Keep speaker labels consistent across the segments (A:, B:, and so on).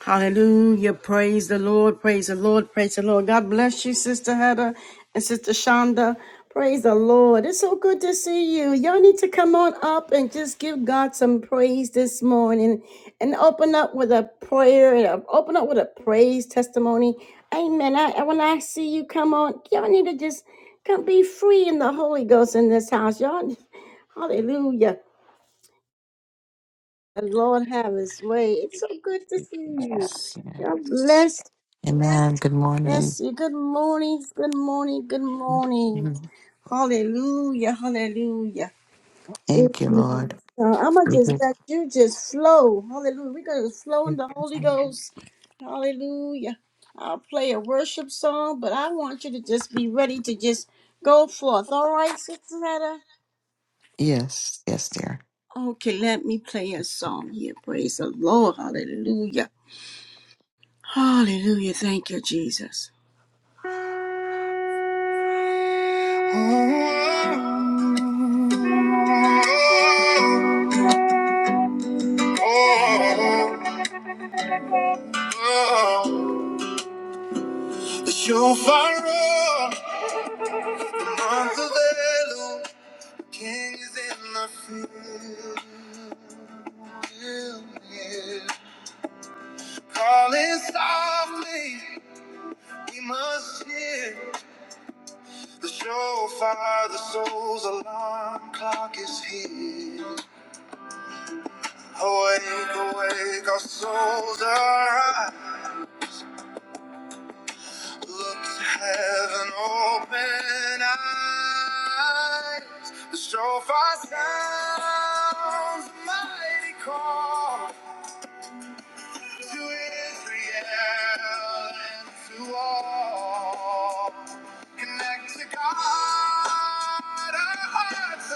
A: Hallelujah. Praise the Lord. Praise the Lord. Praise the Lord. God bless you, Sister Heather and Sister Shonda. Praise the Lord. It's so good to see you. Y'all need to come on up and just give God some praise this morning and open up with a prayer and uh, open up with a praise testimony. Amen. I, I- when I see you come on, y'all need to just come be free in the Holy Ghost in this house. Y'all, hallelujah. The Lord have his way. It's so good to
B: you,
A: see you.
B: Jesus.
A: God
B: Yes.
A: bless
B: Amen. Good morning.
A: Bless you. Good morning. Good morning. Good morning.
B: Mhm.
A: Hallelujah. Hallelujah.
B: Thank you,
A: Amen.
B: Lord.
A: So I'm going to
B: We
A: just
B: give
A: let you just flow. Hallelujah. We're going to flow in
B: you-
A: the Holy Ghost. Hallelujah. I'll play a worship song, but I want you to just be ready to just go forth. All right, Sister Retta?
B: Yes, yes, dear.
A: Okay, let me play a song here. Praise the Lord. Hallelujah. Hallelujah. Thank you, Jesus. The shofar roar, Mazzalelu, king is in the field. Calling softly, we must hear. The shofar, the soul's alarm clock is here. Awake, awake, our souls arise. Look to heaven, open eyes. The shofar sounds a mighty call to Israel and to all. Connect to God, our hearts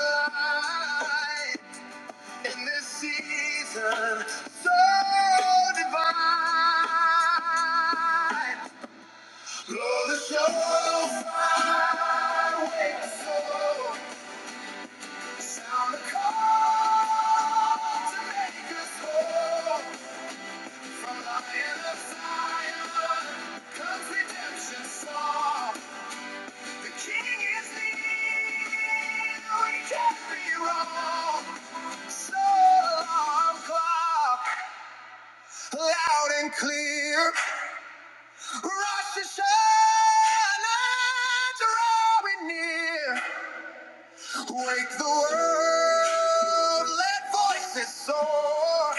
A: align in this season so divine. Blow the show, fly away my soul. Sound the call to make us whole. From Lion of Zion comes redemption song. The King is near, we can't be wrong. So alarm clock, loud and clear. Rosh Hashanah, drawing near. Wake the world, let voices soar.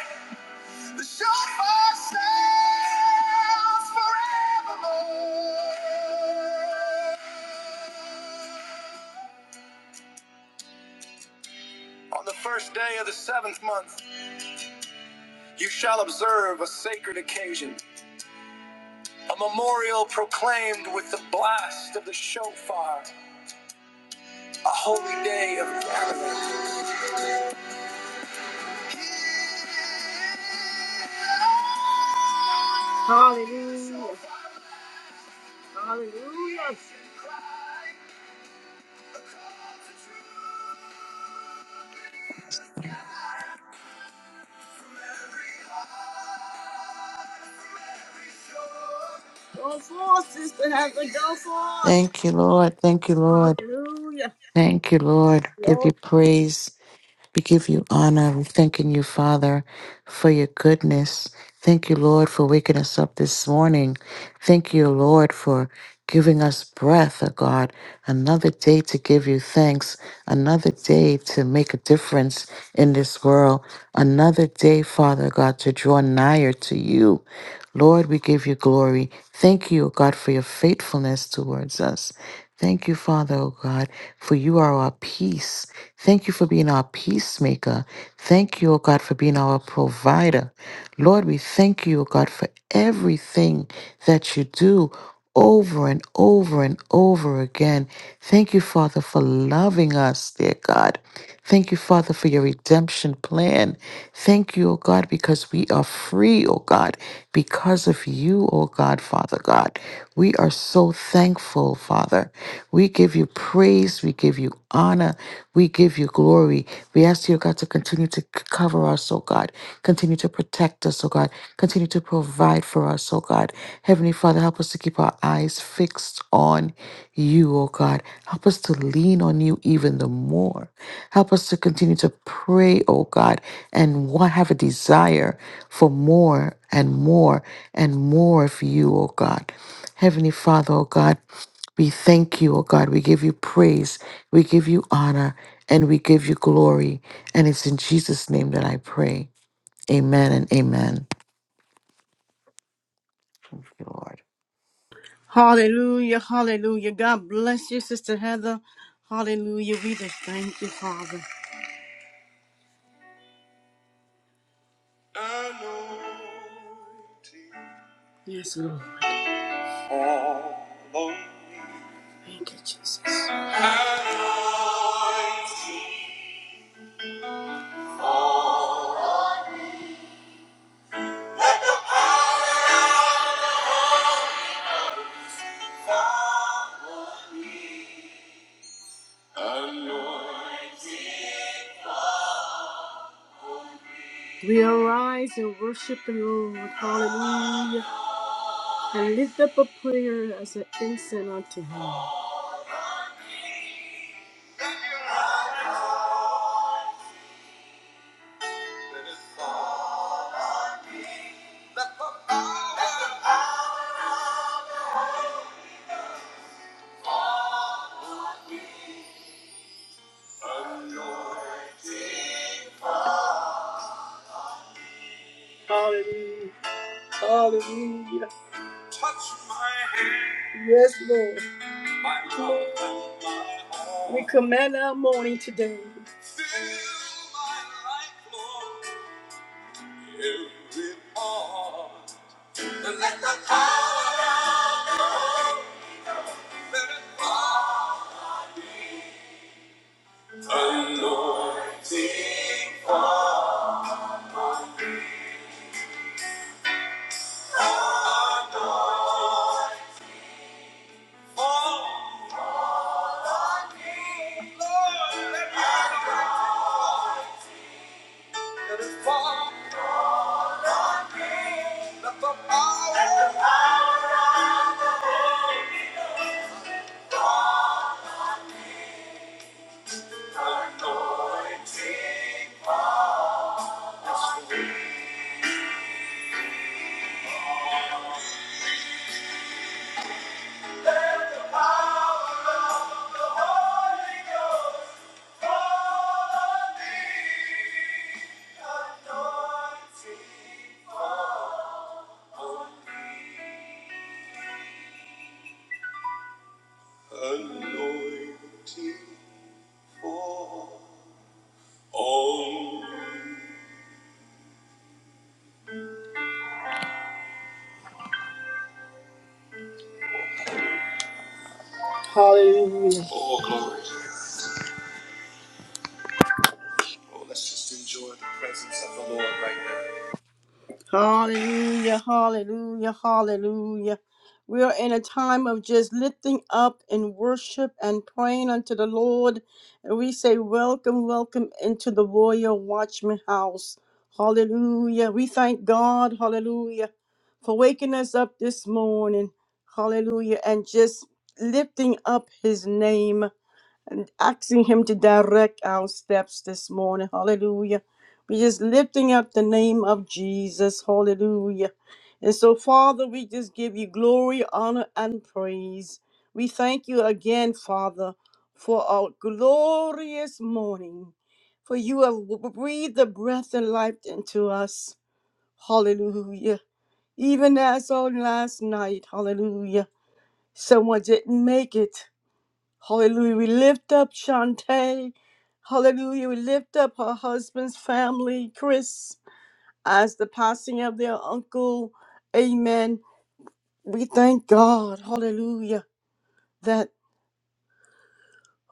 A: The shofar sounds forevermore. On the first day of the seventh month, you shall observe a sacred occasion, a memorial proclaimed with the blast of the shofar, a holy day of gathering. Go forth, Sister Heather, go forth.
B: Thank you, Lord. Thank you, Lord.
A: Hallelujah.
B: Thank you, Lord. Give
A: Lord.
B: you praise. We give you honor. We're thanking you, Father, for your goodness. Thank you, Lord, for waking us up this morning. Thank you, Lord, for giving us breath, oh God, another day to give you thanks, another day to make a difference in this world, another day, Father God, to draw nigher to you. Lord, we give you glory. Thank you, O God, for your faithfulness towards us. Thank you, Father, O God, for you are our peace. Thank you for being our peacemaker. Thank you, O God, for being our provider. Lord, we thank you, O God, for everything that you do over and over and over again. Thank you, Father, for loving us, dear God. Thank you, Father, for your redemption plan. Thank you, O God, because we are free, O God, because of you, O God, Father God. We are so thankful, Father. We give you praise. We give you honor. We give you glory. We ask you, O God, to continue to to c- cover us, oh God. Continue to protect us, oh God. Continue to provide for us, oh God. Heavenly Father, help us to keep our eyes fixed on you, oh God. Help us to lean on you even the more. Help us to continue to pray, oh God, and wa- have a desire for more and more and more of you, oh God. Heavenly Father, oh God. We thank you, O God. We give you praise. We give you honor and we give you glory. And it's in Jesus' name that I pray. Amen and amen. Thank you, Lord.
A: Hallelujah, hallelujah. God bless you, Sister Heather. Hallelujah. We just thank you, Father. Anointing Yes, Lord. fall on me. Thank you, Jesus. Anointing. We arise and worship the Lord. Hallelujah. and lift up a prayer as an incense unto him. We command our morning today. Every part, sing anointing Oh, glory. Oh, let's just enjoy the presence of the Lord right now. Hallelujah, hallelujah, hallelujah. We are in a time of just lifting up and worship and praying unto the Lord. And we say, Welcome, welcome into the Royal Watchman House. Hallelujah. We thank God, hallelujah, for waking us up this morning. Hallelujah. And just lifting up his name and asking Him to direct our steps this morning. Hallelujah. We're just lifting up the name of Jesus. Hallelujah. And so, Father, we just give you glory, honor, and praise. We thank you again, Father, for our glorious morning. For you have breathed the breath and life into us. Hallelujah. Even as on last night, hallelujah. Someone didn't make it. Hallelujah. We lift up Shantae. Hallelujah. We lift up her husband's family, Chris, as the passing of their uncle. Amen. We thank God. Hallelujah. That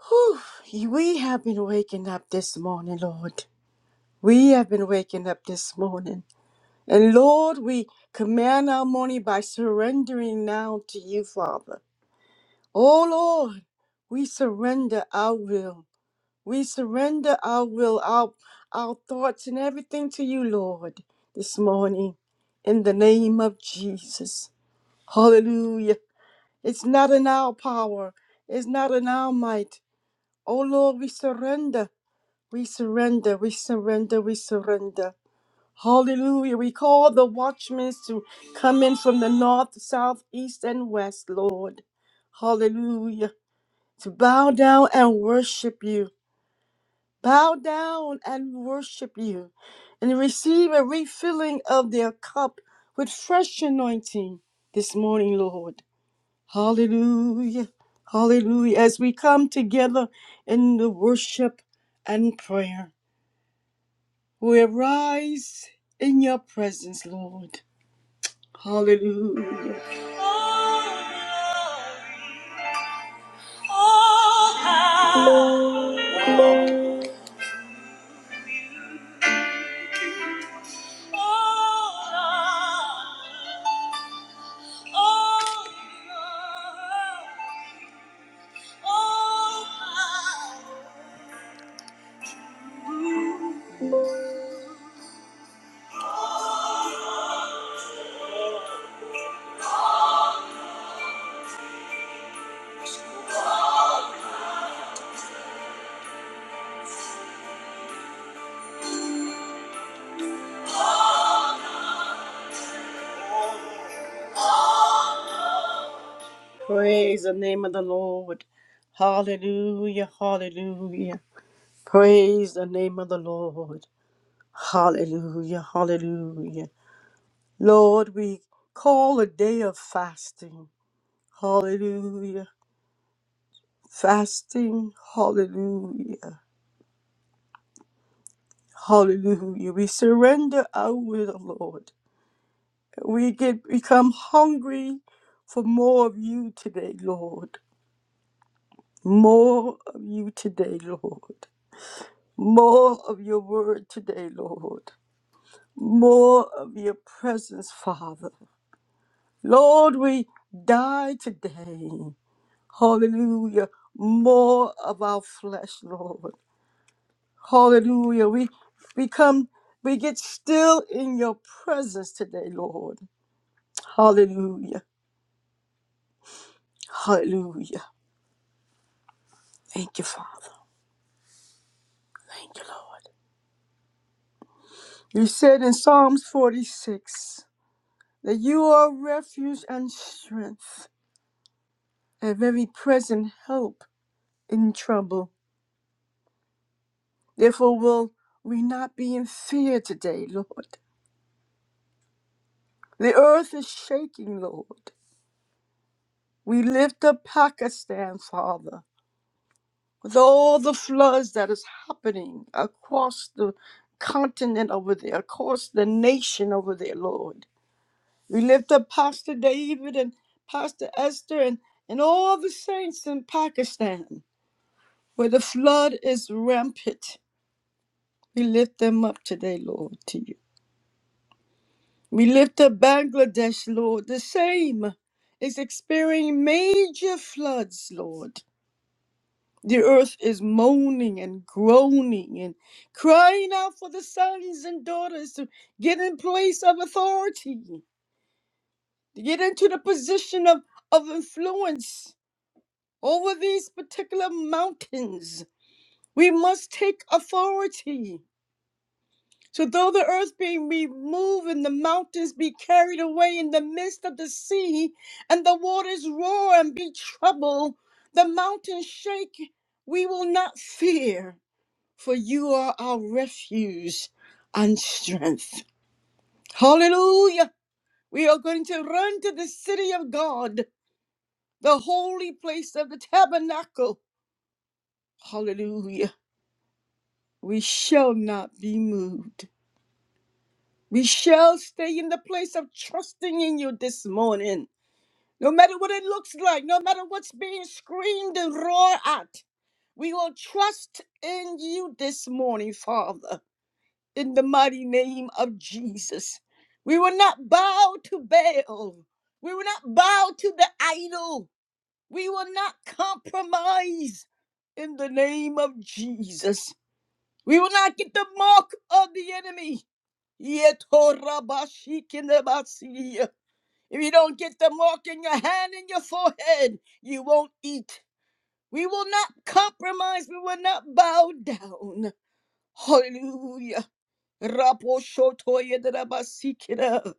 A: whew, we have been waking up this morning, Lord. We have been waking up this morning. And Lord, we command our morning by surrendering now to you, Father. Oh, Lord, we surrender our will. We surrender our will, our, our thoughts, and everything to you, Lord, this morning in the name of Jesus. Hallelujah. It's not in our power, it's not in our might. Oh, Lord, we surrender. We surrender, we surrender, we surrender. Hallelujah. We call the watchmen to come in from the north, south, east, and west, Lord. Hallelujah. To bow down and worship you. bow down and worship you and receive a refilling of their cup with fresh anointing this morning, Lord. Hallelujah. Hallelujah. As we come together in the worship and prayer, we arise in your presence, Lord. Hallelujah. Praise the name of the Lord. Hallelujah. Hallelujah. Praise the name of the Lord. Hallelujah. Hallelujah. Lord, we call a day of fasting. Hallelujah. Fasting. Hallelujah. Hallelujah. We surrender our will, Lord. We get become hungry for more of you today, Lord. More of you today, Lord. More of your word today, Lord. More of your presence, Father. Lord, we die today. Hallelujah. More of our flesh, Lord. Hallelujah. We become, we get still in your presence today, Lord. Hallelujah. Hallelujah. Thank you, Father. Thank you, Lord. You said in Psalms 46 that you are refuge and strength, a very present help in trouble. Therefore, will we not be in fear today, Lord? The earth is shaking, Lord. We lift up Pakistan, Father, with all the floods that is happening across the continent over there, across the nation over there, Lord. We lift up Pastor David and Pastor Esther and, and all the saints in Pakistan, where the flood is rampant. We lift them up today, Lord, to you. We lift up Bangladesh, Lord, the same is experiencing major floods, Lord. The earth is moaning and groaning and crying out for the sons and daughters to get in place of authority, to get into the position of, of influence over these particular mountains. We must take authority. So, though the earth be removed and the mountains be carried away in the midst of the sea, and the waters roar and be troubled, the mountains shake, we will not fear. for you are our refuge and strength. Hallelujah. We are going to run to the city of God, the holy place of the tabernacle. Hallelujah. We shall not be moved. We shall stay in the place of trusting in you this morning. No matter what it looks like, no matter what's being screamed and roared at, we will trust in you this morning, Father. in the mighty name of Jesus. We will not bow to Baal. We will not bow to the idol. We will not compromise in the name of Jesus. We will not get the mark of the enemy. Yetorabashikinabasiya. If you don't get the mark in your hand and your forehead, you won't eat. We will not compromise. We will not bow down. Hallelujah. Raposhotoyederabasikira.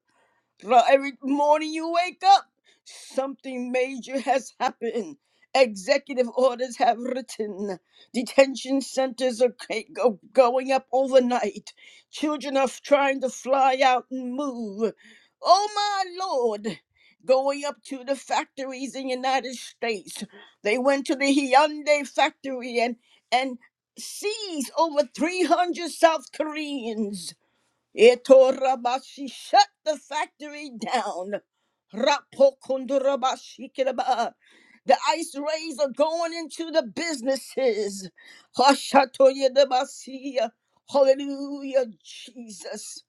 A: Ra- Every morning you wake up, something major has happened. Executive orders have written. Detention centers are ca- go- going up overnight. Children are f- trying to fly out and move. Oh my lord! Going up to the factories in United States. They went to the Hyundai factory and and seized over 300 South Koreans. Etorabashi, shut the factory down. Rapokondorobashi kiraba. The ice rays are going into the businesses. Hashatoyedabasi. Hallelujah, Jesus.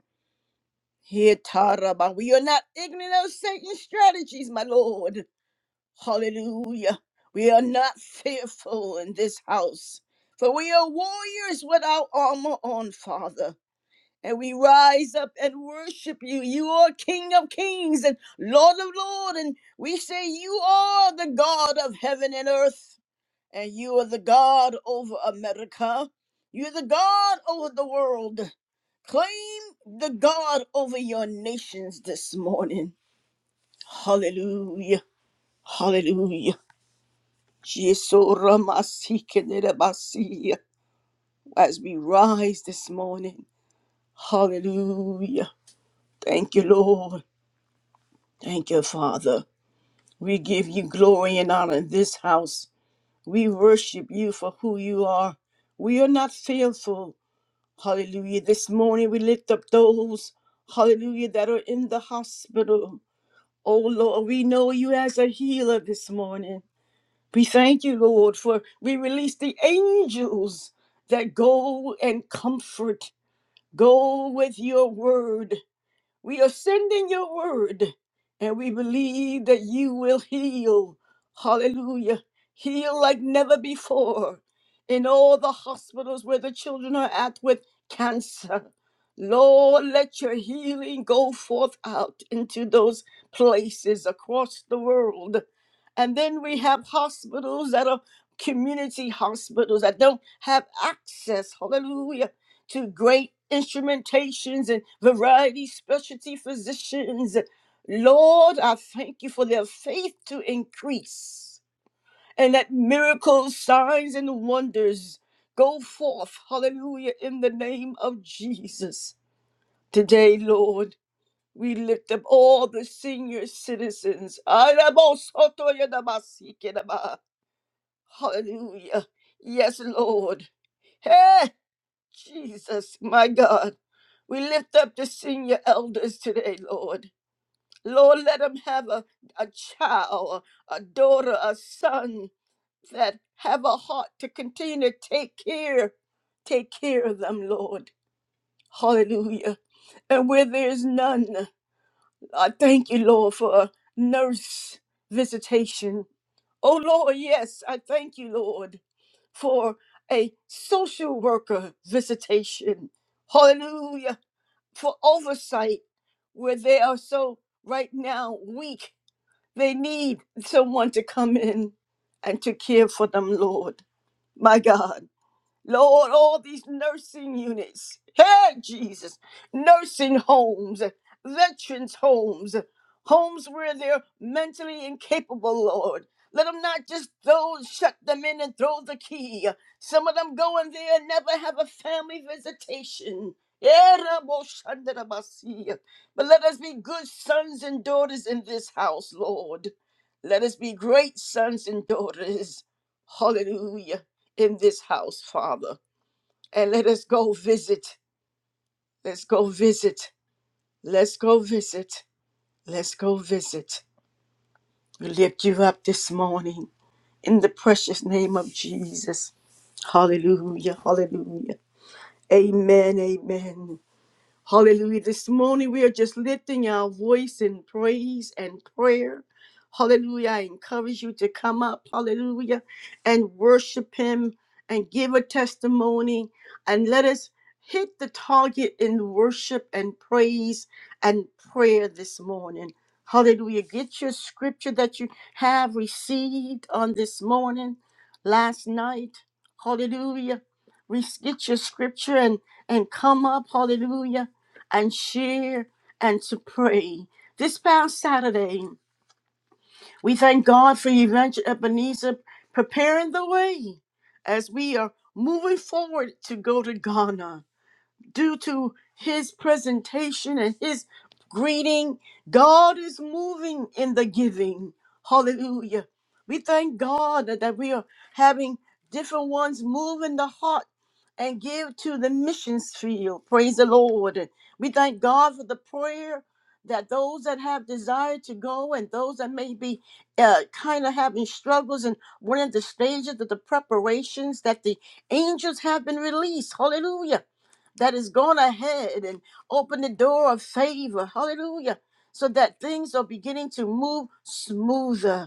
A: Hetaraba. We are not ignorant of Satan's strategies, my Lord. Hallelujah. We are not fearful in this house, for we are warriors with our armor on, Father and we rise up and worship you. You are King of Kings and Lord of Lords, and we say you are the God of heaven and earth, and you are the God over America. You're the God over the world. Claim the God over your nations this morning. Hallelujah. Hallelujah. Jesoramasikelebasi. As we rise this morning. Hallelujah. Thank you, Lord. Thank you, Father. We give you glory and honor in this house. We worship you for who you are. We are not fearful. Hallelujah. This morning we lift up those, hallelujah, that are in the hospital. Oh Lord, we know you as a healer this morning. We thank you, Lord, for we release the angels that go and comfort, go with your word. We are sending your word and we believe that you will heal. Hallelujah. Heal like never before in all the hospitals where the children are at with cancer. Lord, let your healing go forth out into those places across the world. And then we have hospitals that are community hospitals that don't have access, hallelujah, to great instrumentations and variety specialty physicians. Lord, I thank you for their faith to increase and that miracles, signs, and wonders go forth. Hallelujah, in the name of Jesus. Today, Lord, we lift up all the senior citizens. Hallelujah. Yes, Lord. Hey. Jesus, my God, we lift up the senior elders today, Lord. Lord, let them have a, a child, a daughter, a son that have a heart to continue to take care, take care of them, Lord. Hallelujah. And where there is none, I thank you, Lord, for a nurse visitation. Oh, Lord, yes, I thank you, Lord, for a social worker visitation. Hallelujah for oversight where they are so right now weak. They need someone to come in and to care for them, Lord, my God. Lord, all these nursing units, hey, Jesus, nursing homes, veterans' homes, homes where they're mentally incapable, Lord. Let them not just throw, shut them in and throw the key. Some of them go in there and never have a family visitation. Yeah, Rabo Shandarabasi. But let us be good sons and daughters in this house, Lord. Let us be great sons and daughters. Hallelujah in this house, Father. And let us go visit. Let's go visit. Let's go visit. Let's go visit. We lift you up this morning in the precious name of Jesus. Hallelujah. Hallelujah. Amen. Amen. Hallelujah. This morning we are just lifting our voice in praise and prayer. Hallelujah. I encourage you to come up, hallelujah, and worship Him and give a testimony and let us hit the target in worship and praise and prayer this morning. Hallelujah. Get your scripture that you have received on this morning, last night. Hallelujah. Re- Get your scripture and, and come up. Hallelujah and share and to pray. This past Saturday, we thank God for Evangel Ebenezer preparing the way as we are moving forward to go to Ghana due to his presentation and his greeting. God is moving in the giving. Hallelujah. We thank God that that we are having different ones move in the heart and give to the missions field. Praise the Lord. And we thank God for the prayer that those that have desire to go and those that may be uh, kind of having struggles and one of the stages of the preparations that the angels have been released. Hallelujah that is going ahead and open the door of favor. Hallelujah. So that things are beginning to move smoother.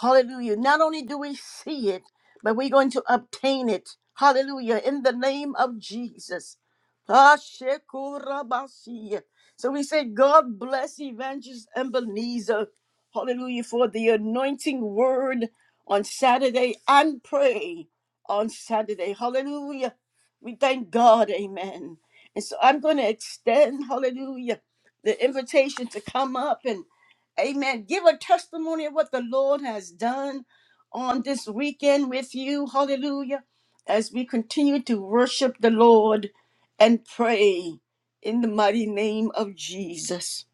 A: Hallelujah. Not only do we see it, but we're going to obtain it. Hallelujah. In the name of Jesus. Hashekurabasi. So we say, God bless Evangelist Ebenezer. Hallelujah. For the anointing word on Saturday and pray on Saturday. Hallelujah. We thank God. Amen. And so I'm going to extend, hallelujah, the invitation to come up and. Amen. Give a testimony of what the Lord has done on this weekend with you. Hallelujah. As we continue to worship the Lord and pray in the mighty name of Jesus.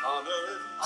A: Honor.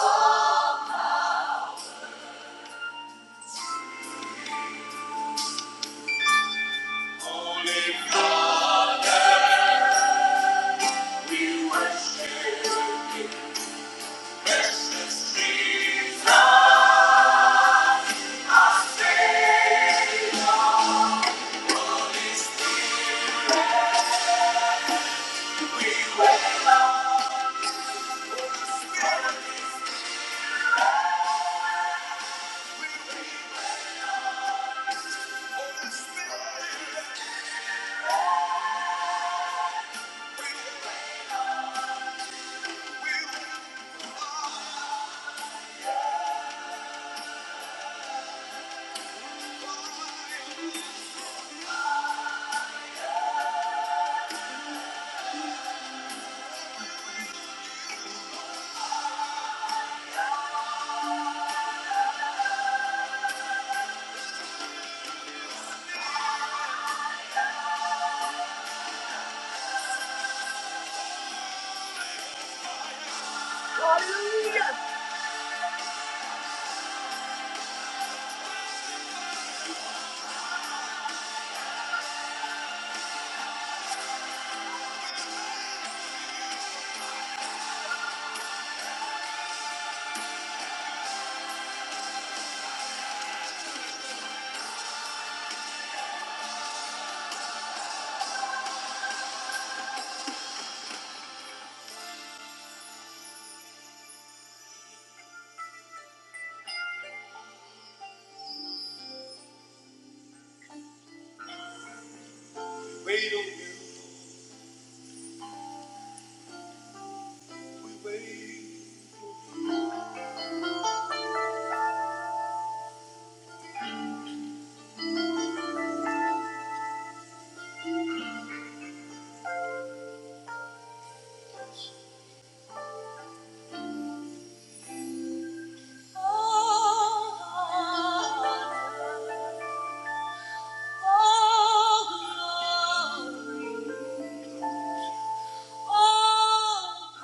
A: Wait on you, we wait. Oh, Lord, oh, Lord, oh, Lord.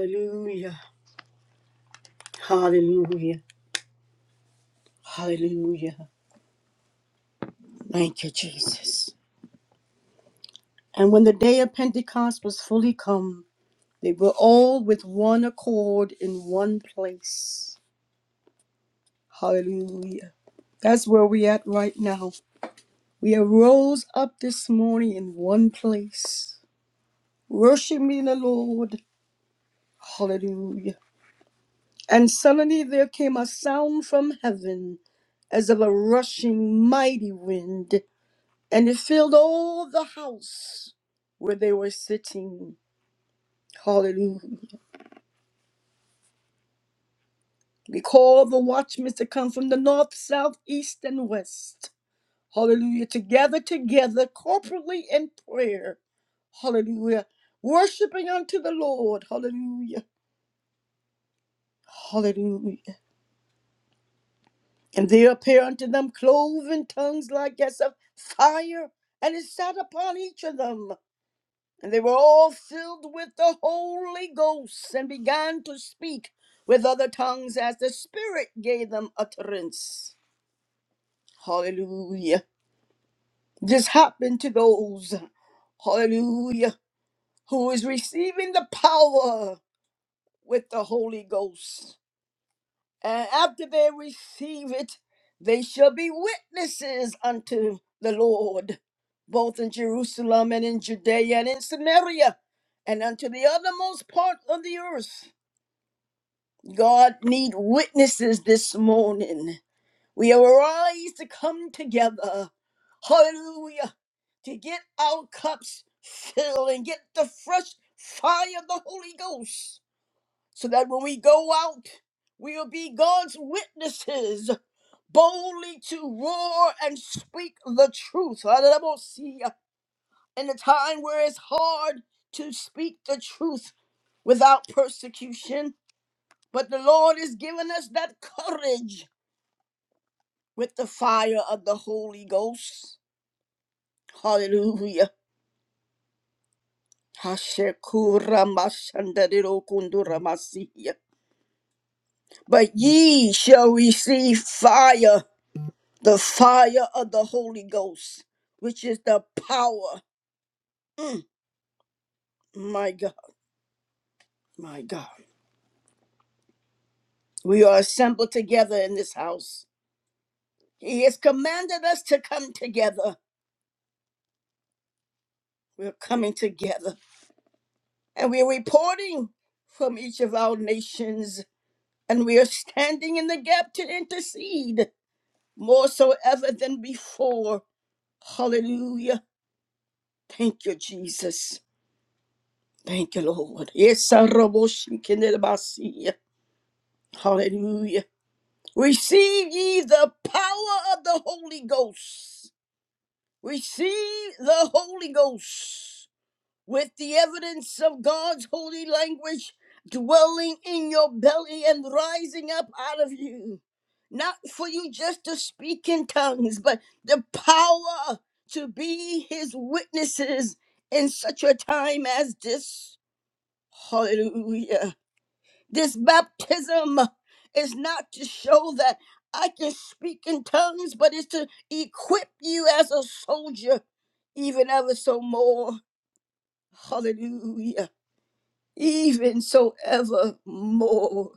A: Hallelujah. Hallelujah. Hallelujah. Thank you, Jesus. And when the day of Pentecost was fully come, they were all with one accord in one place. Hallelujah. That's where we're at right now. We arose up this morning in one place, worshiping the Lord. Hallelujah. And suddenly there came a sound from heaven as of a rushing mighty wind, and it filled all the house where they were sitting. Hallelujah. We called the watchmen to come from the north, south, east, and west. Hallelujah. To gather together corporately in prayer. Hallelujah. Worshiping unto the Lord. Hallelujah Hallelujah. And there appear unto them cloven tongues like as of fire, and it sat upon each of them. And they were all filled with the Holy Ghost, and began to speak with other tongues as the Spirit gave them utterance. Hallelujah. This happened to those, hallelujah, who is receiving the power with the Holy Ghost. And after they receive it, they shall be witnesses unto the Lord, both in Jerusalem and in Judea and in Samaria, and unto the uttermost part of the earth. God need witnesses this morning. We arise to come together. Hallelujah. To get our cups filled and get the fresh fire of the Holy Ghost so that when we go out, we will be God's witnesses, boldly to roar and speak the truth. Hallelujah. In a time where it's hard to speak the truth without persecution, but the Lord has given us that courage with the fire of the Holy Ghost. Hallelujah. Hashekuramashandarirokunduramasia. But ye shall receive fire the fire of the Holy Ghost, which is the power. My God, my God. We are assembled together in this house. He has commanded us to come together. We're coming together and we're reporting from each of our nations and we are standing in the gap to intercede more so ever than before. Hallelujah. Thank you, Jesus. Thank you, Lord. Yes, Hallelujah. Receive ye the power of the Holy Ghost. Receive the Holy Ghost with the evidence of God's holy language dwelling in your belly and rising up out of you. Not for you just to speak in tongues, but the power to be his witnesses in such a time as this. Hallelujah. This baptism is not to show that I can speak in tongues, but it's to equip you as a soldier, even ever so more. Hallelujah. Even so ever more.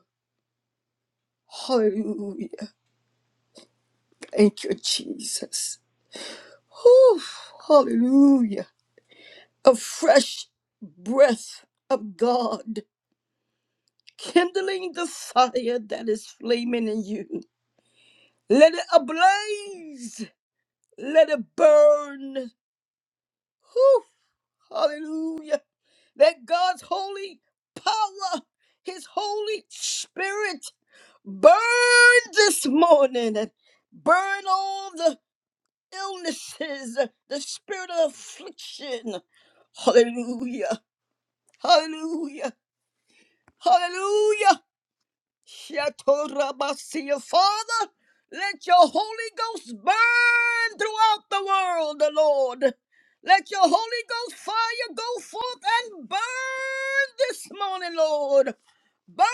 A: Hallelujah. Thank you, Jesus. Whew. Hallelujah. A fresh breath of God, kindling the fire that is flaming in you. Let it ablaze Let it burn. Whew, hallelujah. Let God's holy power, his holy spirit burn this morning and burn all the illnesses, the spirit of affliction. Hallelujah. Hallelujah. Hallelujah. Shatorabasia. Father, let your Holy Ghost burn throughout the world, the Lord. Let your Holy Ghost fire go forth and burn this morning, Lord. Burn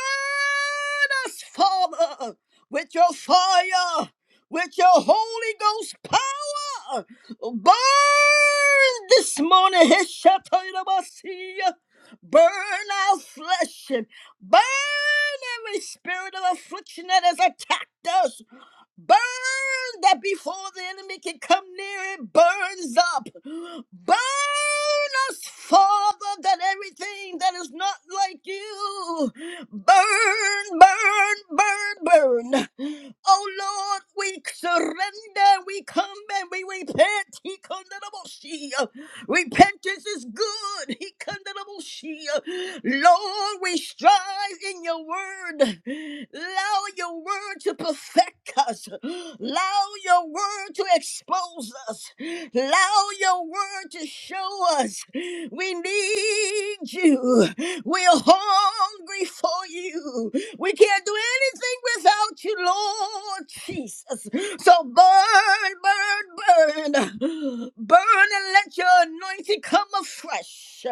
A: us, Father, with your fire, with your Holy Ghost power. Burn this morning, Heshatayrabasiya. burn our flesh, and burn every spirit of affliction that has attacked us. Burn that before the enemy can come near, it burns up. Burn us, Father, that everything that is not like you burn, burn, burn, burn. Oh Lord, we surrender, we come and we repent. He come to the bush. Repentance is good. He kandarabushia. Lord, we strive in your word. Allow your word to perfect us. Allow your word to expose us. Allow your word to show us. We need you. We're hungry for you. We can't do anything without you, Lord Jesus. So burn, burn, burn. Burn and let your anointing come afresh.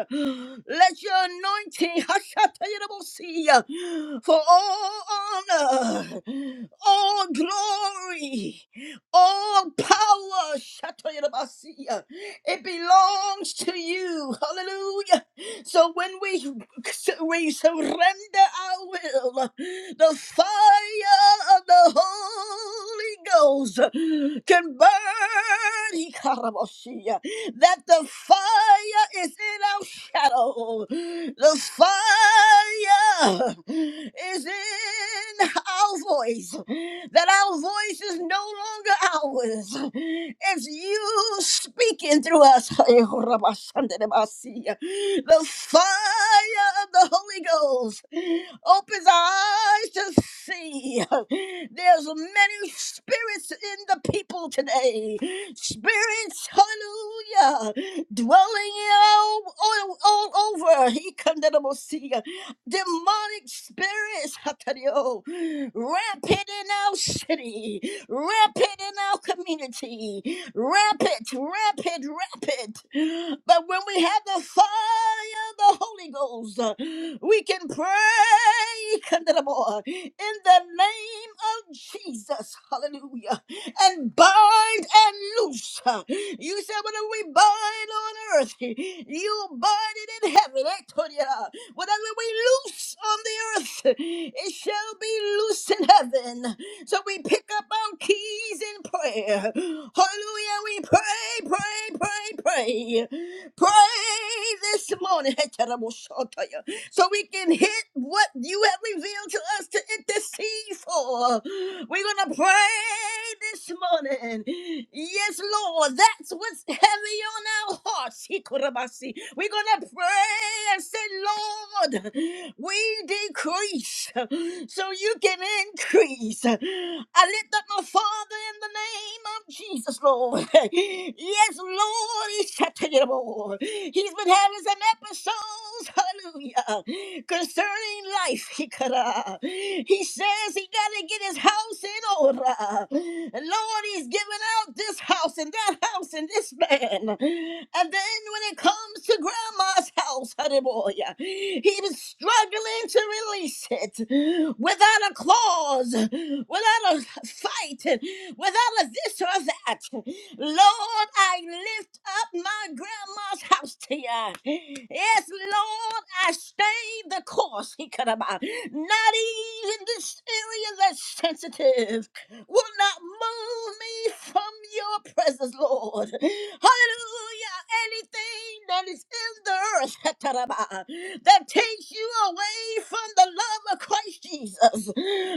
A: Let your anointing, Hashatayarabosia, for all honor, all glory, all power, Shatayarabasia, it belongs to you. Hallelujah. So when we, so we surrender our will, the fire of the Holy Ghost can burn. Ikarabosia. That the fire is in our shadow. The fire is in our voice. That our our voice is no longer ours. It's you speaking through us. The fire of the Holy Ghost opens our eyes to see. There's many spirits in the people today. Spirits, hallelujah, dwelling all, all, all over. He condemned demonic spirits Hatario, rampant in our city, rampant in our community, rampant, rampant, rampant. But when we have the fire of the Holy Ghost, uh, we can pray Kandaraboa, in the name of Jesus. Hallelujah. And bind and loose. uh, You said, What do we bind on earth? You bind it in heaven. eh, Tonya? Whatever we loose on the earth, it shall be loose in heaven. So we pick up our keys in prayer. Hallelujah. We pray, pray, pray, pray. Pray this morning. so we can hit what you have revealed to us to intercede for. We're going to pray this morning. Yes, Lord, that's what's heavy on our hearts. Hikorabasi. We're going to pray and say, Lord, we decrease so you can increase. I lift up my Father the name of Jesus, Lord. Yes, Lord, He's shattered. He's been having some episodes, hallelujah, concerning life. He could, uh, he says he got to get his house in order. Lord, he's giving out this house and that house and this man. And then when it comes to grandma's house, he was struggling to release it without a clause, without a fight, without a this or that. Lord, I lift up my grandma's house to you. Yes, Lord, I stayed the course. He could have not even this area that's sensitive will not move me from your presence, Lord. Hallelujah. Anything that is in the earth that takes you away from the love of Christ Jesus,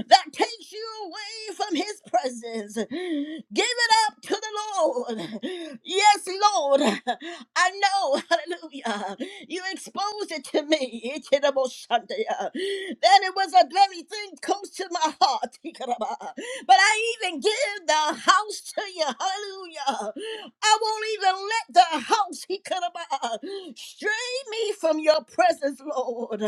A: that takes you away from his presence, give it up to the Lord. Yes, Lord. I know, hallelujah. You exposed it to me. That it was a very thing close to my heart. But I even give the house to you. Hallelujah. I won't even let the house he could about stray me from your presence, Lord.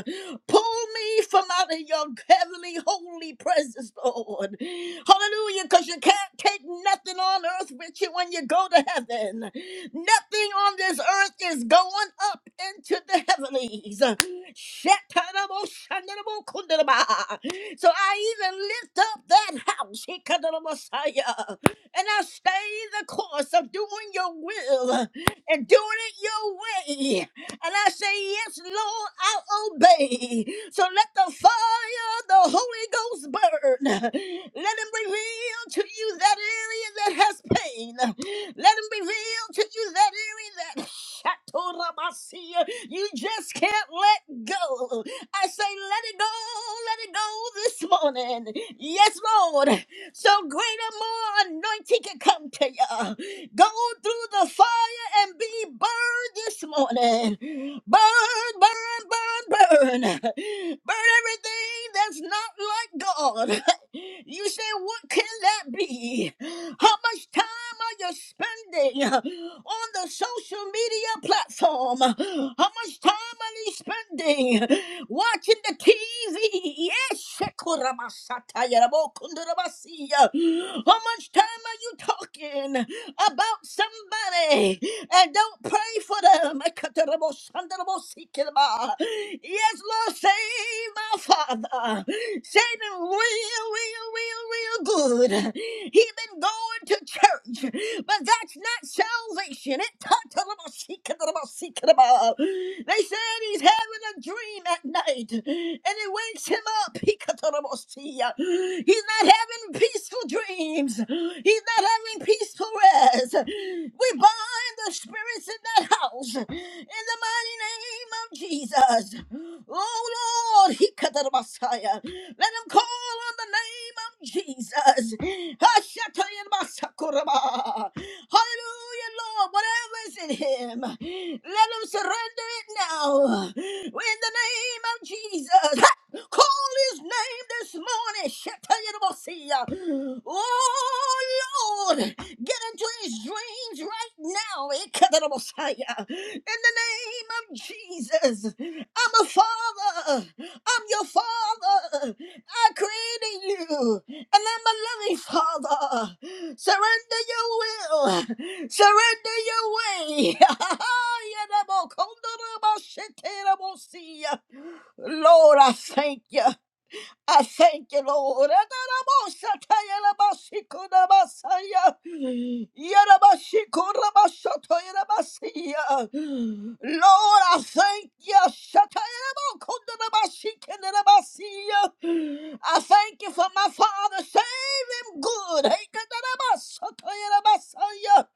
A: Pull me from out of your heavenly, holy presence, Lord. Hallelujah, because you can't take nothing on earth with you when you go to heaven. Nothing on this earth is going up into the heavenlies. Shatarabosandarabokundalaba. So I even lift up that house, Hikadana Messiah, and I stay the course of doing your will and doing it your way. And I say, Yes, Lord, I'll obey. So let the fire of the Holy Ghost burn. Let him reveal to you that area that has pain. Let him reveal to you that area that Shatorabasia, you just can't let go. I say, let it go, let it go this morning. Yes, Lord. So greater, more anointing can come to you. Go through the fire and be burned this morning. Burn, burn, burn, burn. Burn everything that's not like God. You say, what can that be? How much time are you spending on the social media platform? How much time are you spending watching the TV? Yes, Shekoramasatayarabokundurabasiya. how much time are you talking about somebody? and don't pray for them. Yes, Lord, save my father. Save him real, real, real, real good. He been going to church, but that's not salvation. It They said he's having a dream at night, and it wakes him up. He's not having peaceful dreams. He's not having peaceful Marquise Perez. We bind the spirits in that house in the mighty name of Jesus. Oh Lord, he cut the Messiah. Let him call on the name of Jesus. Hashataya Masakuraba. Hallelujah, Lord, whatever is in him, let him surrender it now. In the name of Jesus. Ha! Call his name this morning. Shetayamasia. Oh Lord, get into his dreams right now. Ikadabosaya. In the name of Jesus, I'm a father. I'm your father. I created you, and I'm a loving father. Surrender your will. Surrender your way. Yadabokondoraboshiterabosia. Lord, I thank you. I thank you, Lord. Adarabosatayalabashikodabasaya. Yarabashikorabasotoyarabasiya. Lord, I thank you. Shatayarabokondorabashikenderabasiya. I thank you for my father. Save him good. Heikatarabasotoyarabasaya.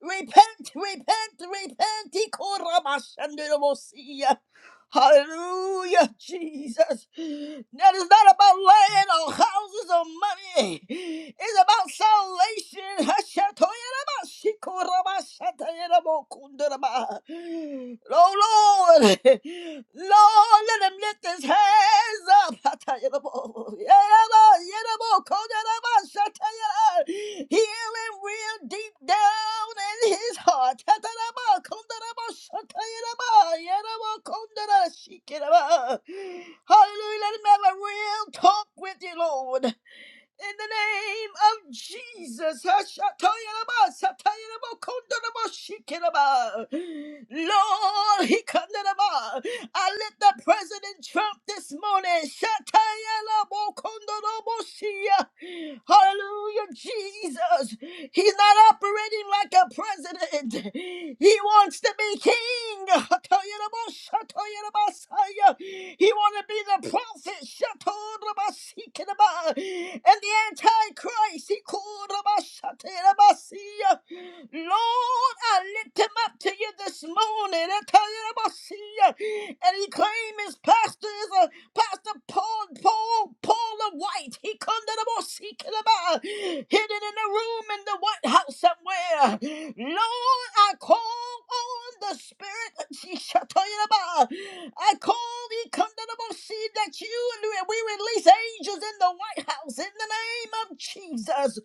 A: Repent, repent, repent. Ikorabashandorabosiya. Hallelujah, Jesus. That is not about land or houses or money. It's about salvation. Oh Lord, Lord, let him lift his hands up. Healing real deep down in his heart. Hallelujah. Let him have a real talk with you, Lord in the name of Jesus. Hashatoyaraba, satayaraba, kondoraba, shikeraba. Lord, he kondoraba. I lift the President Trump this morning. Shatayarabo, kondorabo, shia. Hallelujah, Jesus. He's not operating like a president. He wants to be king. Hatoyarabo, shatoyarabasaya. He want to be the prophet. Shatorabasikinaba, and the Antichrist, he called Rabashaterabasia. Lord, I lift him up to you this morning. I tell you about And he claimed his pastor is a Pastor Paul, Paul, Paul the White. He come to the most about hidden in a room in the White House somewhere. Lord, I call on the Spirit. She shall tell you about. I call the condemnable seed that you and we release angels in the White House in the name of Jesus.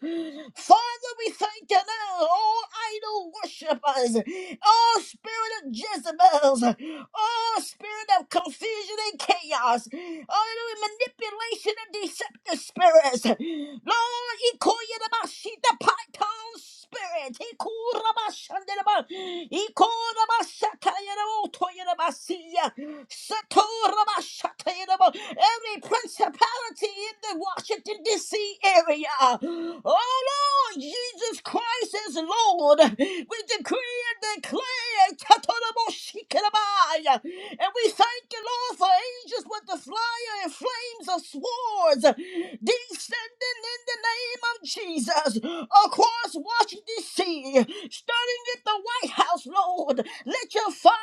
A: Father, we thank you now, all idol worshippers, all spirit of Jezebels, all spirit of confusion and chaos, all manipulation and deceptive spirits. Lord, you call you the Mashita Python spirit. Ikurabashandeleba. Ikorabashatayerabotoyerabasiya. Satorabashatayerabo. Every principality in the Washington, D.C. area. Oh, Lord, Jesus Christ is Lord. We decree and declare. Katoraboshikerabaya. And we thank you, Lord, for angels with the flyer and flames of swords descending in the name of Jesus across Washington, D.C., starting at the White House, Lord. Let your fire,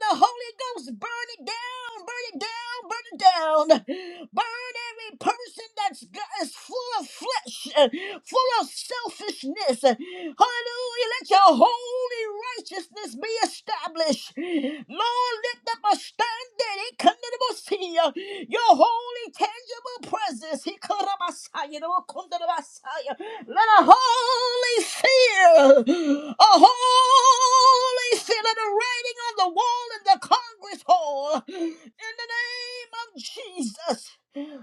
A: the Holy Ghost, burn it down, burn it down, burn it down. Burn every person that's got, is full of flesh, uh, full of selfishness. Hallelujah. Let your holy righteousness be established. Lord, lift up a standard. He come to the most Your holy, tangible presence. He come to the Messiah. the come to the Messiah. Let a holy fear, a holy fear, let a writing on the wall in the Congress Hall. In the name of Jesus.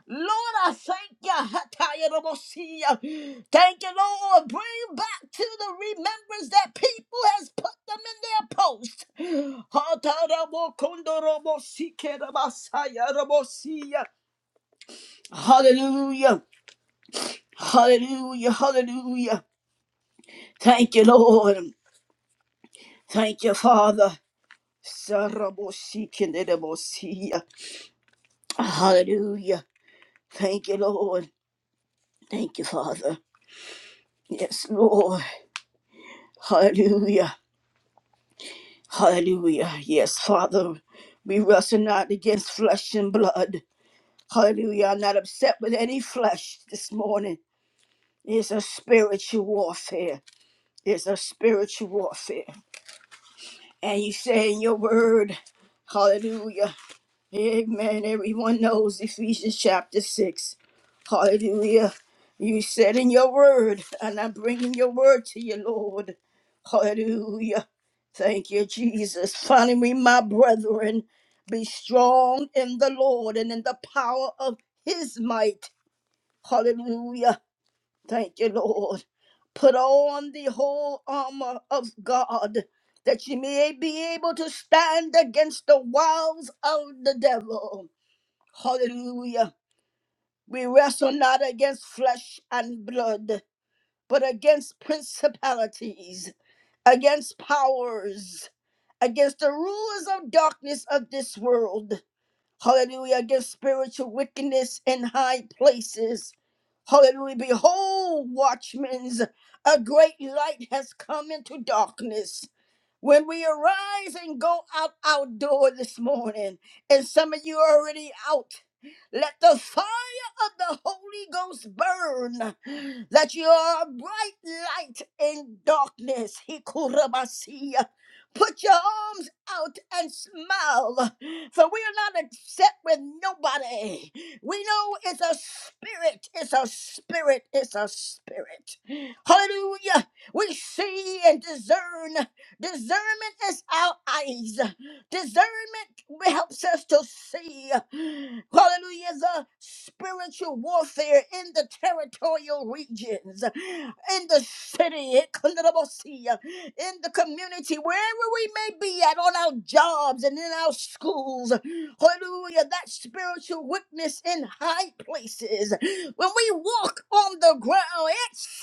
A: Lord, I thank you. Hatayarabosia. Thank you, Lord. Bring back to the remembrance that people has put them in their post. Hatarabokondorabosikerabasayaarabosia. Hallelujah. Hallelujah. Hallelujah. Thank you, Lord. Thank you, Father. Sarabosikinidabosiya. Hallelujah. Thank you, Lord. Thank you, Father. Yes, Lord. Hallelujah. Hallelujah. Yes, Father. We wrestle not against flesh and blood. Hallelujah. I'm not upset with any flesh this morning. It's a spiritual warfare. It's a spiritual warfare. And you say in your word, Hallelujah. Amen. Everyone knows Ephesians chapter 6. Hallelujah. You said in your word, and I'm bringing your word to you, Lord. Hallelujah. Thank you, Jesus. Finally, we, my brethren, be strong in the Lord and in the power of his might. Hallelujah. Thank you, Lord. Put on the whole armor of God that you may be able to stand against the wiles of the devil. Hallelujah. We wrestle not against flesh and blood, but against principalities, against powers, against the rulers of darkness of this world. Hallelujah. Against spiritual wickedness in high places. Hallelujah. Behold, watchmen, a great light has come into darkness. When we arise and go out our door this morning, and some of you are already out. Let the fire of the Holy Ghost burn, that you are a bright light in darkness. Hikurabasiya. Put your arms out and smile, for we are not upset with nobody. We know it's a spirit, it's a spirit, it's a spirit. Hallelujah. We see and discern. Discernment is our eyes. Discernment helps us to see. Hallelujah. The spiritual warfare in the territorial regions, in the city, in the community, wherever we may be at, on our jobs and in our schools. Hallelujah. That spiritual witness in high places. When we walk on the ground, it's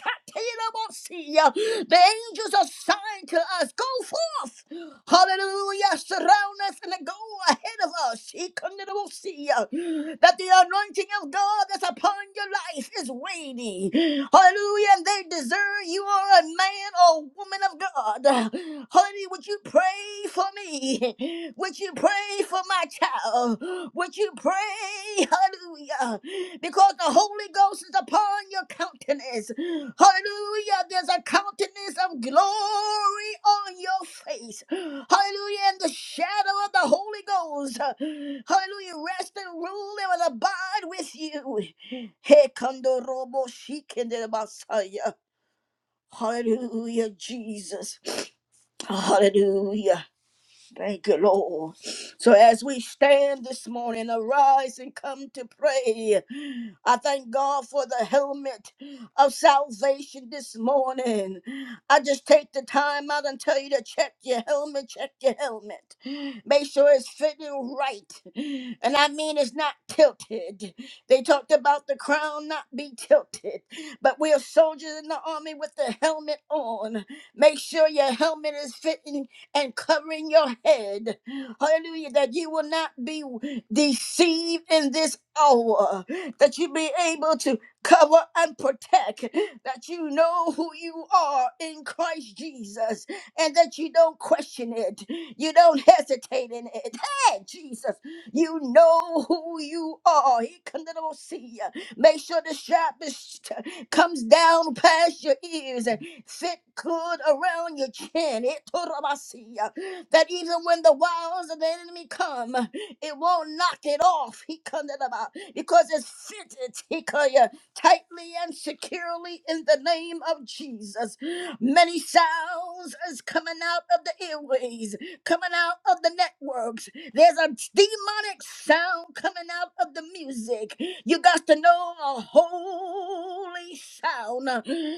A: the angels are signed to us. Go forth. Hallelujah. Surround us and go ahead of us. He come to the sea. That the anointing of God that's upon your life is weighty. Hallelujah. And they deserve you are a man or woman of God. Honey, would you pray for me? Would you pray for my child? Would you pray? Hallelujah because the Holy Ghost is upon your countenance. Hallelujah. There's a countenance of glory on your face. Hallelujah. And the shadow of the Holy Ghost. Hallelujah. Rest and rule and will abide with you. Hey, Kondo Robo Shikende Messiah. Hallelujah, Jesus. Hallelujah. Thank you, Lord. So as we stand this morning, arise and come to pray. I thank God for the helmet of salvation this morning. I just take the time out and tell you to check your helmet, check your helmet. Make sure it's fitting right. And I mean it's not tilted. They talked about the crown not be tilted, but we are soldiers in the army with the helmet on. Make sure your helmet is fitting and covering your head. Hallelujah. That you will not be deceived in this hour. That you be able to cover and protect. That you know who you are in Christ Jesus. And that you don't question it. You don't hesitate in it. Hey, Jesus. You know who you are. He can come see you. Make sure the sharpness comes down past your ears. Sit good around your chin. It Itorabasiya. That even when the wiles of the enemy come, it won't knock it off. He comes about because it's fitted he could, uh, tightly and securely in the name of Jesus. Many sounds is coming out of the airways, coming out of the networks. There's a demonic sound coming out of the music. You got to know a holy sound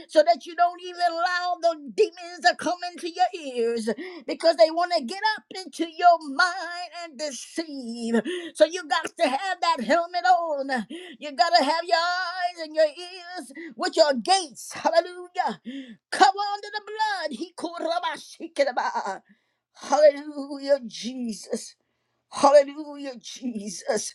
A: so that you don't even allow the demons to come into your ears because they want to get up into your mind and deceive. So you got to have that helmet on. You got to have your eyes and your ears with your gates. Hallelujah. Cover under the blood. He called Rabashikaba. Hallelujah, Jesus. Hallelujah, Jesus.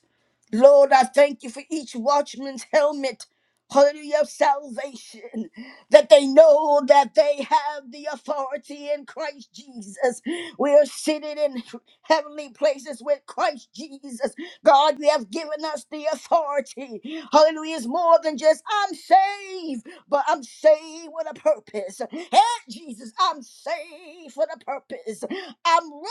A: Lord, I thank you for each watchman's helmet. Hallelujah, of salvation, that they know that they have the authority in Christ Jesus. We are seated in heavenly places with Christ Jesus. God, you have given us the authority. Hallelujah, is more than just I'm saved, but I'm saved with a purpose. Hey, Jesus, I'm saved for the purpose. I'm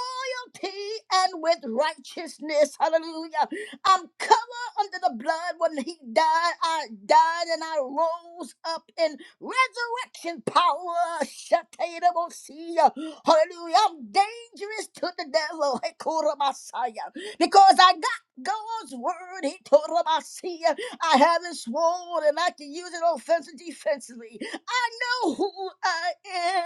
A: guilty and with righteousness. Hallelujah. I'm covered under the blood when he died. I died and I rose up in resurrection power. Shatayrabosia. Hallelujah. I'm dangerous to the devil. Hekora Messiah. Because I got God's word. He told him I see I haven't sworn and I can use it offensively, defensively. I know who I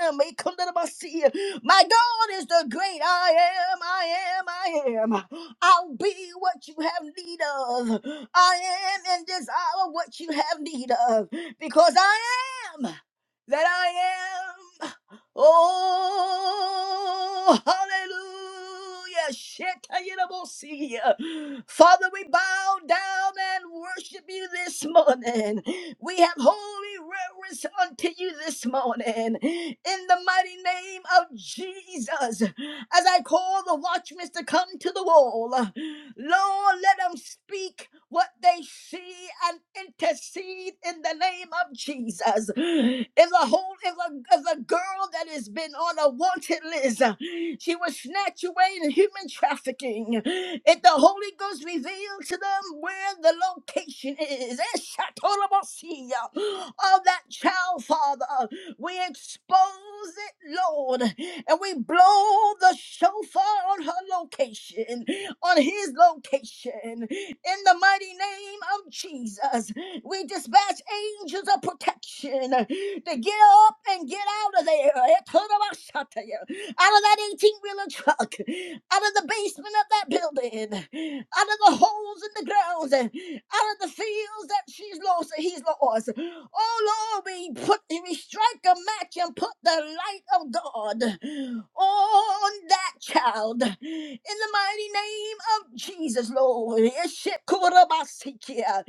A: am. Hey, come to the bus here. My God is the great I am, I am, I am. I'll be what you have need of. I am in this hour what you have need of. Because I am that I am. Oh, hallelujah. Shit, I ain't able to see ya. Father, we bow down and worship you this morning. We have holy reverence unto you this morning. In the mighty name of Jesus, as I call the watchmen to come to the wall, Lord, let them speak what they see and intercede in the name of Jesus. If a whole, if a, if a girl that has been on a wanted list, uh, she was snatched away in human trafficking. If the Holy Ghost revealed to them where the location is, eh, Shatorobosia, of that child, Father, we expose it, Lord, and we blow the shofar on her location, on his location, in the mighty name of Jesus. We dispatch angels of protection to get up and get out of there. Etorabashataya. Out of that 18 wheeler truck, out of the basement of that building, out of the holes in the ground, out of the fields that she's lost and he's lost. Oh Lord, we put we strike a match and put the light of God on that child in the mighty name of Jesus, Lord. Yeshikubarabasikia.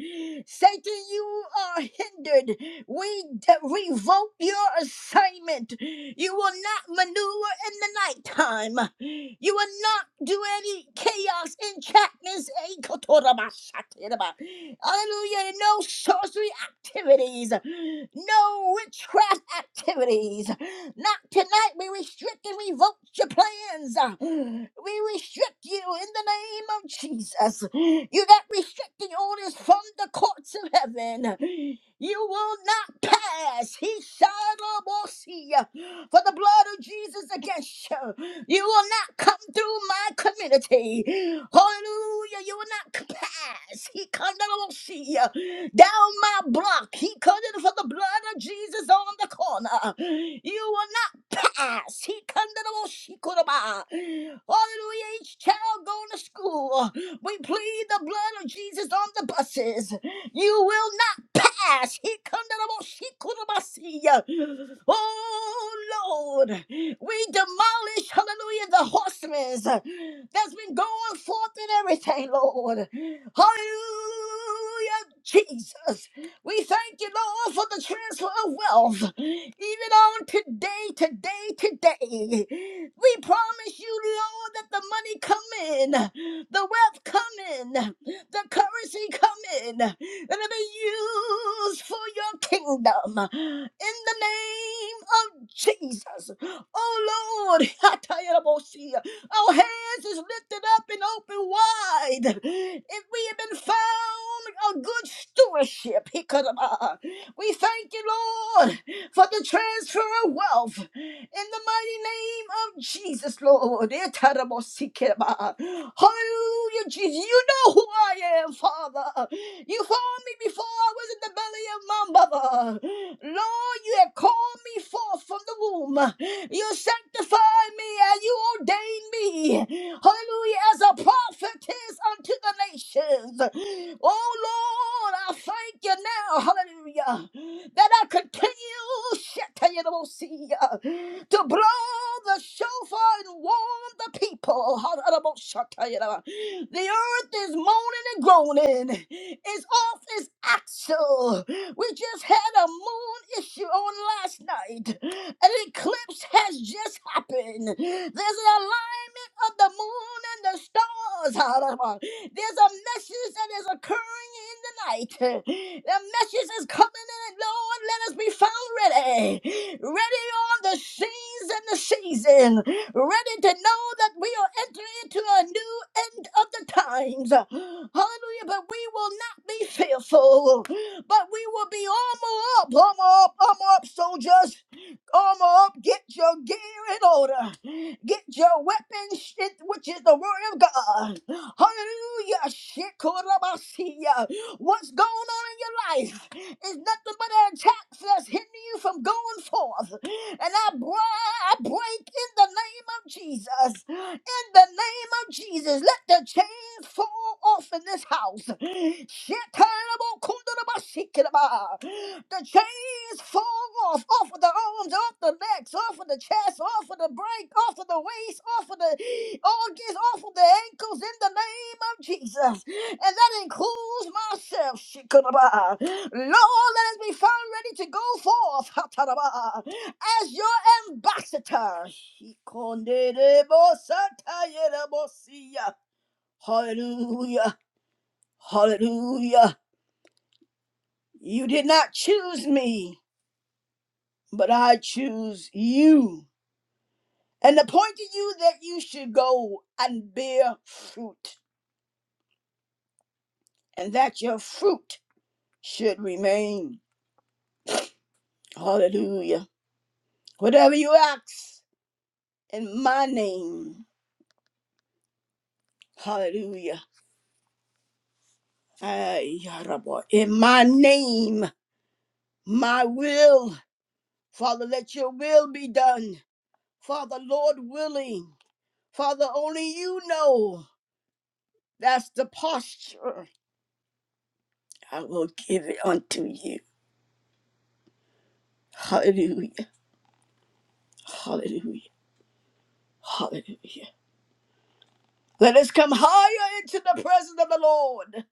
A: Satan, you are hindered. We d- revoke your assignment. You will not maneuver in the nighttime. You will not do any chaos enchantments. Ekotorabashatiraba. Hallelujah. No sorcery activities. No witchcraft activities. Not tonight. We restrict and revoke your plans. We restrict you in the name of Jesus. You got restricting orders from the courts of heaven. You will not pass. He shall not see you For the blood of Jesus against you, you will not come through my community. Hallelujah. You will not pass. He cannot see you Down my block. He come for the blood of Jesus on the corner. You will not pass. He kandaraboshikoroba. Hallelujah. Each child going to school. We plead the blood of Jesus on the buses. You will not pass. He kandaraboshikorobasia. Oh Lord. We demolish, hallelujah, the horsemen that's been going forth and everything, Lord. Hallelujah, Jesus. We thank you, Lord, for the transfer of wealth. Even on today, today, today. We promise you, Lord, that the money come in, the wealth come in, the currency come in, and it be used for your kingdom. In the name of Jesus. Oh Lord, Hatayarabosia. Our hands is lifted up and open wide. If we have been found a good stewardship, he could have. We thank you, Lord, for the transfer of wealth in the mighty name of Jesus, Lord. Itarabosikeba. Hallelujah, Jesus. You know who I am, Father. You formed me before I was in the belly of my mother. Lord, you have called me forth from the womb. You sanctified me and you ordained me. Hallelujah, as a prophetess unto the nations. Oh Lord, I thank you now, hallelujah, that I continue shatayanamosia, to blow the shofar and warn the people. Hallelujah. The earth is moaning and groaning. It's off its axle. We just had a moon issue on last night. An eclipse has just happened. There's an alignment of the moon and the stars. Hallelujah. There's a message that is occurring in the night. The message is coming in. Lord, let us be found ready. Ready on the scenes and the season ready to know that we are entering into a new end of the times. Hallelujah. But we will not be fearful, but we will be armor up, armor up, armor up, soldiers. Armor up, get your gear in order. Get your weapons, shit, which is the word of God. Hallelujah. Shikorabasiya. What's going on in your life? is nothing but an attack that's hindering you from going forth. And I, bri- I break in the name of Jesus. In the name of Jesus, let the chains fall off in this house. Shekinah-bo-kundana-ba-shekinah-ba. The chains fall off, off of the arms, off the necks, off of the chest, off of the brain, off of the waist, off of the organs, off of the ankles, in the name of Jesus. And that includes myself. Shekinah-ba. Lord, let us be found ready to go forth Hataraba, as your ambassador. shikonderebo Hallelujah. Hallelujah. You did not choose me, but I choose you. And appointed you that you should go and bear fruit, and that your fruit should remain. Hallelujah. Whatever you ask in my name, hallelujah Ay, Yarabo, In my name, my will. Father, let your will be done. Father, Lord willing. Father, only you know. That's the posture. I will give it unto you. Hallelujah. Hallelujah. Hallelujah. Let us come higher into the presence of the Lord.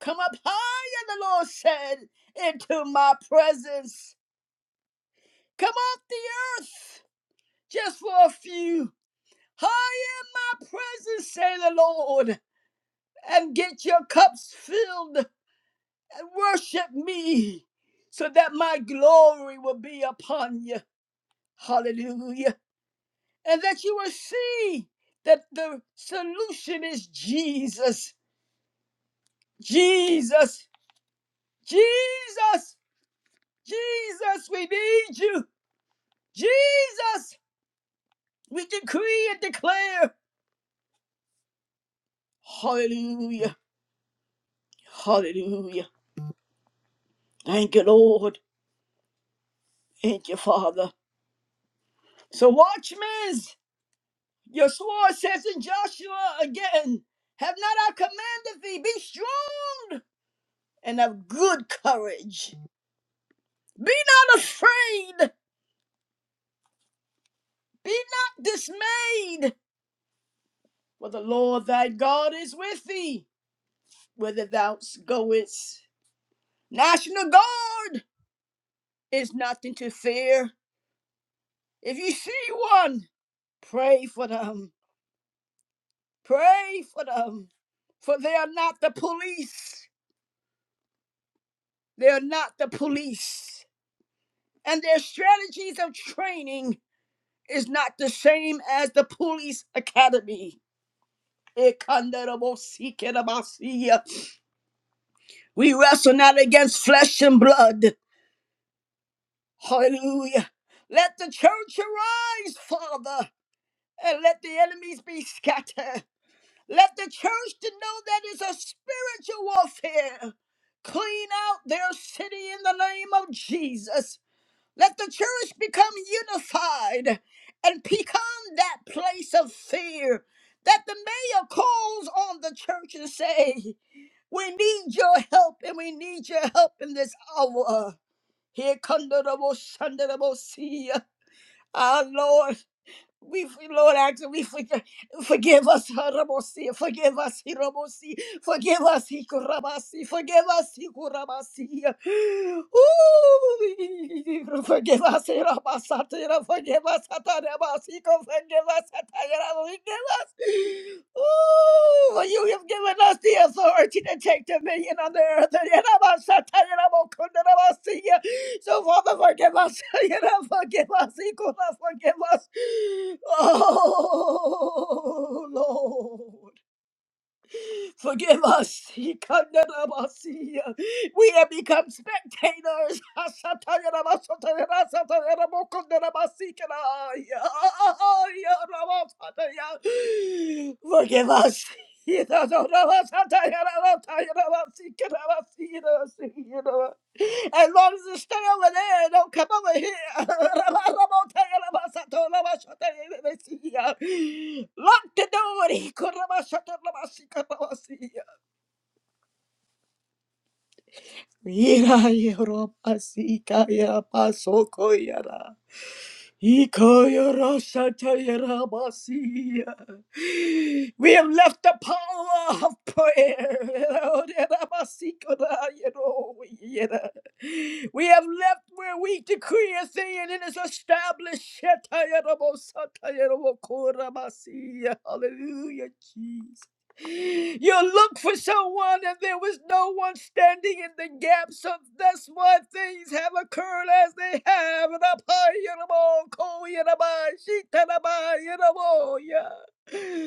A: Come up higher, the Lord said, into my presence. Come off the earth just for a few. High in my presence, say the Lord, and get your cups filled and worship me so that my glory will be upon you. Hallelujah. And that you will see that the solution is Jesus. Jesus. Jesus. Jesus, we need you. Jesus, we decree and declare. Hallelujah. Hallelujah. Thank you, Lord. Thank you, Father. So watchmen, your sword says in Joshua again, have not I commanded thee, be strong and of good courage. Be not afraid, be not dismayed, for the Lord thy God is with thee, whither thou goest. National Guard is nothing to fear. If you see one, pray for them. Pray for them, for they are not the police. They are not the police. and their strategies of training is not the same as the police academy. Ekandarabosikerabasia. We wrestle not against flesh and blood. Hallelujah. Let the church arise, Father, and let the enemies be scattered. Let the church to know that it's a spiritual warfare. Clean out their city in the name of Jesus. Let the church become unified and become that place of fear that the mayor calls on the church and say, we need your help and we need your help in this hour. Here come the double, shun the double, see ya. Our Lord. We Lord, after we forgive, forgive us, Harabosi, forgive us, Hirabosi, forgive us, Hikurabasi, forgive us, Hikurabasi. Ooh, forgive us, Hirabasatira, forgive us, Hatarabasi, forgive us, Hatayara, forgive us. Ooh, for you have given us the authority to take dominion on the earth. Hirabasatira, Kundarabasi. So, Father, forgive us. You know, forgive us. He could have forgive us. Oh, Lord. Forgive us. He can't condemned us. We have become spectators. Forgive us. Forgive us. As long as it stay over there, it don't come over here. Lock the door. Mira, Europa, Sica, Yapa, Ikoyoroshatayarabasiya. We have left the power of prayer. We have left where we decree a thing and it is established. Shatayarabosatayarabokorabasiya. Hallelujah, you looked for someone and there was no one standing in the gap, so that's why things have occurred as they have. And up high, you know, oh, cool, you know, bye, she tell her bye, you oh, yeah.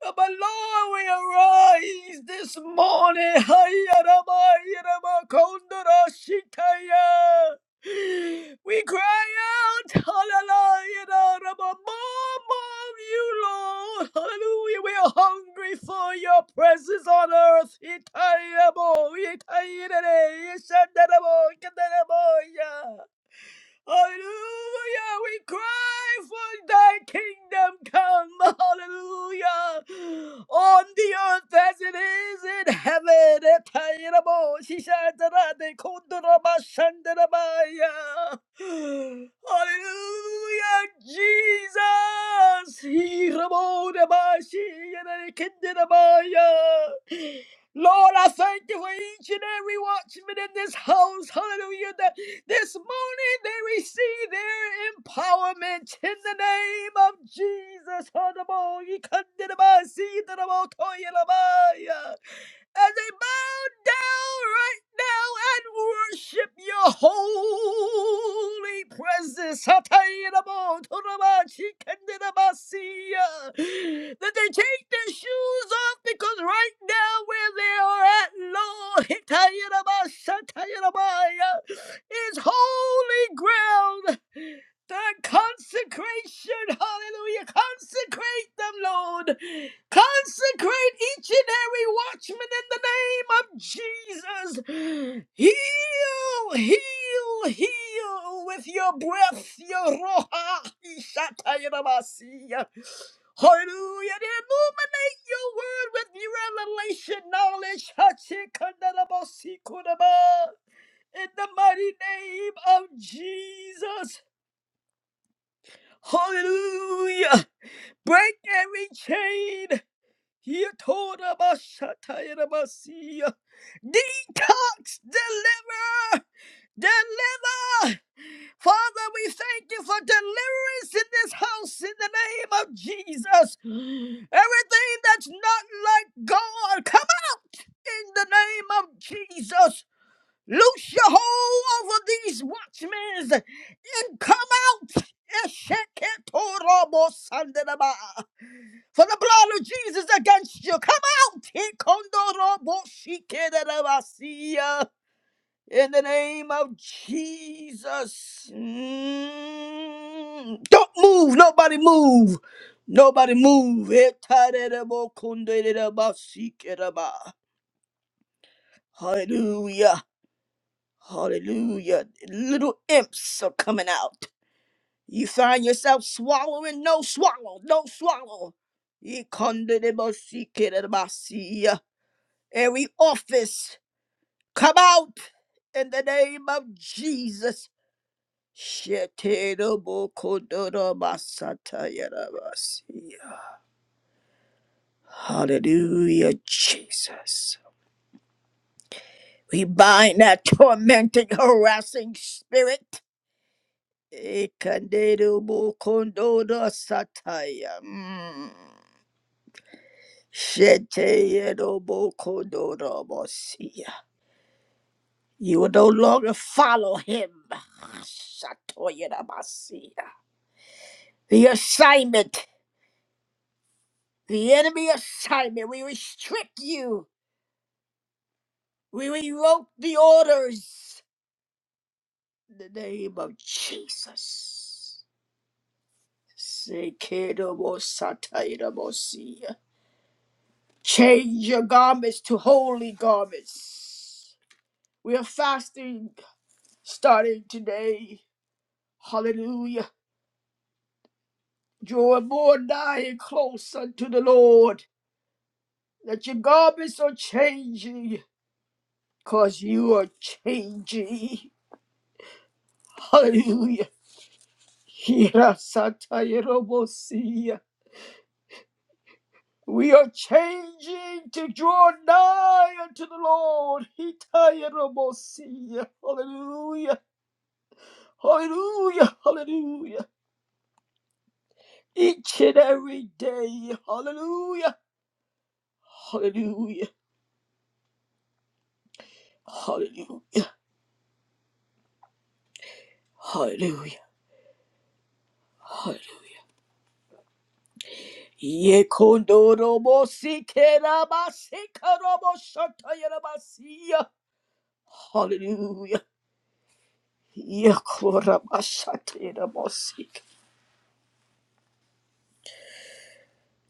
A: But Lord, we arise this morning. Hayarabayarabakondarashitaya. We cry out, Hallelujah, more, more of you, Lord. Hallelujah, we are hungry for your presence on earth. Itayabo, itayirere, ishandarabo, kandarabo, Hallelujah. We cry for thy kingdom come. Hallelujah. On the earth as it is in heaven. Etayirabo, shishatarade, kunduraba, shandarabaya. Hallelujah. Jesus. Hirabodabashi, yanakindarabaya. Lord, I thank you for each and every watchman in this house. Hallelujah. This morning they receive their empowerment in the name of Jesus. Honorable, you couldn't deny, see, deny, toy, deny as they bow down right now and worship your holy presence. Hatayirabo-torabashikandidabasiya. That they take their shoes off because right now where they are at, Lord, Hitayirabashatayirabaya, is holy ground. The consecration, hallelujah, consecrate them, Lord. Consecrate each and every watchman in the name of Jesus. Heal, heal, heal with your breath, your roha. ishatayirabasiya. Hallelujah. And illuminate your word with your revelation knowledge. hachikandarabasikuraba. In the mighty name of Jesus. Hallelujah. Break every chain. Yatorabashatayarabasiya. Detox, deliver, deliver. Father, we thank you for deliverance in this house in the name of Jesus. Everything that's not like God, come out in the name of Jesus. Loose your hold over these watchmen and come out. Esheketorobosandaba. For the blood of Jesus against you. Come out. Tikondoroboshikerebasia. In the name of Jesus. Mm. Don't move. Nobody move. Nobody move. Etarerebokunderabasikera. Hallelujah. Hallelujah. Little imps are coming out. You find yourself swallowing. No swallow. No swallow. Ikonderebosikerabasia. every office come out in the name of Jesus. Sheterebokodorobasatayerebasia. Hallelujah, Jesus. We bind that tormenting, harassing spirit. Ekanderobokondorosataya. Mm. Sheterebokodorobosia. You will no longer follow him. Shatoyerabasia. The assignment, the enemy assignment, we restrict you. We revoke the orders in the name of Jesus. Sekedomosateiramosia. Change your garments to holy garments. We are fasting starting today. Hallelujah. Draw more nigh and close unto the Lord. That your garments are changing, because you are changing. Hallelujah. Hirasatayerobosia. We are changing to draw nigh unto the Lord. Hitayerobosia. Hallelujah. Hallelujah. Hallelujah. Each and every day. Hallelujah. Hallelujah. Hallelujah. Hallelujah. Hallelujah. Yekondorobosikerabasikaraboshatayerobasia. Hallelujah. Yakorabashatirabosi.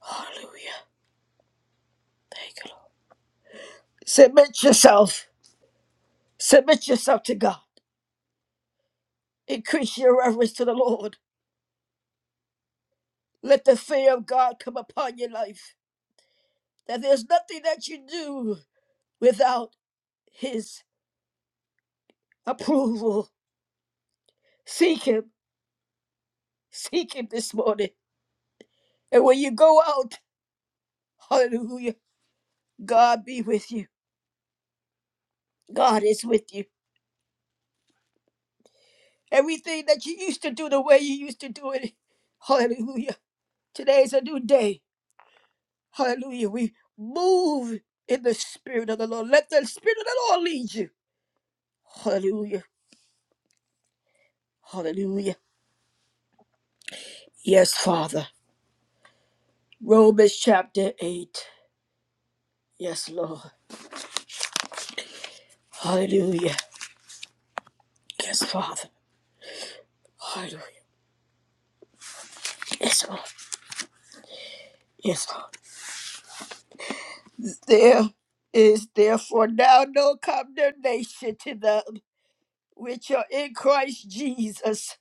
A: Hallelujah. Thank you, Lord. Submit yourself. Submit yourself to God. Increase your reverence to the Lord. Let the fear of God come upon your life. That there's nothing that you do without His approval. Seek Him. Seek Him this morning. And when you go out, hallelujah, God be with you. God is with you. Everything that you used to do the way you used to do it, hallelujah. Today is a new day. Hallelujah. We move in the Spirit of the Lord. Let the Spirit of the Lord lead you. Hallelujah. Hallelujah. Yes, Father. Romans chapter 8. Yes, Lord. Hallelujah. Yes, Father. Hallelujah. Yes, Lord. Yes, Lord. There is therefore now no condemnation to them which are in Christ Jesus,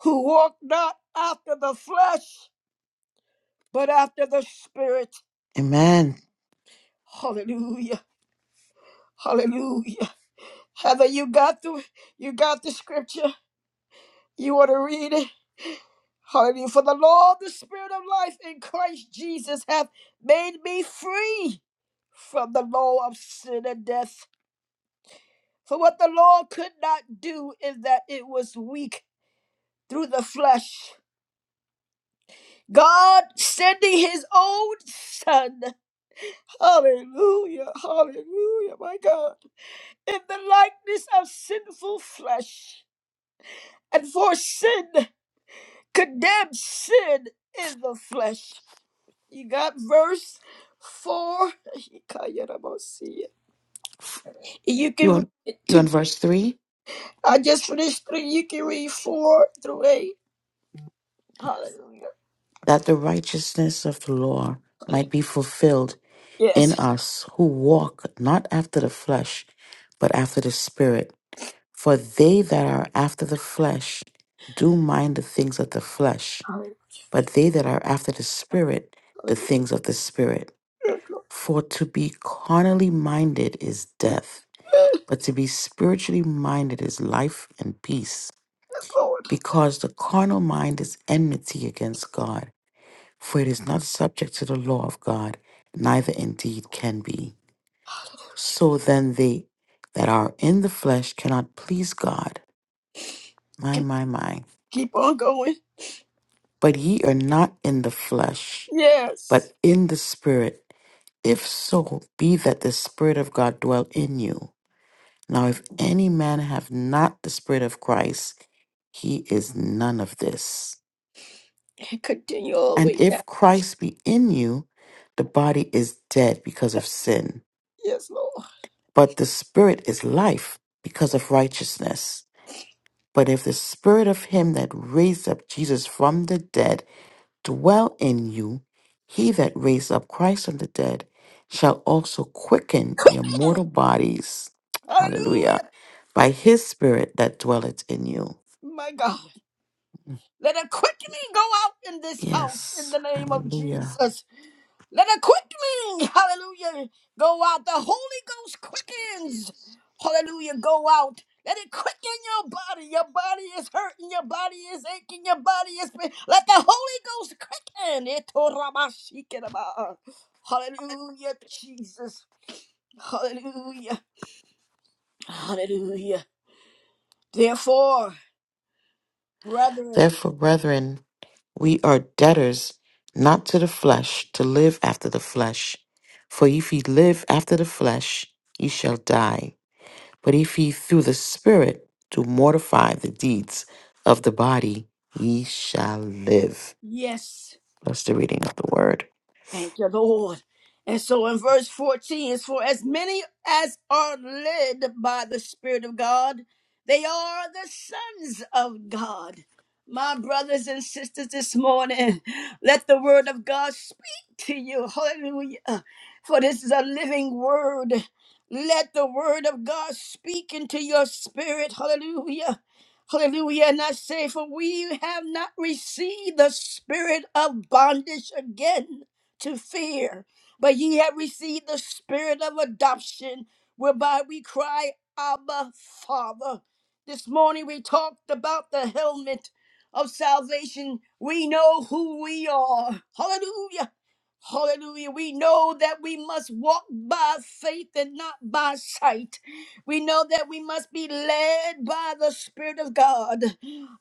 A: who walk not after the flesh, but after the Spirit.
B: Amen.
A: Hallelujah. Hallelujah. Heather, you got the you got the scripture. You want to read it? Hallelujah. For the Lord, the Spirit of life in Christ Jesus hath made me free from the law of sin and death. For what the law could not do is that it was weak through the flesh. God sending his own son. Hallelujah. Hallelujah, my God. In the likeness of sinful flesh. And for sin. condemn sin in the flesh. You got verse four. You
B: You
A: can read
B: on
A: it
B: you
A: to,
B: on verse three?
A: I just finished three. You can read four through eight. Hallelujah.
B: That the righteousness of the law might be fulfilled in
A: Yes.
B: us who walk not after the flesh, but after the spirit. For they that are after the flesh do mind the things of the flesh
A: Hallelujah.
B: but they that are after the Spirit, the things of the Spirit.
A: Yes, Lord.
B: For to be carnally minded is death,
A: Yes,
B: but to be spiritually minded is life and peace.
A: Lord.
B: Because the carnal mind is enmity against God, for it is not subject to the law of God, neither indeed can be. So then they that are in the flesh cannot please God. My,
A: Can
B: my, my.
A: keep on going.
B: But ye are not in the flesh,
A: Yes.
B: but in the Spirit If so, be that the Spirit of God dwell in you. Now, if any man have not the Spirit of Christ, he is none of this.
A: And Continue all the
B: And
A: way down.
B: if Christ be in you, the body is dead because of sin,
A: Yes, Lord.
B: but the Spirit is life because of righteousness. But if the Spirit of him that raised up Jesus from the dead, dwell in you, he that raised up Christ from the dead shall also quicken your
A: Quicken.
B: mortal bodies. Hallelujah.
A: Hallelujah.
B: By his spirit that dwelleth in you.
A: My God.
B: Mm,
A: Let a quickening go out in this house in
B: Yes.
A: the name of
B: Hallelujah.
A: Jesus. Let a quickening, hallelujah, go out. The Holy Ghost quickens, hallelujah, go out. Let it quicken your body. Your body is hurting. Your body is aching. Your body is. pain. Let the Holy Ghost quicken. Itorabashikinaba. Hallelujah, Jesus. Hallelujah. Hallelujah. Therefore, brethren,
B: Therefore, brethren, we are debtors not to the flesh to live after the flesh. For if ye live after the flesh, ye shall die. But if ye through the Spirit do mortify the deeds of the body, ye shall live.
A: yes.
B: Bless the reading of the word.
A: Thank you, Lord. And so in verse 14, it's for as many as are led by the Spirit of God, they are the sons of God. My brothers and sisters, this morning, let the word of God speak to you. Hallelujah. For this is a living word. Let the word of God speak into your spirit. Hallelujah. Hallelujah. And I say, for we have not received the spirit of bondage again to fear, but ye have received the spirit of adoption, whereby we cry, Abba, Father. This morning we talked about the helmet of salvation. We know who we are. Hallelujah. Hallelujah. We know that we must walk by faith and not by sight. We know that we must be led by the Spirit of God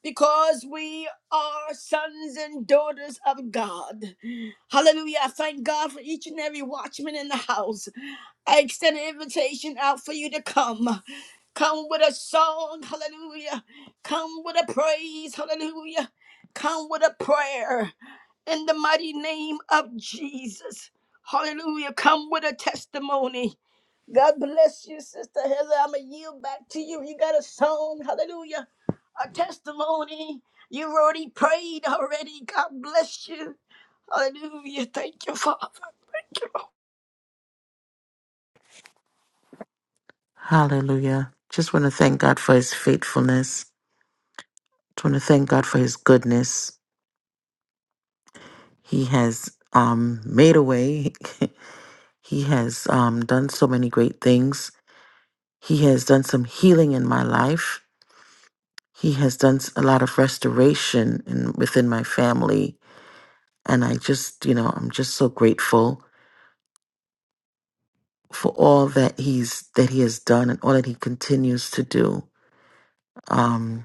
A: because we are sons and daughters of God. Hallelujah. I thank God for each and every watchman in the house. I extend an invitation out for you to come. Come with a song, hallelujah. Come with a praise, hallelujah. Come with a prayer in the mighty name of Jesus. Hallelujah. Come with a testimony. God bless you, Sister Heather. I'm going to yield back to you. You got a song, hallelujah, a testimony. You've already prayed already. God bless you. Hallelujah. Thank you, Father.
B: Hallelujah. Just want to thank God for his faithfulness. Just want to thank God for his goodness. He has um, made a way. he has um, done so many great things. He has done some healing in my life. He has done s- a lot of restoration in, within my family. And I just, you know, I'm just so grateful for all that he's that he has done and all that he continues to do. Um,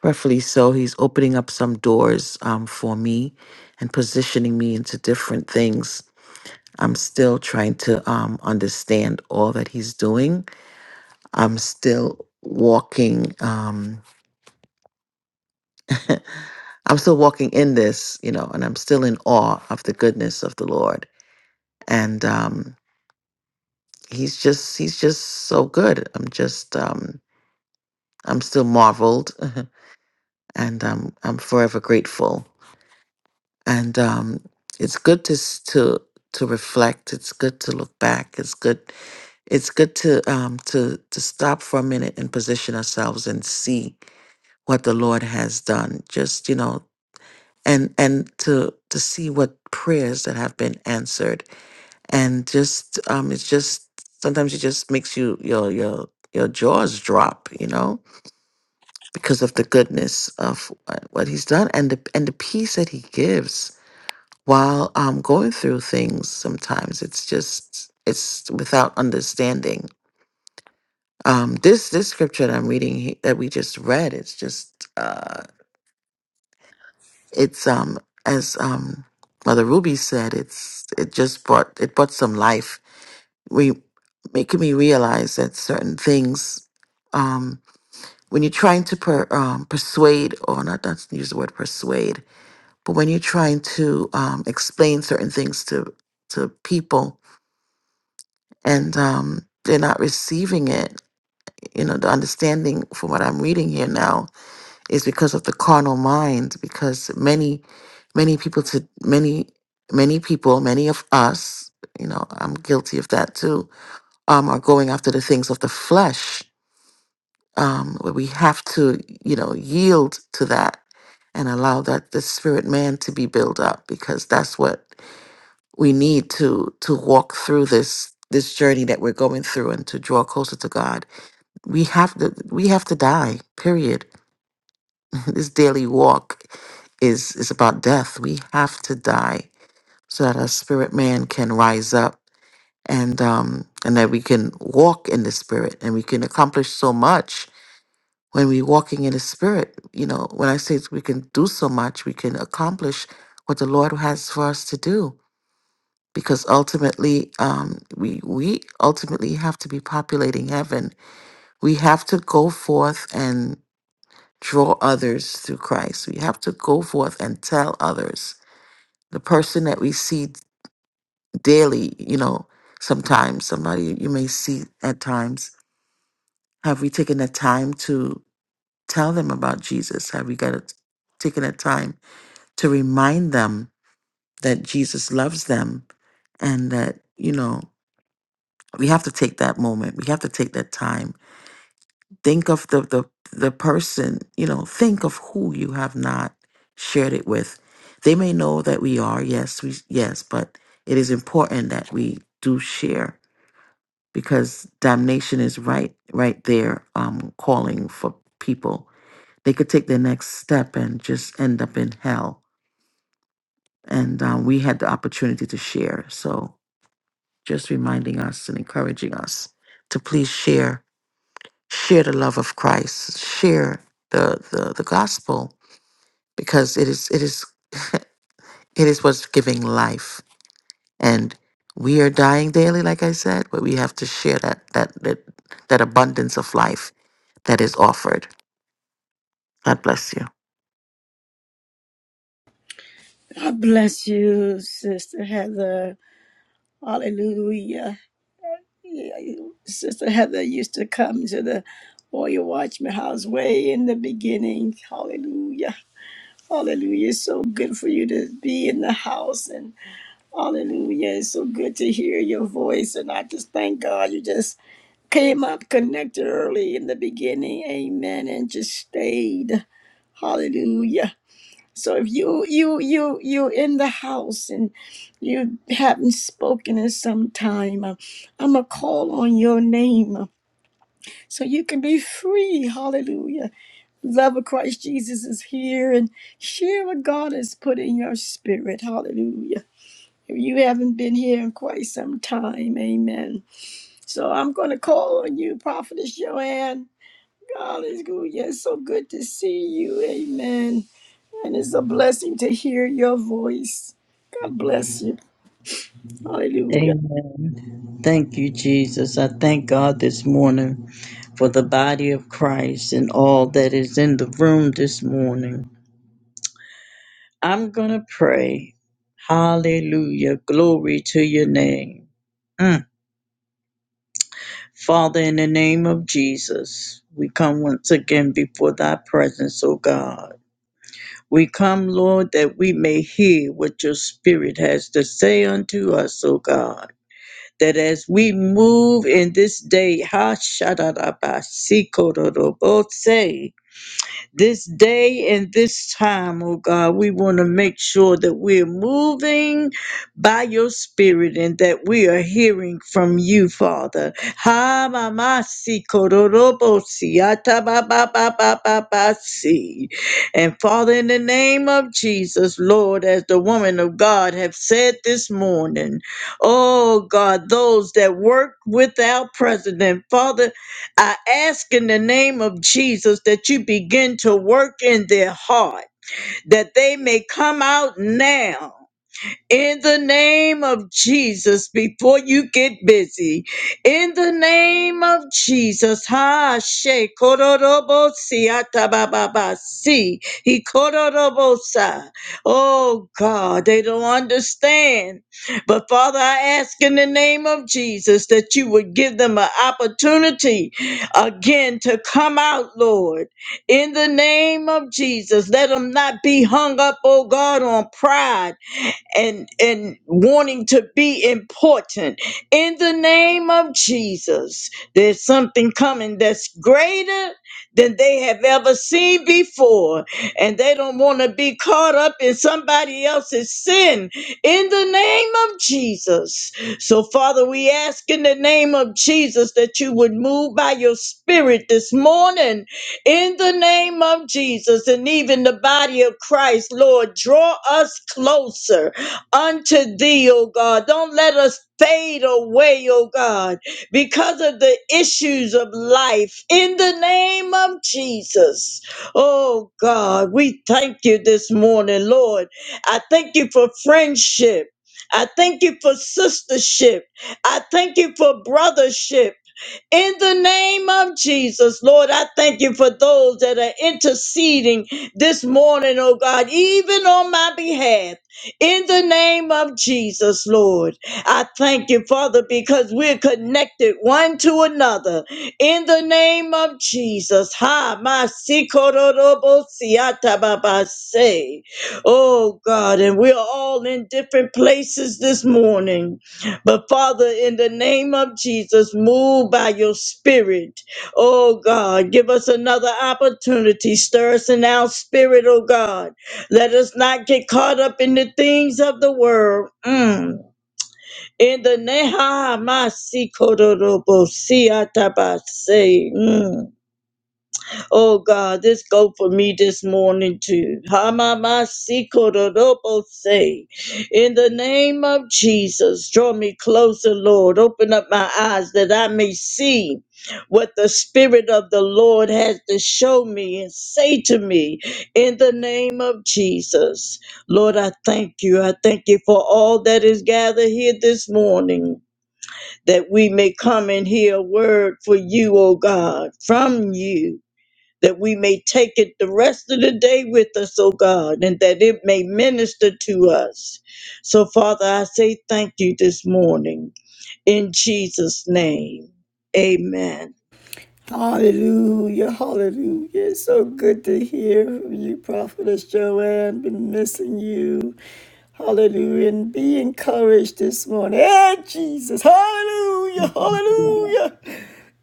B: Prayerfully so, he's opening up some doors um, for me and positioning me into different things. I'm still trying to um, understand all that he's doing. I'm still walking. Um, I'm still walking in this, you know, and I'm still in awe of the goodness of the Lord. And um, he's just, he's just so good. I'm just, um, I'm still marveled, and um, I'm forever grateful and um, it's good to s- to to reflect. It's good to look back. It's good. It's good to um, to to stop for a minute and position ourselves and see what the Lord has done. Just you know, and and to to see what prayers that have been answered, and just um, it's just sometimes it just makes you your your your jaws drop. You know. Because of the goodness of uh, what he's done and the and the peace that he gives, while I'm going through things, sometimes it's just it's without understanding. Um, this this scripture that I'm reading he- that we just read, it's just uh, it's um as um Mother Ruby said, it's it just brought it brought some life. We making me realize that certain things um when you're trying to per, um, persuade or not not use the word persuade but when you're trying to um, explain certain things to to people and um, they're not receiving it. You know, the understanding from what I'm reading here now is because of the carnal mind. Because many, many people to many, many people, many of us, you know, I'm guilty of that too. Um, are going after the things of the flesh, um, where we have to, you know, yield to that and allow that the spirit man to be built up because that's what we need to to walk through this this journey that we're going through and to draw closer to God. We have to we have to die. Period. this daily walk is is about death. We have to die so that our spirit man can rise up and um and that we can walk in the spirit and we can accomplish so much when we're walking in the spirit. You know, when I say we can do so much, we can accomplish what the Lord has for us to do because ultimately um, we we ultimately have to be populating heaven. We have to go forth and draw others through Christ. We have to go forth and tell others. The person that we see daily, you know, sometimes somebody you may see at times. Have we taken the time to tell them about Jesus? Have we got a, taken the time to remind them that Jesus loves them and that you know? we have to take that moment we have to take that time think of the the, the person you know think of who you have not shared it with they may know that we are yes we yes but it is important that we do share because damnation is right right there um calling for people they could take the next step and just end up in hell and um, we had the opportunity to share so just reminding us and encouraging us to please share share the love of Christ, share the the, the gospel, because it is it is it is what's giving life. And we are dying daily, like I said, but we have to share that that that, that abundance of life that is offered. God bless you.
A: God bless you, Sister Heather. Hallelujah. Yeah, Sister Heather used to come to the Warrior Watchman house way in the beginning. Hallelujah. Hallelujah. It's so good for you to be in the house. And hallelujah. It's so good to hear your voice. And I just thank God you just came up connected early in the beginning. Amen. And just stayed. Hallelujah. So if you you you you in the house and you haven't spoken in some time, uh, I'm gonna call on your name uh, so you can be free. Hallelujah! Love of Christ Jesus is here, and share what God has put in your spirit. Hallelujah! If you haven't been here in quite some time, Amen. So I'm gonna call on you, Prophetess Joanne. Hallelujah! It's so good to see you. Amen. And it's a blessing to hear your voice. God bless you. Hallelujah.
C: Amen. Thank you, Jesus. I thank God this morning for the body of Christ and all that is in the room this morning. I'm going to pray. Hallelujah. Glory to your name. Mm. Father, in the name of Jesus, we come once again before thy presence, O God. We come, Lord, that we may hear what your spirit has to say unto us, O God. that as we move in this day, ha shadadaba, sikorobose, this day and this time, oh God, we want to make sure that we're moving by your spirit and that we are hearing from you, Father. Ha mama si kororobo si ata ba ba ba ba ba ba si. And Father, in the name of Jesus, Lord, as the woman of God have said this morning, oh God, those that work with our president, Father, I ask in the name of Jesus that you begin to work in their heart, that they may come out now in the name of Jesus, before you get busy, in the name of Jesus, ha she kororobo si atabababa si he kororobo sa. Oh God, they don't understand. But Father, I ask in the name of Jesus that you would give them an opportunity again to come out, Lord. In the name of Jesus, let them not be hung up, oh God, on pride and and wanting to be important in the name of Jesus there's something coming that's greater than they have ever seen before and they don't want to be caught up in somebody else's sin in the name of Jesus so father we ask in the name of Jesus that you would move by your spirit this morning in the name of Jesus and even the body of Christ, Lord, draw us closer unto thee, O God. Don't let us fade away, O God, because of the issues of life. In the name of Jesus. Oh God, we thank you this morning, Lord. I thank you for friendship. I thank you for sistership. I thank you for brothership. In the name of Jesus, Lord, I thank you for those that are interceding this morning, oh God, even on my behalf. In the name of Jesus, Lord, I thank you, Father, because we're connected one to another. In the name of Jesus, ha, my sikororobo siata baba say. Oh God, and we're all in different places this morning. But Father, in the name of Jesus, move by your spirit. Oh God, give us another opportunity. Stir us in our spirit, oh God. Let us not get caught up in the things of the world. Mm. In the neha masi kororobo siatabase. Mm. Oh God, this go for me this morning too. Hamamasikorodobo-se. In the name of Jesus, draw me closer, Lord. Open up my eyes that I may see what the Spirit of the Lord has to show me and say to me in the name of Jesus. Lord, I thank you. I thank you for all that is gathered here this morning, that we may come and hear a word for you, O God, from you that we may take it the rest of the day with us, O God, and that it may minister to us. So, Father, I say thank you this morning in Jesus' name. Amen.
A: Hallelujah. Hallelujah. It's so good to hear from you, Prophetess Joanne. Been missing you. Hallelujah. And be encouraged this morning. Hey, Jesus. Hallelujah. Hallelujah.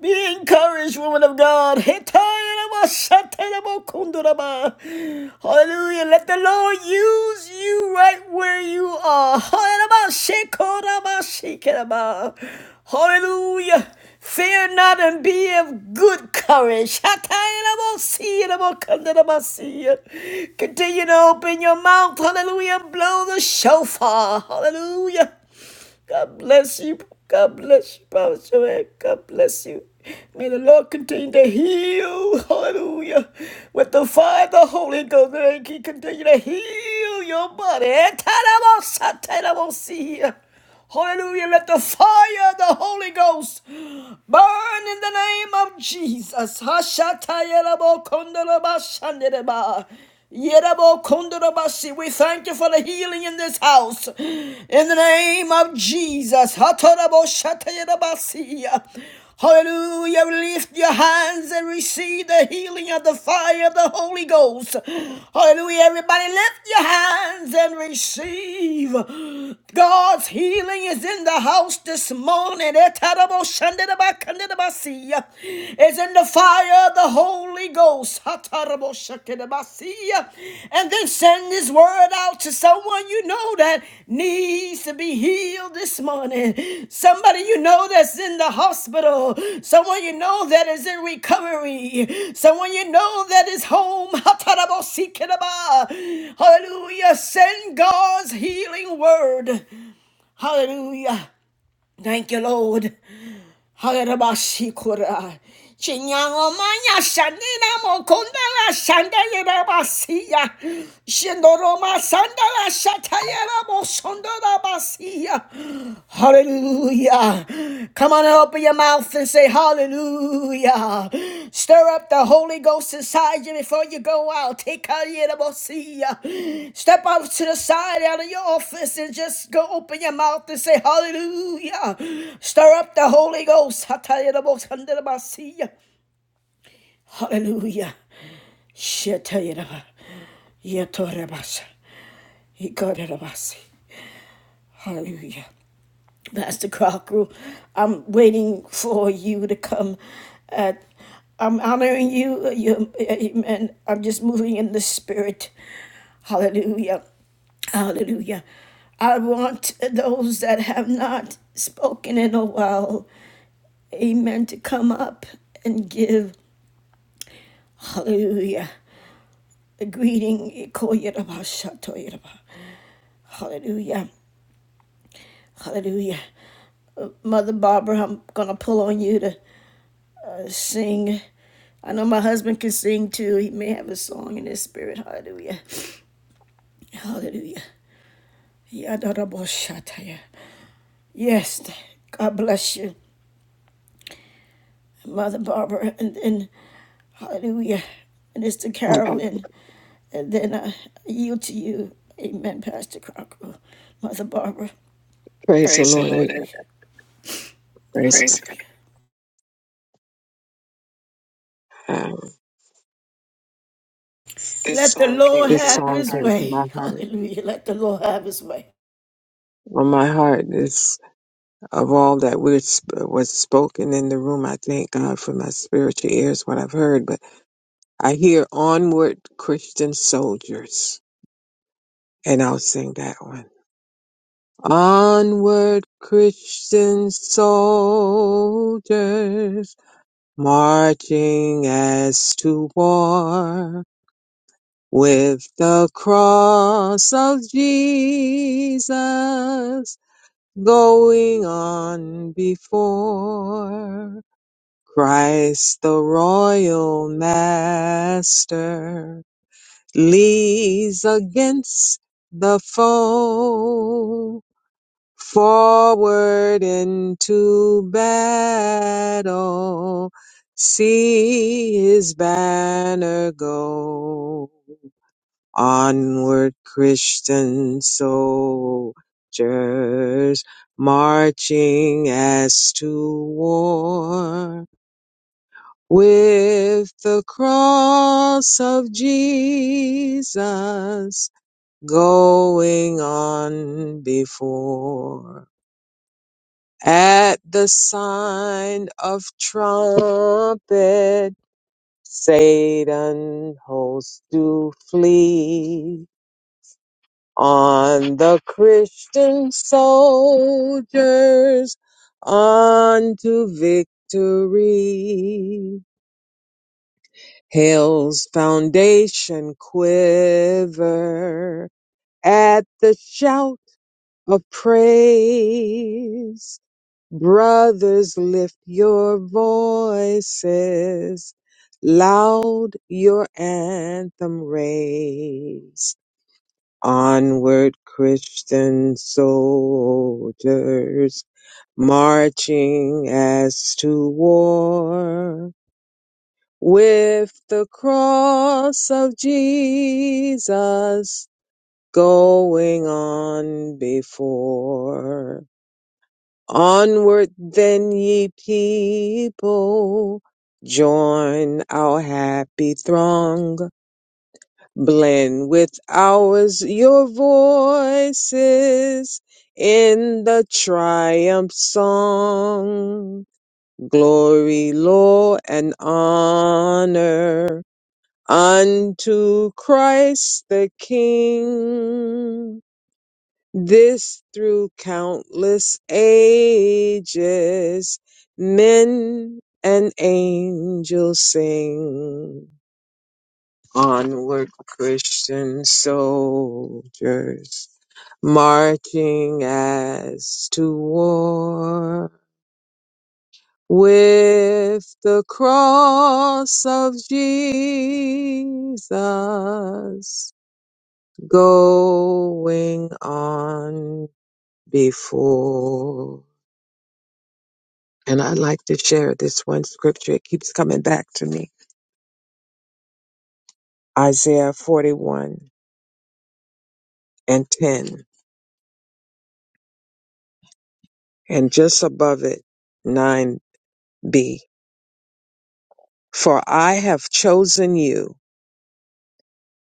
A: Be encouraged, woman of God. Hey, Hallelujah. Let the Lord use you right where you are. Hallelujah. Fear not and be of good courage. Continue to open your mouth. Hallelujah. Blow the shofar. Hallelujah. God bless you. God bless you, Prophet Joanne. God bless you. May the Lord continue to heal. Hallelujah. With the fire of the Holy Ghost, may He continue to heal your body. Etarabosatarabosiya. Hallelujah. Let the fire of the Holy Ghost burn in the name of Jesus. Hashatayarabokondorobashandereba. Yerabo kondorobasi. We thank you for the healing in this house. In the name of Jesus. Hatarabo shatayerabasi. Hallelujah. Lift your hands and receive the healing of the fire of the Holy Ghost. Hallelujah. Everybody, lift your hands and receive. God's healing is in the house this morning. Etarabo shandedaba is in the fire of the Holy Ghost. And then send this word out to someone you know that needs to be healed this morning. Somebody you know that's in the hospital. Someone you know that is in recovery. Someone you know that is home. Hallelujah. Send God's healing word. Hallelujah. Thank you, Lord. Harabashikura. Chinyangomanya shandina mokondala shandayera basiya. Shindoroma sandala shatayera bosondora basiya. Hallelujah. Come on open your mouth and say Hallelujah. Hallelujah. Stir up the Holy Ghost inside you before you go out. Take out your emotion. Step out to the side out of your office and just go open your mouth and say hallelujah. Stir up the Holy Ghost. Hatayarabosandarabasiya. Hallelujah. Shetayaraba. Yatorabasa. Ikarabasi. Hallelujah. Pastor Crocker. I'm waiting for you to come. Uh, I'm honoring you, uh, you, uh, amen. I'm just moving in the spirit. Hallelujah. Hallelujah. I want those that have not spoken in a while, amen, to come up and give, hallelujah, a greeting. Hallelujah. Hallelujah. Mother Barbara, I'm going to pull on you to sing. I know my husband can sing too. He may have a song in his spirit. Hallelujah. Hallelujah. Yadarabashataya. Yes, God bless you, Mother Barbara. And then, hallelujah. Mister
D: Oh,
A: Carolyn. And then I yield to you. Amen, Pastor Crocker. Mother Barbara.
D: praise the
A: Praise the
D: Lord.
A: Lord.
D: I- Praise God. Um,
A: Let the Lord
D: this
A: have
D: song
A: his
D: came to
A: way.
D: my heart.
A: Hallelujah. Let the Lord have his way.
D: On my heart is of all that was, was spoken in the room. I thank God for my spiritual ears, what I've heard. But I hear onward Christian soldiers. And I'll sing that one. Onward Christian soldiers, marching as to war. With the cross of Jesus going on before, Christ the royal master leads against the foe, forward into battle, see his banner go. Onward, Christian soldiers, marching as to war with the cross of Jesus going on before. At the sign of trumpet, Satan's hosts do flee on the Christian soldiers unto victory. Hill's foundation quiver at the shout of praise. Brothers, lift your voices, loud your anthem raise. Onward, Christian soldiers, marching as to war with the cross of Jesus going on before. Onward, then, ye people, join our happy throng blend with ours your voices in the triumph song. Glory, law, and honor unto Christ the King. This through countless ages, men and angels sing. Onward, Christian soldiers, marching as to war with the cross of Jesus going on before. And I like to share this one scripture. It keeps coming back to me. Isaiah 41 and 10, and just above it, 9b. For I have chosen you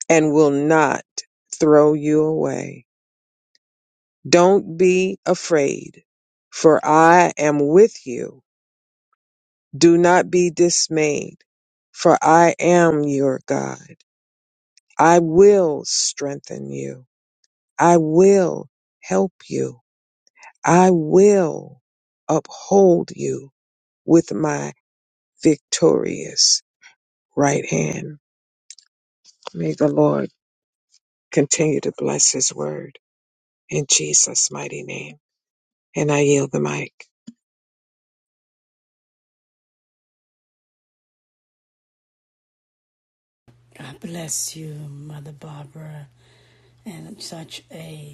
D: and will not throw you away. Don't be afraid, for I am with you. Do not be dismayed, for I am your God. I will strengthen you. I will help you. I will uphold you with my victorious right hand. May the Lord continue to bless his word. in Jesus' mighty name. And I yield the mic.
A: God bless you, Mother Barbara, and such a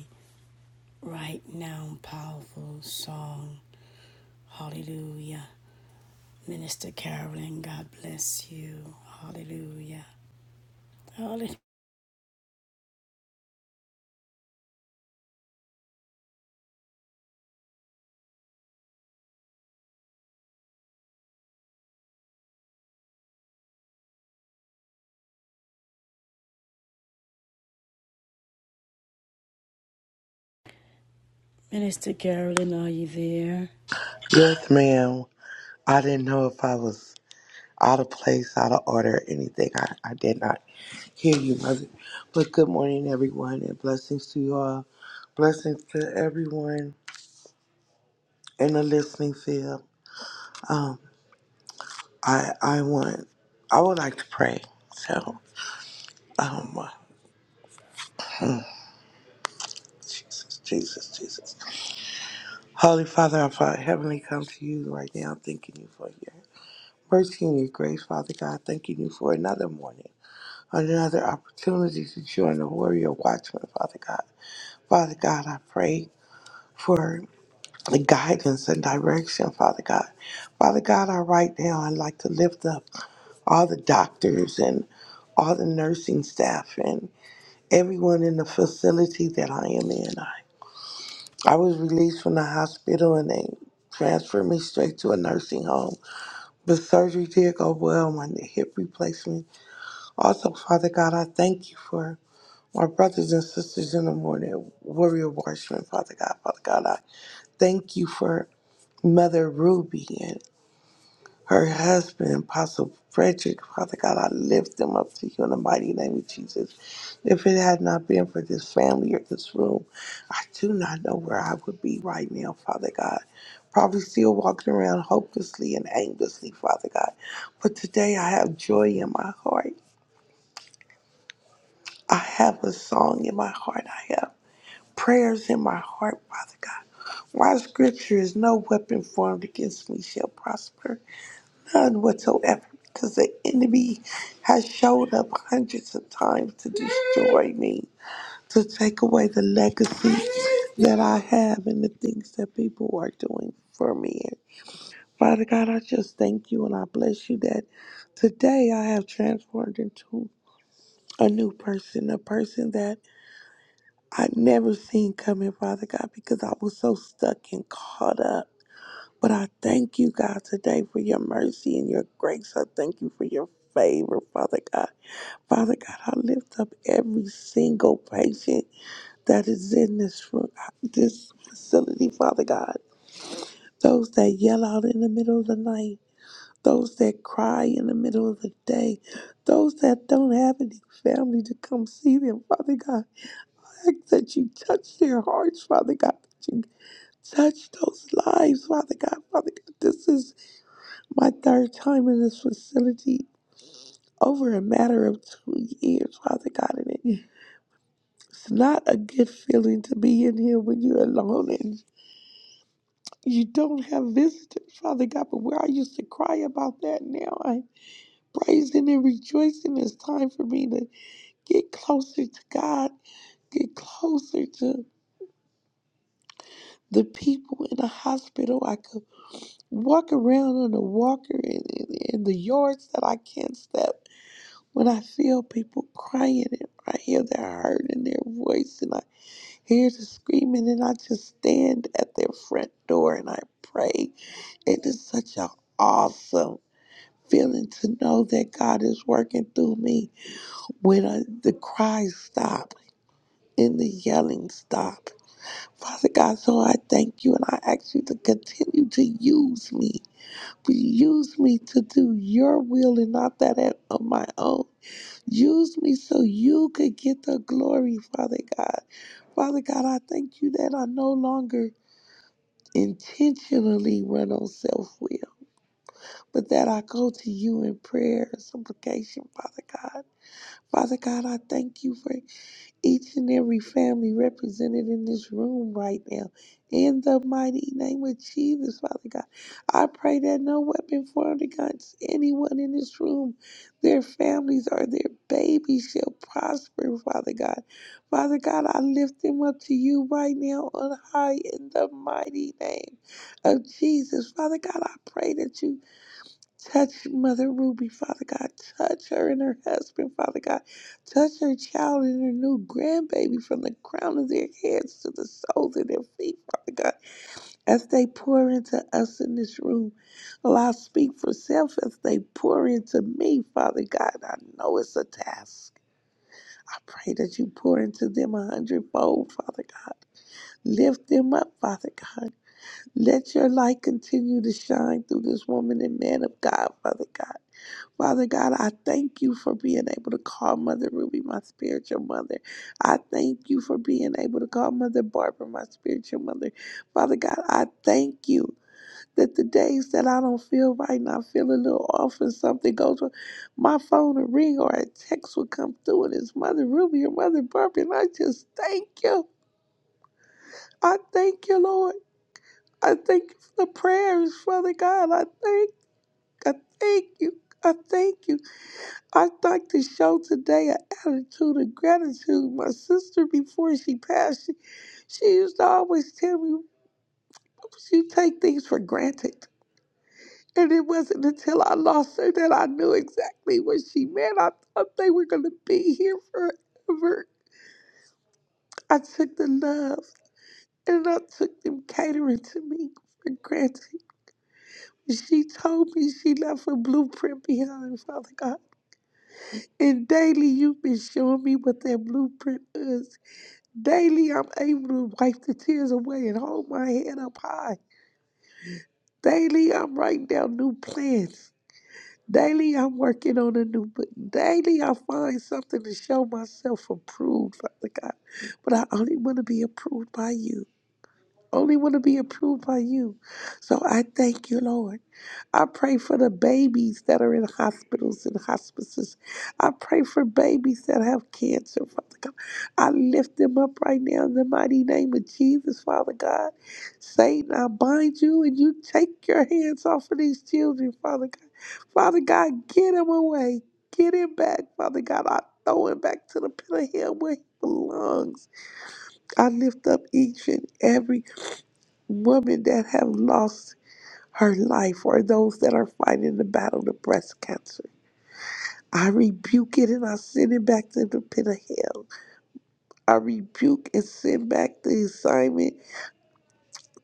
A: Right now, powerful song. Hallelujah. Minister Carolyn, God bless you. Hallelujah. Hallelujah. Minister Carolyn, are you there?
E: Yes, ma'am. I didn't know if I was out of place, out of order, or anything. I, I did not hear you, mother. But good morning, everyone, and blessings to you all. Blessings to everyone in the listening field. Um, I I want I would like to pray. So, um, uh, Jesus, Jesus, Jesus, Holy Father, our Father, heavenly, come to you right now, thanking you for your mercy and your grace, Father God. Thanking you for another morning. another opportunity to join the warrior watchman, Father God. Father God, I pray for the guidance and direction, Father God. Father God, I right now I'd like to lift up all the doctors and all the nursing staff and everyone in the facility that I am in. I, I was released from the hospital and they transferred me straight to a nursing home. The surgery did go well, my hip replacement. Also, Father God, I thank you for My brothers and sisters in the morning, warrior watchmen, Father God, Father God, I thank you for Mother Ruby and her husband, Apostle Frederick, Father God, I lift them up to you in the mighty name of Jesus. If it had not been for this family or this room, I do not know where I would be right now, Father God. Probably still walking around hopelessly and aimlessly, Father God. But today I have joy in my heart. I have a song in my heart. I have. prayers in my heart, Father God. For our scripture is no weapon formed against me shall prosper, none whatsoever, because the enemy has showed up hundreds of times to destroy me, to take away the legacy that I have and the things that people are doing for me. Father God, I just thank you and I bless you that today I have transformed into a new person, a person that I never seen coming, Father God, because I was so stuck and caught up. But I thank you, God, today for your mercy and your grace. I thank you for your favor, Father God. Father God, I lift up every single patient that is in this room, this facility, Father God. Those that yell out in the middle of the night, those that cry in the middle of the day, those that don't have any family to come see them, Father God fact that you touched their hearts, Father God, that you touched those lives, Father God. Father God, this is my third time in this facility over a matter of two years, Father God, and it, it's not a good feeling to be in here when you're alone and you don't have visitors, Father God. But where I used to cry about that, now I'm praising and rejoicing. It's time for me to get closer to God, get closer to the people in the hospital. I could. Walk around on the walker in, in, in the yards that I can't step. When I feel people crying and I hear their hurt in their voice and I hear the screaming and I just stand at their front door and I pray. It is such an awesome feeling to know that God is working through me when I, the cries stop and the yelling stop. Father God, so I thank you and I ask you to continue to use me Use me to do your will and not that at- of my own. Use me so you could get the glory, Father God. Father God, I thank you that I no longer intentionally run on self will, but that I go to you in prayer and supplication, Father God. Father God, I thank you for each and every family represented in this room right now. In the mighty name of Jesus, Father God, I pray that no weapon formed against anyone in this room, their families or their babies shall prosper, Father God. Father God, I lift them up to you right now on high in the mighty name of Jesus. Father God, I pray that you Touch Mother Ruby, Father God. Touch her and her husband, Father God. Touch her child and her new grandbaby from the crown of their heads to the soles of their feet, Father God. As they pour into us in this room, well, I speak for self as they pour into me, Father God. I know it's a task. I pray that you pour into them a hundredfold, Father God. Lift them up, Father God. Let your light continue to shine through this woman and man of God, Father God. Father God, I thank you for being able to call Mother Ruby my spiritual mother. I thank you for being able to call Mother Barbara my spiritual mother. Father God, I thank you that the days that I don't feel right and I feel a little off and something goes wrong, my phone will ring or a text will come through and it's Mother Ruby or Mother Barbara. And I just thank you. I thank you, Lord. I thank you for the prayers, Father God. I thank, I thank you. I thank you. I'd like to show today an attitude of gratitude. My sister, before she passed, she, she used to always tell me, you take things for granted. And it wasn't until I lost her that I knew exactly what she meant. I thought they were going to be here forever. I took the love and I took them catering to me for granted. She told me she left a blueprint behind, Father God. And daily you've been showing me what that blueprint is. Daily, I'm able to wipe the tears away and hold my head up high. Daily, I'm writing down new plans. Daily, I'm working on a new book. Daily, I find something to show myself approved, Father God. But I only want to be approved by you. Only want to be approved by you. So I thank you, Lord. I pray for the babies that are in hospitals and hospices. I pray for babies that have cancer, Father God. I lift them up right now in the mighty name of Jesus, Father God. Satan, I bind you and you take your hands off of these children, Father God. Father God, get him away. Get him back, Father God. I throw him back to the pit of hell where he belongs. I lift up each and every woman that have lost her life or those that are fighting the battle of breast cancer. I rebuke it and I send it back to the pit of hell. I rebuke and send back the assignment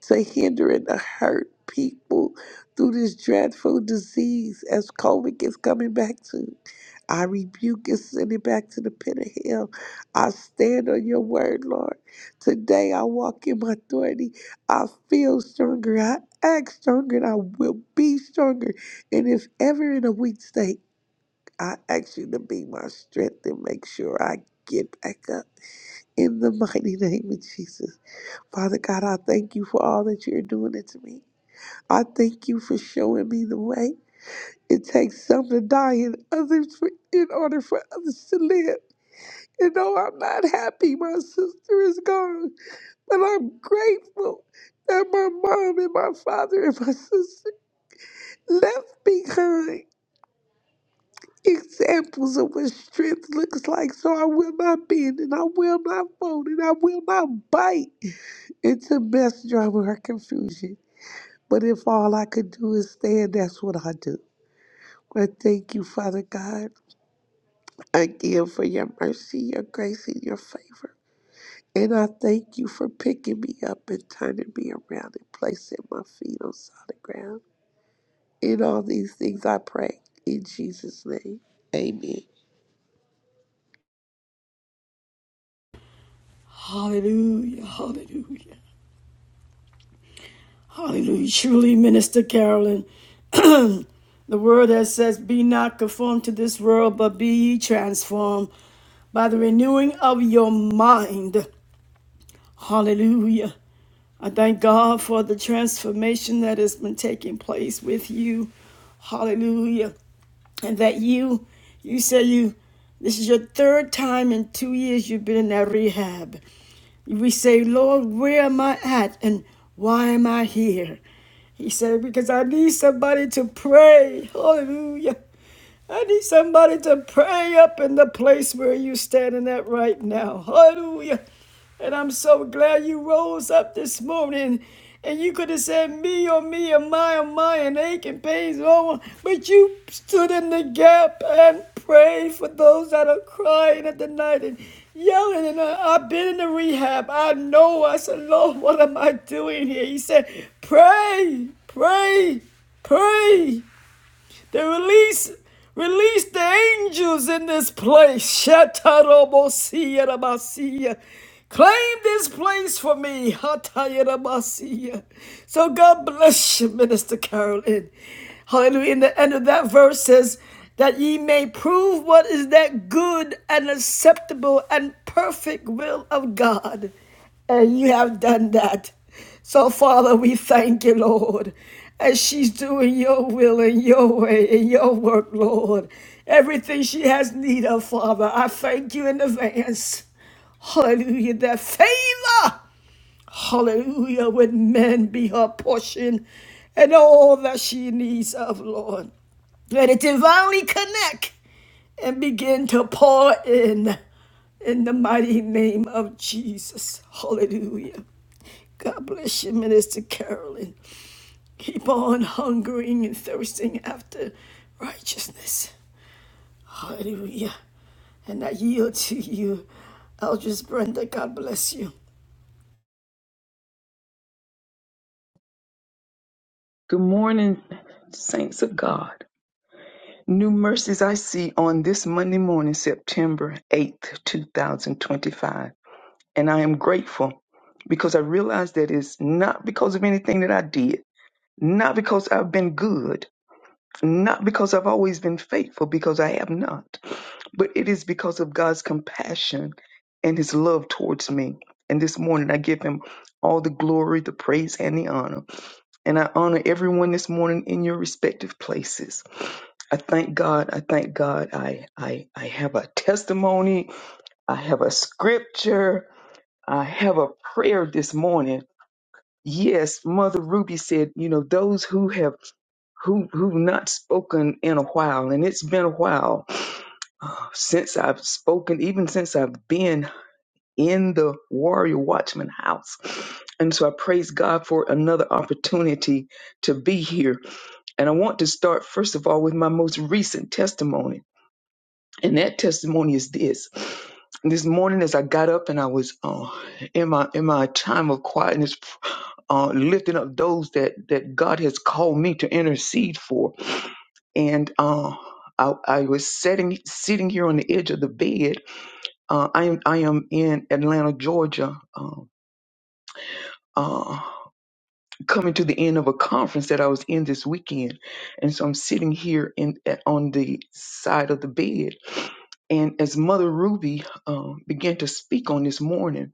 E: to hinder and to hurt people through this dreadful disease as COVID is coming back to. I rebuke and send it back to the pit of hell. I stand on your word, Lord. Today I walk in my authority. I feel stronger. I act stronger and I will be stronger. And if ever in a weak state, I ask you to be my strength and make sure I get back up. In the mighty name of Jesus. Father God, I thank you for all that you're doing it to me. I thank you for showing me the way. It takes some to die and others for, in order for others to live. And though I'm not happy my sister is gone, but I'm grateful that my mom and my father and my sister left behind examples of what strength looks like. So I will not bend and I will not fold and I will not bite into mess, drama, or confusion. But if all I could do is stand, that's what I do. I thank you, Father God. again for your mercy, your grace, and your favor. And I thank you for picking me up and turning me around and placing my feet on solid ground. In all these things I pray. In Jesus' name. Amen.
A: Hallelujah. Hallelujah. Hallelujah. Truly, Minister Carolyn, the word that says, Be not conformed to this world, but be ye transformed by the renewing of your mind. Hallelujah. I thank God for the transformation that has been taking place with you. Hallelujah. And that you, you say you, this is your third time in two years you've been in that rehab. We say, Lord, where am I at and why am I here? He said, because I need somebody to pray. Hallelujah. I need somebody to pray up in the place where you're standing at right now. Hallelujah. And I'm so glad you rose up this morning. And you could have said me or me or my or my and ache and pains and but you stood in the gap and prayed for those that are crying at the night and yelling. And uh, I've been in the rehab. I know. I said, Lord, what am I doing here? He said, pray, pray, pray. They release release the angels in this place. Shatarabosiyarabasiya. Claim this place for me. Hatayarabasiya. So God bless you, Minister Carolyn. Hallelujah. In the end of that verse says that ye may prove what is that good and acceptable and perfect will of God. And you have done that. So, Father, we thank you, Lord, as she's doing your will and your way and your work, Lord. Everything she has need of, Father, I thank you in advance. Hallelujah, that favor, hallelujah, with men be her portion and all that she needs of, Lord. Let it divinely connect and begin to pour in in the mighty name of Jesus. Hallelujah. God bless you, Minister Carolyn. Keep on hungering and thirsting after righteousness. Hallelujah. And I yield to you, Eldris Brenda. God bless you.
F: Good morning, saints of God. New mercies I see on this Monday morning, September 8th, 2025. And I am grateful because I realize that it's not because of anything that I did, not because I've been good, not because I've always been faithful, because I have not, but it is because of God's compassion and his love towards me. And this morning, I give him all the glory, the praise, and the honor. And I honor everyone this morning in your respective places. I thank God. I thank God. I, I, I have a testimony. I have a scripture. I have a prayer this morning. Yes, Mother Ruby said, you know, those who have who who not spoken in a while, and it's been a while uh, since I've spoken, even since I've been in the Warrior Watchman house. And so I praise God for another opportunity to be here. And I want to start first of all with my most recent testimony And that testimony is this. This morning, as I got up and I was uh, in my in my time of quietness, uh, lifting up those that that God has called me to intercede for, and uh, I, I was sitting sitting here on the edge of the bed. Uh, I am I am in Atlanta, Georgia. Um, uh, coming to the end of a conference that I was in this weekend, and so I'm sitting here in at, on the side of the bed. And as Mother Ruby um, began to speak on this morning,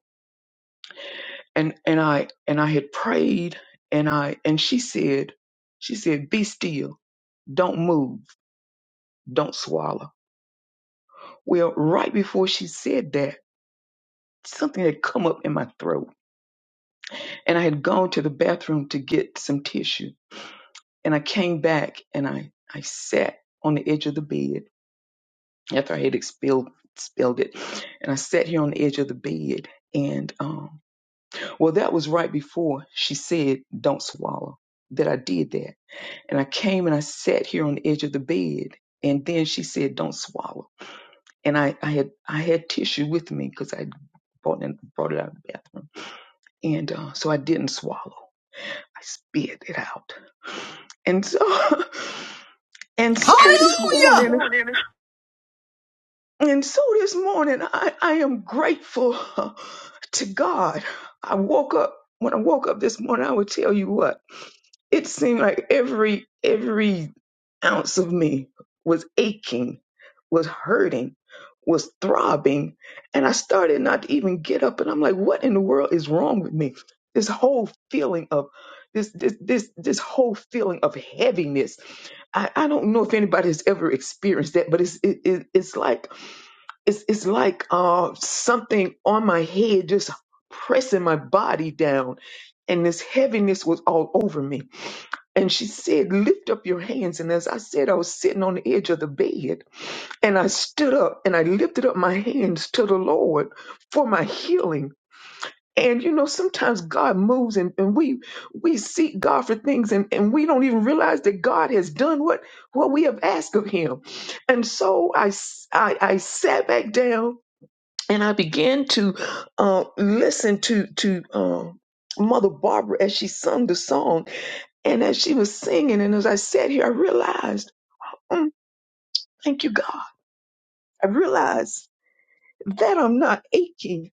F: and and I and I had prayed, and I and she said, she said, "Be still, don't move, don't swallow." Well, right before she said that, something had come up in my throat, and I had gone to the bathroom to get some tissue, and I came back and I I sat on the edge of the bed after I had expelled spelled it. And I sat here on the edge of the bed and um well that was right before she said don't swallow that I did that. And I came and I sat here on the edge of the bed and then she said don't swallow. And I, I had I had tissue with me because I brought it brought it out of the bathroom. And uh, so I didn't swallow. I spit it out. And so and so this morning And so this morning, I, I am grateful uh, to God. I woke up, when I woke up this morning, I would tell you what, it seemed like every, every ounce of me was aching, was hurting, was throbbing. And I started not to even get up. And I'm like, what in the world is wrong with me? This whole feeling of this this this this whole feeling of heaviness. I, I don't know if anybody has ever experienced that, but it's it, it, it's like it's it's like uh something on my head just pressing my body down and this heaviness was all over me and she said lift up your hands and as i said i was sitting on the edge of the bed and i stood up and i lifted up my hands to the lord for my healing and you know sometimes god moves and, and we we seek god for things and, and we don't even realize that god has done what what we have asked of him and so i s- i, I sat back down and I began to uh, listen to to um, Mother Barbara as she sung the song, and as she was singing, and as I sat here, I realized, mm, thank you, God. I realized that I'm not aching.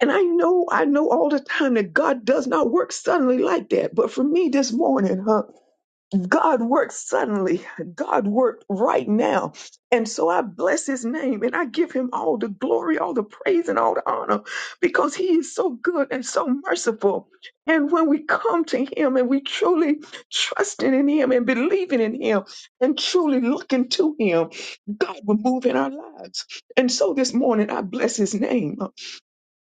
F: And I know, I know all the time that God does not work suddenly like that. But for me this morning, huh? God worked suddenly. God worked right now. And so I bless his name and I give him all the glory, all the praise, and all the honor because he is so good and so merciful. And when we come to him and we truly trusting in him and believing in him and truly looking to him, God will move in our lives. And so this morning I bless his name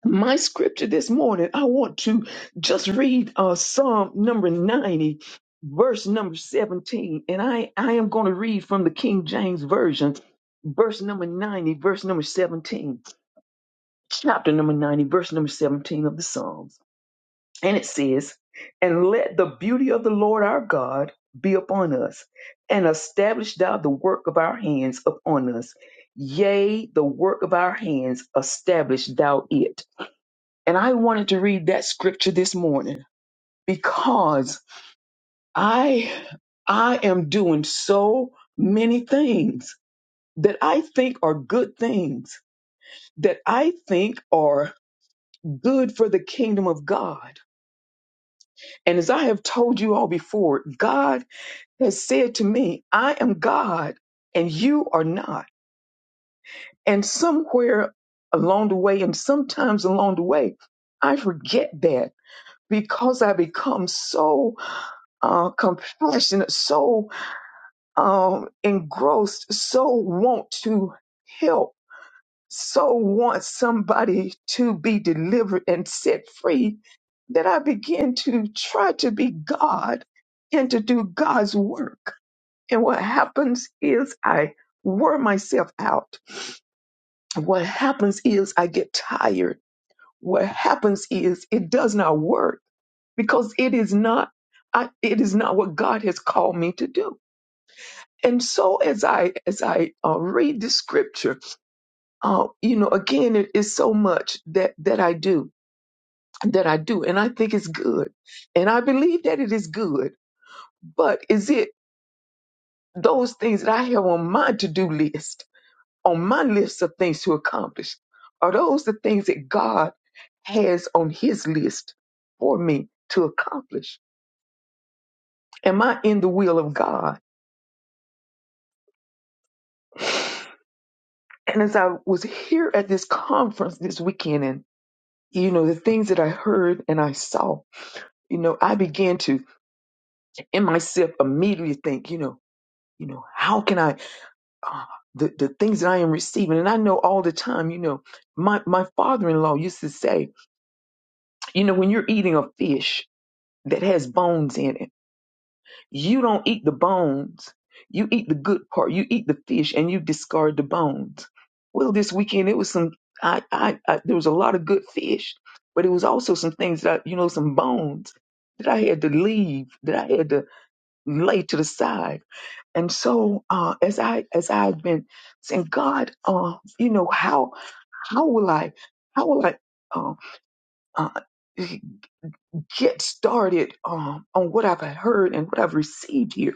F: my scripture this morning, I want to just read uh, Psalm number 90, verse number 17. And I, I am going to read from the King James Version, verse number 90, verse number 17, chapter number 90, verse number 17 of the Psalms. And it says, And let the beauty of the Lord our God be upon us, and establish thou the work of our hands upon us. Yea, the work of our hands, establish thou it. And I wanted to read that scripture this morning because I I am doing so many things that I think are good things that I think are good for the kingdom of God. And as I have told you all before, God has said to me, I am God and you are not. And somewhere along the way and sometimes along the way, I forget that because I become so uh, compassionate, so um, engrossed, so want to help, so want somebody to be delivered and set free that I begin to try to be God and to do God's work. And what happens is I wear myself out. What happens is I get tired. What happens is it does not work because it is not I, it is not what God has called me to do and so as I as I uh, read the scripture, uh, you know, again, it is so much that that I do that I do, and I think it's good, and I believe that it is good. But is it those things that I have on my to do list, on my list of things to accomplish, are those the things that God has on His list for me to accomplish? Am I in the will of God? And as I was here at this conference this weekend, you know, the things that I heard and I saw, you know, I began to in myself immediately think, you know, you know, how can I, uh, the, the things that I am receiving. And I know all the time, you know, my, my father-in-law used to say, you know, when you're eating a fish that has bones in it, You don't eat the bones. You eat the good part. You eat the fish and you discard the bones. Well, this weekend it was some. I, I, I there was a lot of good fish, but it was also some things that you know some bones that I had to leave that I had to lay to the side. And so uh, as I as I've been saying, God, uh, you know how how will I how will I uh, uh, get started um, on what I've heard and what I've received here.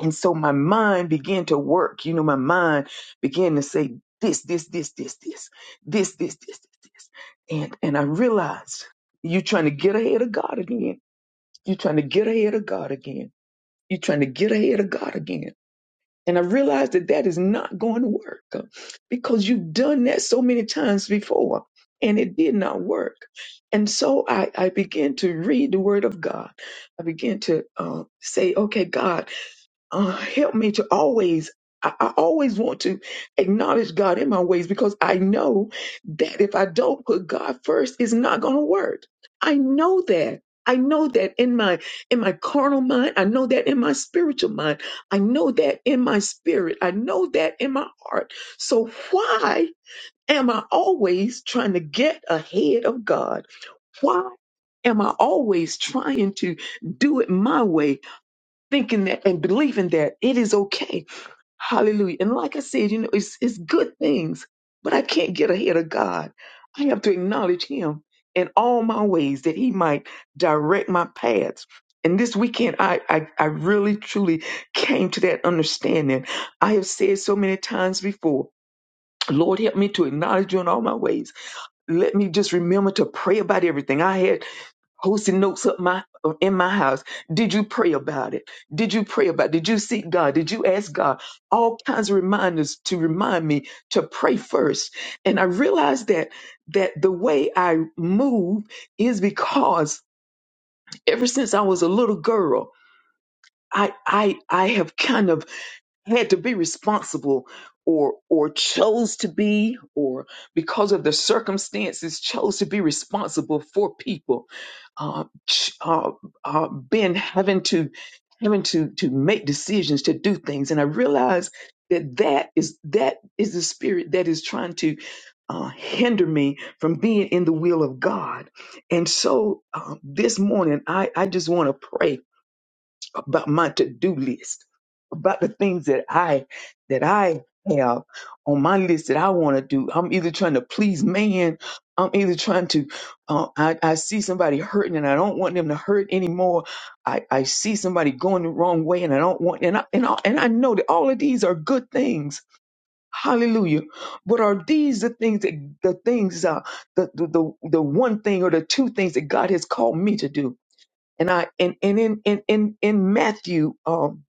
F: And so my mind began to work. You know, my mind began to say this, this, this, this, this, this, this, this, this, this. And and I realized you're trying to get ahead of God again. You're trying to get ahead of God again. You're trying to get ahead of God again. And I realized that that is not going to work uh, because you've done that so many times before and it did not work. And so I, I began to read the word of God. I began to uh, say, okay, God, uh, help me to always I, I always want to acknowledge God in my ways because I know that if I don't put God first, it's not going to work. I know that. I know that in my in my carnal mind, I know that in my spiritual mind, I know that in my spirit, I know that in my heart. So why am I always trying to get ahead of God? Why am I always trying to do it my way? thinking that and believing that it is okay. Hallelujah. And like I said, you know, it's, it's good things, but I can't get ahead of God. I have to acknowledge Him in all my ways that He might direct my paths. And this weekend, I, I, I really truly came to that understanding. I have said so many times before, Lord, help me to acknowledge you in all my ways. Let me just remember to pray about everything. I had posting notes up my in my house. Did you pray about it? Did you pray about it? Did you seek God? Did you ask God? All kinds of reminders to remind me to pray first. And I realized that that the way I move is because ever since I was a little girl, I I I have kind of had to be responsible or or chose to be or because of the circumstances chose to be responsible for people uh, ch- uh, uh, been having to having to to make decisions to do things and i realized that that is that is the spirit that is trying to uh, hinder me from being in the will of god and so uh, this morning i i just want to pray about my to-do list, about the things that I that I have on my list that I want to do. I'm either trying to please man, I'm either trying to. Uh, I, I see somebody hurting and I don't want them to hurt anymore. I, I see somebody going the wrong way and I don't want and I, and I, and I know that all of these are good things. Hallelujah. But are these the things that the things uh the, the the the one thing or the two things that God has called me to do? and I and and in in in, in Matthew, um,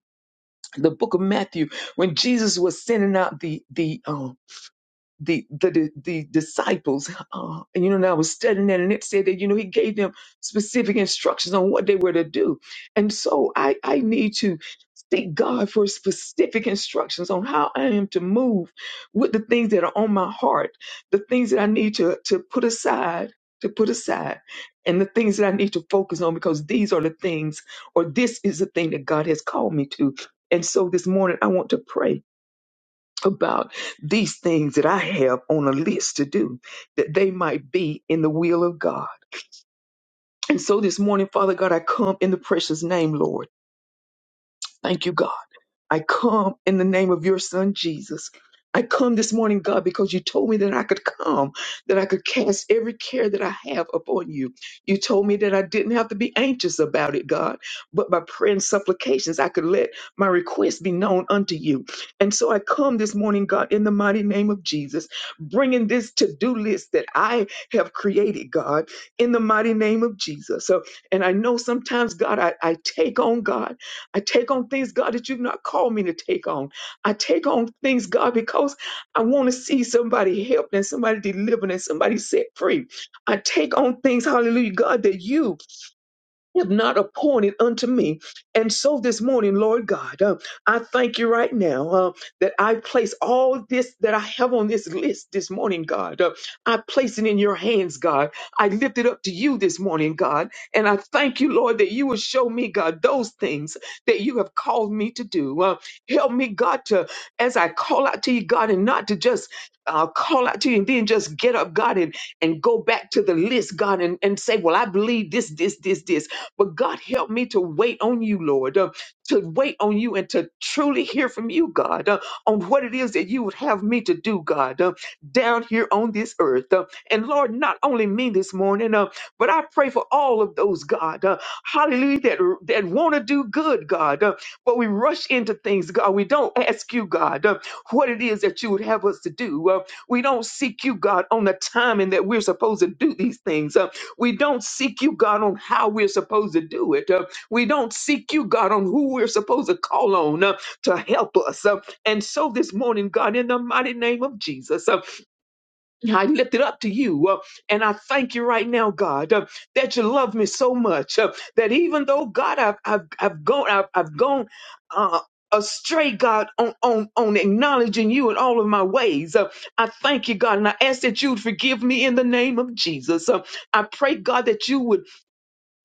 F: the book of Matthew, when Jesus was sending out the the um the the the disciples uh, and you know and i was studying that and it said that you know he gave them specific instructions on what they were to do and so i i need to seek god for specific instructions on how i am to move with the things that are on my heart the things that i need to to put aside to put aside and the things that i need to focus on because these are the things or this is the thing that god has called me to and so this morning i want to pray about these things that I have on a list to do, that they might be in the will of God. And so this morning, Father God, I come in the precious name, Lord. Thank you, God. I come in the name of your son, Jesus. I come this morning, God, because you told me that I could come, that I could cast every care that I have upon you. You told me that I didn't have to be anxious about it, God, but by prayer and supplications, I could let my request be known unto you. And so I come this morning, God, in the mighty name of Jesus, bringing this to do list that I have created, God, in the mighty name of Jesus. So, and I know sometimes, God, I, I take on, God. I take on things, God, that you've not called me to take on. I take on things, God, because I want to see somebody helped and somebody delivered and somebody set free. I take on things, hallelujah, God, that you have not appointed unto me. And so this morning, Lord God, uh, I thank you right now uh, that I place all this that I have on this list this morning, God. Uh, I place it in your hands, God. I lift it up to you this morning, God. And I thank you, Lord, that you will show me, God, those things that you have called me to do. Uh, help me, God, to, as I call out to you, God, and not to just uh, call out to you and then just get up, God, and, and go back to the list, God, and, and say, well, I believe this, this, this, this. But God, help me to wait on you, Lord, uh, to wait on you and to truly hear from you, God, uh, on what it is that you would have me to do, God, uh, down here on this earth. uh, and Lord, not only me this morning, uh, but I pray for all of those, God, uh, hallelujah, that, that want to do good, God, uh, but we rush into things, God. We don't ask you, God, uh, what it is that you would have us to do. Uh, we don't seek you, God, on the timing that we're supposed to do these things. Uh, we don't seek you, God, on how we're supposed to do it. Uh, we don't seek you, God, on who we're supposed to call on uh, to help us. Uh, and so this morning, God, in the mighty name of Jesus, uh, yeah, I lift it up to you. uh, and I thank you right now, God, uh, that you love me so much uh, that even though, God, I've, I've, I've gone, I've, I've gone, uh, astray God on, on on acknowledging you in all of my ways. Uh, I thank you, God, and I ask that you'd forgive me in the name of Jesus. Uh, I pray, God, that you would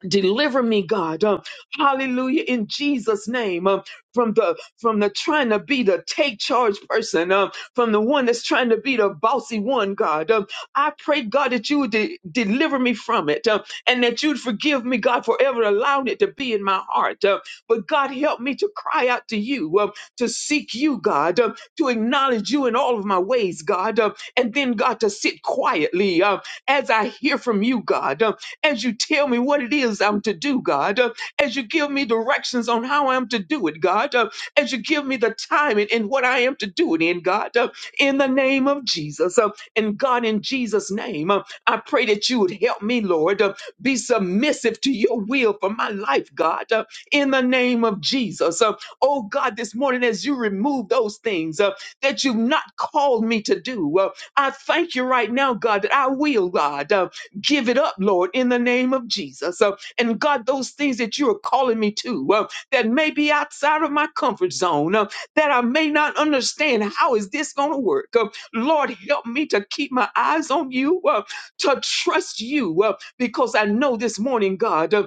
F: deliver me god Um, hallelujah in jesus name um, from the from the trying to be the take charge person um, from the one that's trying to be the bossy one god um, i pray god that you would de- deliver me from it um, and that you'd forgive me god for ever allowing it to be in my heart um, but god help me to cry out to you um, to seek you god um, to acknowledge you in all of my ways god um, and then god to sit quietly um, as i hear from you god Um, as you tell me what it is I'm to do, God, uh, as you give me directions on how I'm to do it, God, uh, as you give me the timing and what I am to do it in, God, uh, in the name of Jesus. Uh, and God, in Jesus' name, uh, I pray that you would help me, Lord, uh, be submissive to your will for my life, God, uh, in the name of Jesus. Uh, oh, God, this morning, as you remove those things uh, that you've not called me to do, uh, I thank you right now, God, that I will, God. Uh, give it up, Lord, in the name of Jesus. Uh, and God, those things that you are calling me to uh, that may be outside of my comfort zone, uh, that I may not understand how is this going to work. Uh, Lord, help me to keep my eyes on you, uh, to trust you, uh, because I know this morning, God. uh,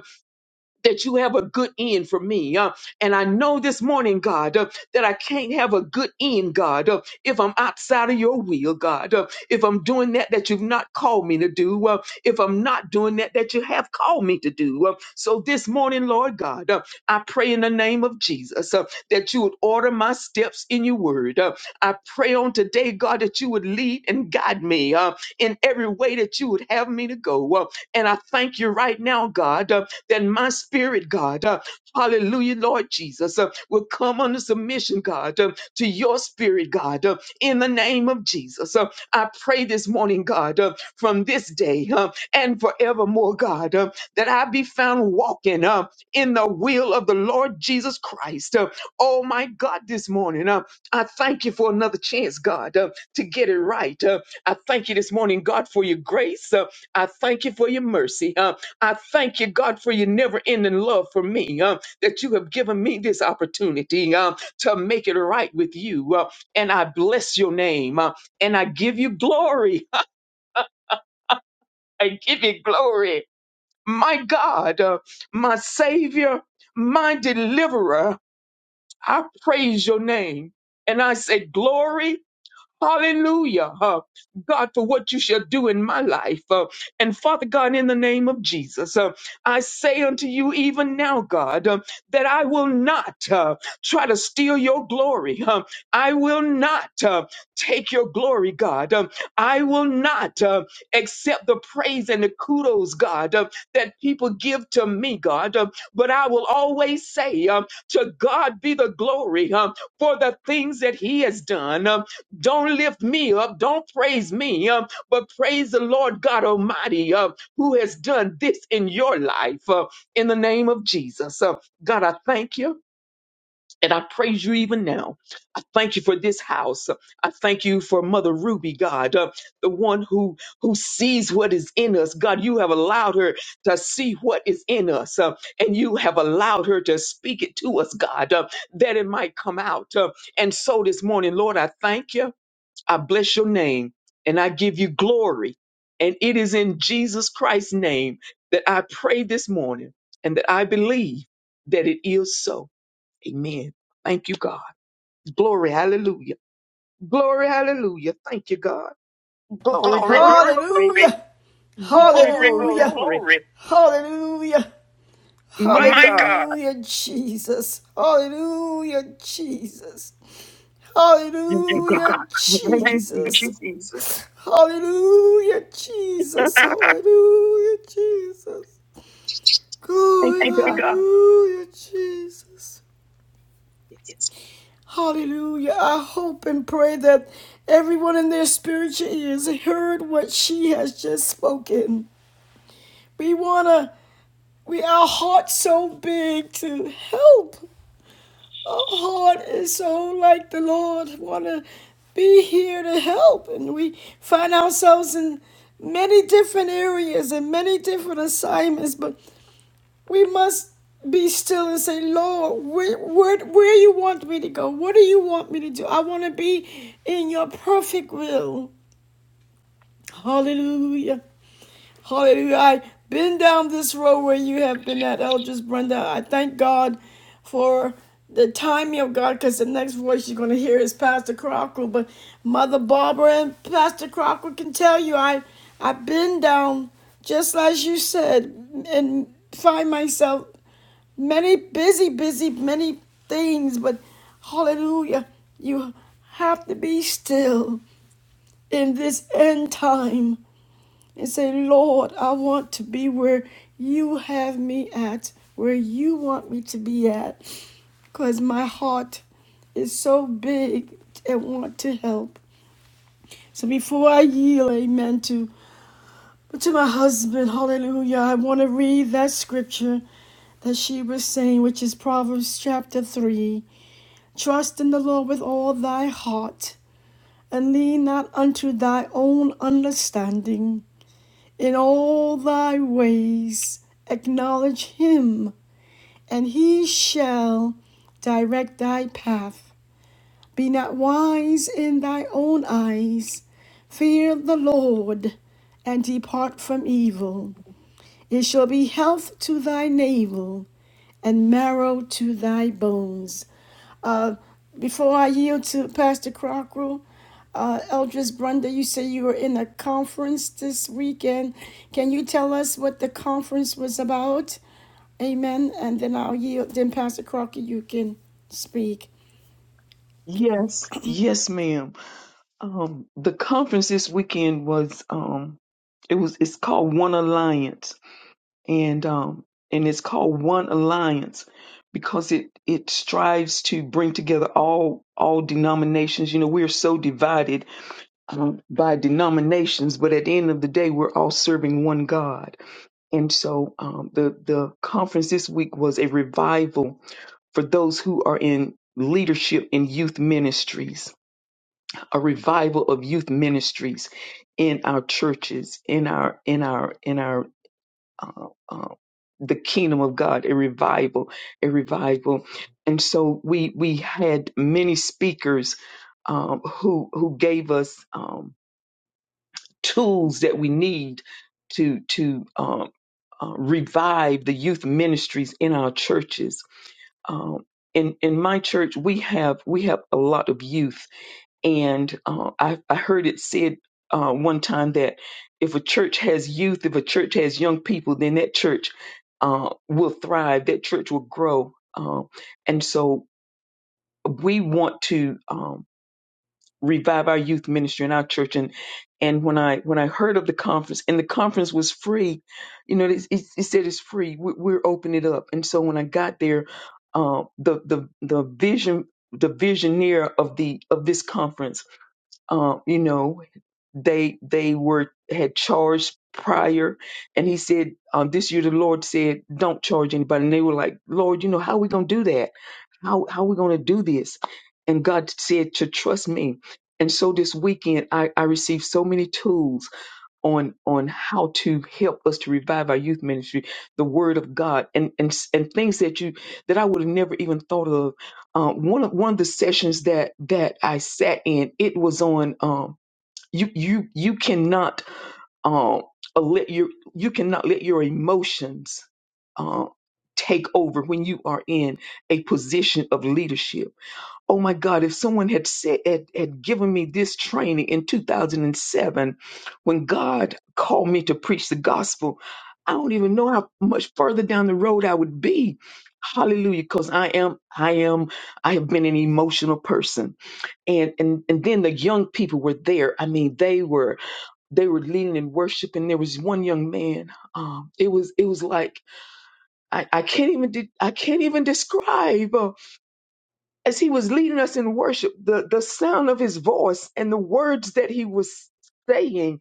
F: that you have a good end for me. uh, and I know this morning, God, uh, that I can't have a good end, God, uh, if I'm outside of your will, God, uh, if I'm doing that that you've not called me to do, uh, if I'm not doing that that you have called me to do. uh, so this morning, Lord God, uh, I pray in the name of Jesus uh, that you would order my steps in your word. uh, I pray on today, God, that you would lead and guide me uh, in every way that you would have me to go. uh, and I thank you right now, God, uh, then my spirit, God, uh, hallelujah, Lord Jesus, uh, will come under submission, God, uh, to your spirit, God, uh, in the name of Jesus. Uh, I pray this morning, God, uh, from this day uh, and forevermore, God, uh, that I be found walking uh, in the will of the Lord Jesus Christ. Uh, oh, my God, this morning, uh, I thank you for another chance, God, uh, to get it right. Uh, I thank you this morning, God, for your grace. Uh, I thank you for your mercy. Uh, I thank you, God, for your never ending love for me, um, that you have given me this opportunity um, to make it right with you. uh, and I bless your name uh, and I give you glory. I give you glory. My God, uh, my Savior, my Deliverer, I praise your name. And I say, Glory Hallelujah. huh, God, for what you shall do in my life. Uh, and Father God, in the name of Jesus, uh, I say unto you, even now, God, uh, that I will not uh, try to steal your glory. huh. I will not uh, take your glory, God. Um, I will not uh, accept the praise and the kudos, God, uh, that people give to me, God. Um, but I will always say, um, to God be the glory um, for the things that He has done. Um, don't lift me up. Don't praise me, um, but praise the Lord God Almighty um, who has done this in your life uh, in the name of Jesus. Uh, God, I thank you and I praise you even now. I thank you for this house. I thank you for Mother Ruby, God, uh, the one who, who sees what is in us. God, you have allowed her to see what is in us uh, and you have allowed her to speak it to us, God, uh, that it might come out. Uh, and so this morning, Lord, I thank you. I bless your name and I give you glory. And it is in Jesus Christ's name that I pray this morning and that I believe that it is so. Amen. Thank you, God. Glory, hallelujah. Glory, hallelujah. Thank you, God. Glory,
A: Glory,
F: glory,
A: glory,
F: glory. Glory, glory,
A: Hallelujah.
F: glory.
A: glory, glory, Hallelujah. glory.
F: My
A: Hallelujah. My God.
F: God.
A: Hallelujah, Jesus. Hallelujah, Jesus. Thank you,
F: Thank you,
A: Hallelujah, God.
F: God.
A: Thank
F: Thank you,
A: Jesus. you,
F: Jesus.
A: Jesus. Hallelujah, Jesus. Hallelujah, Jesus.
F: Thank you,
A: Thank you,
F: God.
A: God. Hallelujah, Jesus.
F: Yes.
A: Hallelujah. I hope and pray that everyone in their spiritual ears heard what she has just spoken. We wanna we our heart's so big to help. Our heart is so like the Lord wanna be here to help and we find ourselves in many different areas and many different assignments, but We must be still and say, Lord, where, where, where you want me to go? What do you want me to do? I want to be in your perfect will. Hallelujah. Hallelujah. I've been down this road where you have been at, Eldris Brenda. I thank God for the timing of God because the next voice you're going to hear is Pastor Crocker. But Mother Barbara and Pastor Crocker can tell you I, I've been down just as you said and find myself many busy, busy, many things, but hallelujah, you have to be still in this end time and say, Lord, I want to be where you have me at, where you want me to be at, because my heart is so big and want to help. So before I yield, amen, to, to my husband, hallelujah, I want to read that scripture that she was saying, which is Proverbs chapter 3. Trust in the Lord with all thy heart, and lean not unto thy own understanding. In all thy ways acknowledge him, and he shall direct thy path. Be not wise in thy own eyes. Fear the Lord, and depart from evil. It shall be health to thy navel, and marrow to thy bones. Uh, before I yield to Pastor Crocker, uh, Eldris Brunda, you said you were in a conference this weekend. Can you tell us what the conference was about? Amen. And then I'll yield. Then Pastor Crocker, you can speak.
F: Yes. Yes, ma'am. Um, the conference this weekend was um, it was it's called One Alliance, and um, and it's called One Alliance because it it strives to bring together all all denominations. You know, we're so divided um, by denominations, but at the end of the day, we're all serving one God. And so, um, the the conference this week was a revival for those who are in leadership in youth ministries a revival of youth ministries in our churches, in our in our in our uh, uh, the kingdom of God, a revival, a revival, and so we we had many speakers um, who who gave us um, tools that we need to to um, uh, revive the youth ministries in our churches. Um, in in my church, we have we have a lot of youth and uh, I, I heard it said uh, one time that if a church has youth, if a church has young people, then that church uh, will thrive, that church will grow. Um, and so we want to um, revive our youth ministry in our church. And and when I when I heard of the conference, and the conference was free, you know, it, it, it said it's free. We, we're opening it up. And so when I got there, uh, the the the vision the visioneer of the of this conference um, you know, they they were had charged prior, and he said, um, this year the Lord said, don't charge anybody, and they were like, Lord, you know, how are we gonna do that? How how are we gonna do this? And God said to trust me. And so this weekend, I, I received so many tools on on how to help us to revive our youth ministry, the Word of God, and and and things that you that I would have never even thought of. Um, one of one of the sessions that that I sat in, it was on um, you you you cannot um, uh, let your you cannot let your emotions uh take over when you are in a position of leadership oh my God, if someone had said had, had given me this training in 2007 when God called me to preach the gospel, I don't even know how much further down the road I would be. Hallelujah, because I am, I am, I have been an emotional person. And and and then the young people were there. I mean, they were they were leading in worship, and there was one young man. Um, it was it was like I, I can't even de- I can't even describe. uh, as he was leading us in worship, the, the sound of his voice and the words that he was saying,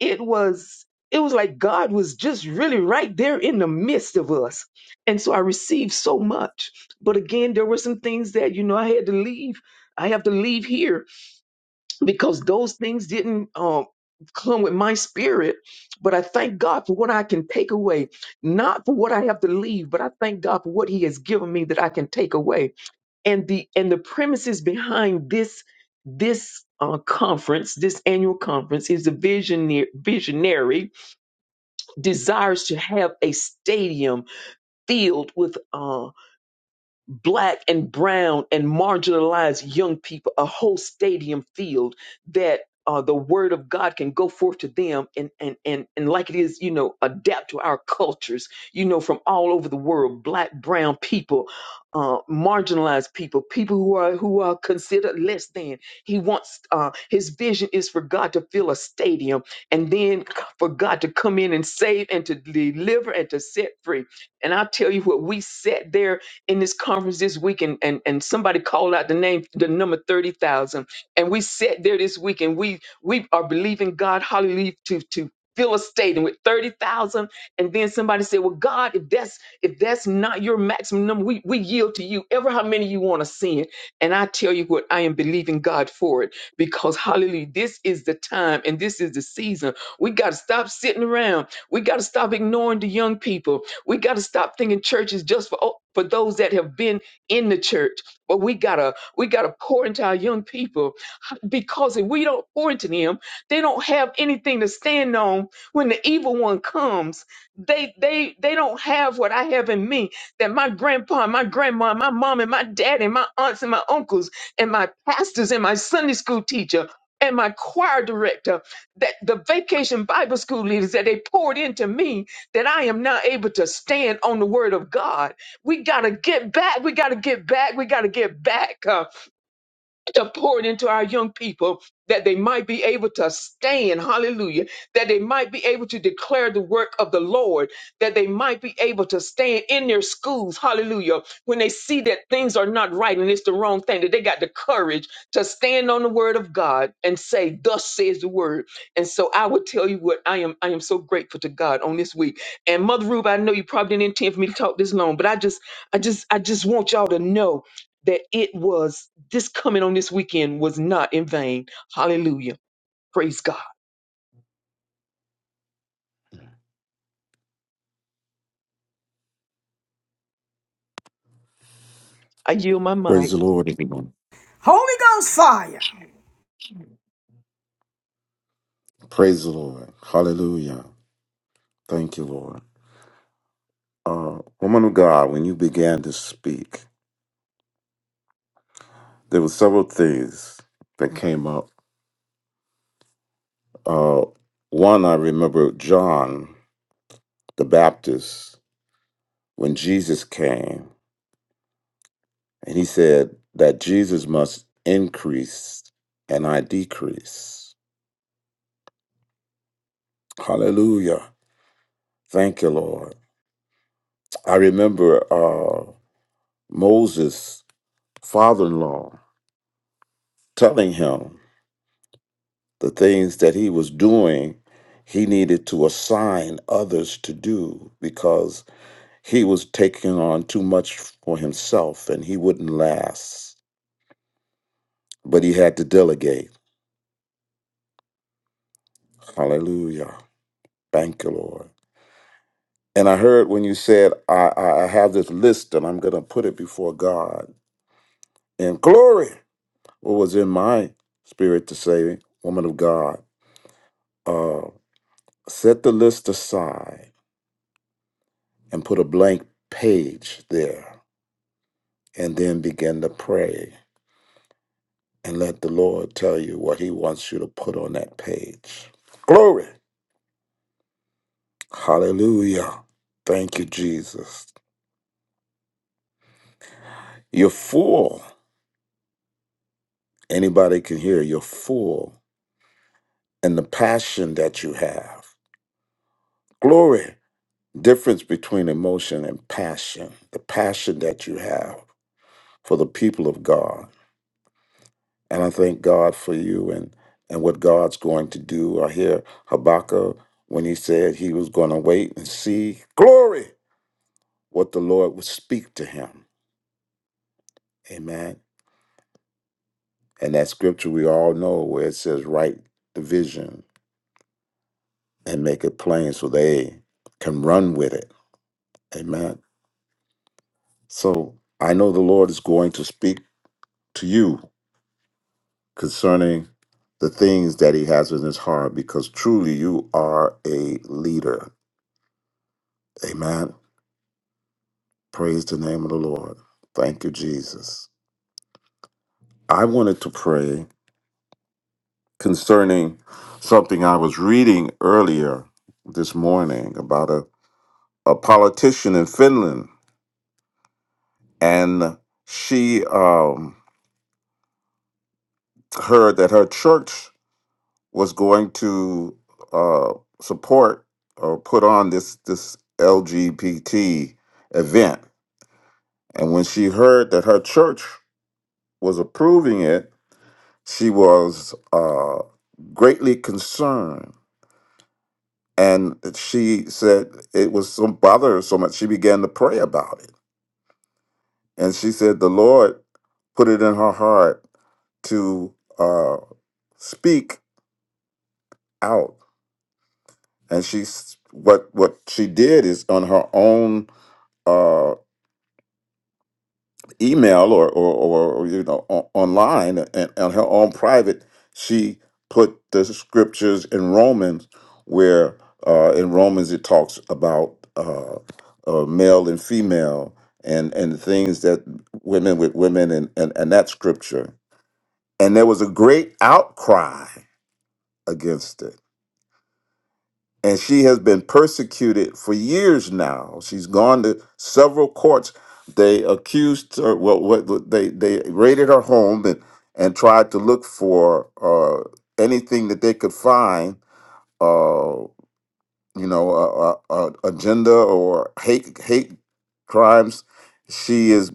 F: it was it was like God was just really right there in the midst of us. And so I received so much. But again, there were some things that, you know, I had to leave. I have to leave here because those things didn't um come with my spirit. But I thank God for what I can take away, not for what I have to leave, but I thank God for what He has given me that I can take away and the and the premises behind this this uh, conference, this annual conference, is the visionary, visionary desires to have a stadium filled with uh, black and brown and marginalized young people a whole stadium field that uh, the word of God can go forth to them and, and and and like it is, you know, adapt to our cultures, you know, from all over the world, black, brown people, uh, marginalized people, people who are who are considered less than. He wants uh, his vision is for God to fill a stadium and then for God to come in and save and to deliver and to set free. And I tell you what, we sat there in this conference this week and, and, and somebody called out the name, the number 30,000. And we sat there this week and we, we are believing God, hallelujah, to, to fill a stadium with 30,000. And then somebody said, well, God, if that's, if that's not your maximum number, we, we yield to you, ever how many you want to send. And I tell you what, I am believing God for it because hallelujah, this is the time and this is the season. We got to stop sitting around. We got to stop ignoring the young people. We got to stop thinking church is just for oh, for those that have been in the church. But we gotta we gotta pour into our young people huh, because if we don't pour into them, they don't have anything to stand on when the evil one comes. They they they don't have what I have in me that my grandpa, and my grandma, and my mom, and my dad, and my aunts and my uncles, and my pastors, and my Sunday school teacher. And my choir director, that the vacation Bible school leaders that they poured into me that I am not able to stand on the word of God. We got to get back. We got to get back. We got to get back to pour it into our young people that they might be able to stand, hallelujah, that they might be able to declare the work of the Lord, that they might be able to stand in their schools, hallelujah, when they see that things are not right and it's the wrong thing, that they got the courage to stand on the word of God and say, Thus says the word. And so I would tell you what I am I am so grateful to God on this week. And Mother Ruby, I know you probably didn't intend for me to talk this long, but I just I just I just want y'all to know that it was this coming on this weekend was not in vain. Hallelujah. Praise God. I yield my
G: Praise
F: mic.
G: the Lord, everyone.
A: Holy Ghost fire.
G: Praise the Lord. Hallelujah. Thank you, Lord. Uh, woman of God, when you began to speak, there were several things that came up. Uh, one, I remember John the Baptist, when Jesus came, and he said that Jesus must increase and I decrease. Hallelujah. Thank you, Lord. I remember uh, Moses' father in law telling him, the things that he was doing, he needed to assign others to do because he was taking on too much for himself and he wouldn't last. But he had to delegate. Hallelujah. Thank you, Lord. And I heard when you said, I, I I have this list and I'm going to put it before God. And glory, what was in my spirit to say, woman of God, uh, set the list aside and put a blank page there and then begin to pray and let the Lord tell you what He wants you to put on that page. Glory. Hallelujah. Thank you, Jesus. You're full. Anybody can hear you're full and the passion that you have. Glory. Difference between emotion and passion, the passion that you have for the people of God And I thank God for you and, and what God's going to do. I hear Habakkuk when he said he was going to wait and see glory, what the Lord would speak to him. Amen. And that scripture we all know where it says, write the vision and make it plain so they can run with it. Amen. So I know the Lord is going to speak to you concerning the things that he has in his heart because truly you are a leader. Amen Praise the name of the Lord. Thank you, Jesus. I wanted to pray concerning something I was reading earlier this morning about a, a politician in Finland, and she um, heard that her church was going to uh, support or put on this this LGBT event, and when she heard that her church was approving it, She was uh, greatly concerned. And she said it was so bother her so much, she began to pray about it. And she said the Lord put it in her heart to uh, speak out. And she, s- what what she did is on her own. Uh, email or or, or or, you know on, online and on her own private she put the scriptures in romans where uh, in romans it talks about uh, uh, male and female and and things that women with women and, and and that scripture and there was a great outcry against it and she has been persecuted for years now. She's gone to several courts. They accused her. Well, what, what- they they raided her home and and tried to look for uh, anything that they could find. Uh, you know, a, a, a agenda or hate hate crimes. She is.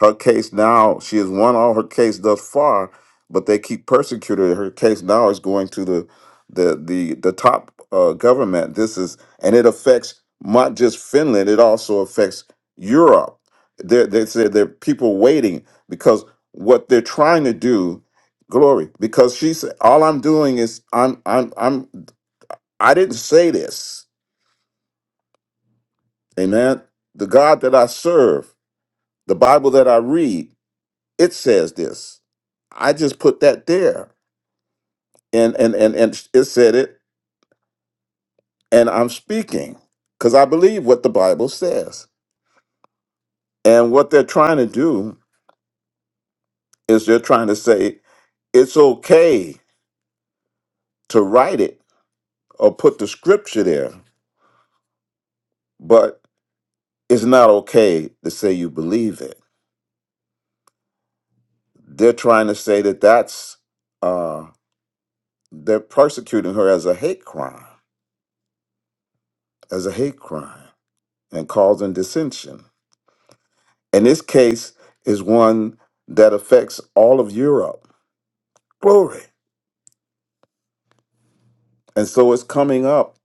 G: Her case now, she has won all her case thus far, but they keep persecuting her. Her case now is going to the the the the top uh, government. This is and it affects not just Finland; it also affects Europe. There, they said there are people waiting because what they're trying to do, glory. Because she said, all I'm doing is I'm I'm I'm I didn't say this, amen. The God that I serve, the Bible that I read. It says this. I just put that there, and and and and it said it, and I'm speaking because I believe what the Bible says. And what they're trying to do is they're trying to say it's okay to write it or put the scripture there, but it's not okay to say you believe it. They're trying to say that that's uh, they're persecuting her as a hate crime, as a hate crime, and causing dissension. And this case is one that affects all of Europe. Glory. And so it's coming up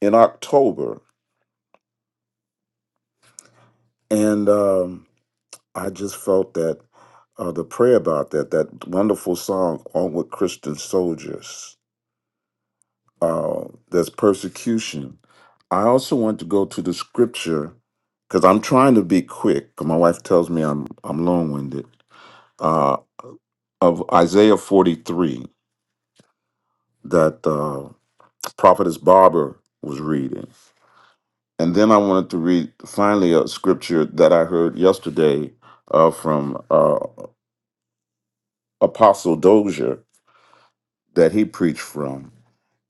G: in October. And um, I just felt that uh, the prayer about that, that wonderful song, On with Christian Soldiers, uh, there's persecution. I also want to go to the scripture because I'm trying to be quick. 'cause my wife tells me I'm I'm long winded. Uh, of Isaiah 43, that. uh, Prophetess Barber was reading. And then I wanted to read finally a scripture that I heard yesterday uh, from uh, Apostle Dozier that he preached from.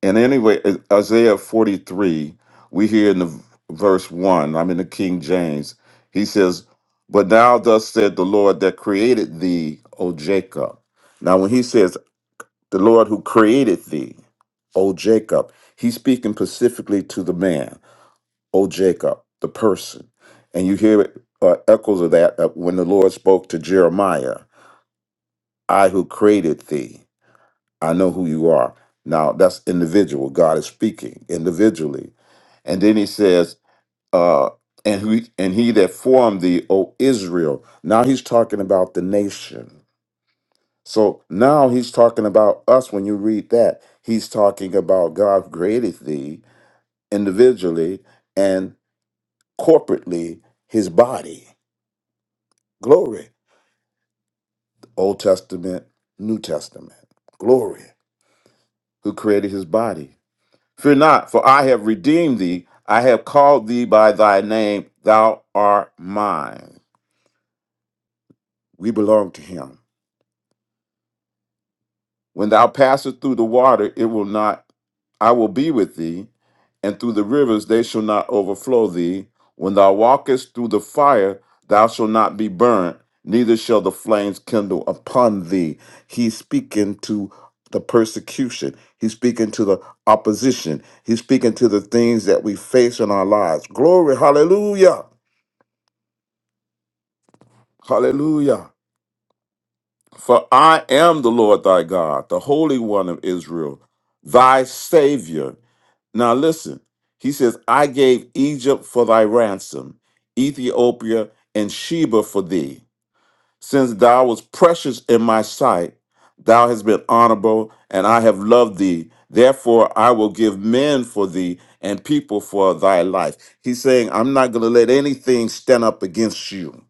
G: And anyway, Isaiah 43, we hear in the verse 1, I'm in the King James, he says, But now thus said the Lord that created thee, O Jacob. Now, when he says, The Lord who created thee, O Jacob, he's speaking specifically to the man O Jacob, the person. And you hear uh, echoes of that uh, when the Lord spoke to Jeremiah, I who created thee, I know who you are. Now that's individual. God is speaking individually. And then he says, uh, and who and he that formed thee, O Israel. Now he's talking about the nation. So now he's talking about us when you read that. He's talking about God who created thee individually and corporately his body. Glory. Old Testament, New Testament. Glory. Who created his body. Fear not, for I have redeemed thee. I have called thee by thy name. Thou art mine. We belong to him. When thou passest through the water, it will not, I will be with thee, and through the rivers they shall not overflow thee. When thou walkest through the fire, thou shalt not be burnt, neither shall the flames kindle upon thee. He's speaking to the persecution. He's speaking to the opposition. He's speaking to the things that we face in our lives. Glory, hallelujah, hallelujah. For I am the Lord thy God, the Holy One of Israel, thy Savior. Now listen, he says, I gave Egypt for thy ransom, Ethiopia and Sheba for thee. Since thou was precious in my sight, thou hast been honorable, and I have loved thee. Therefore, I will give men for thee and people for thy life. He's saying, I'm not going to let anything stand up against you.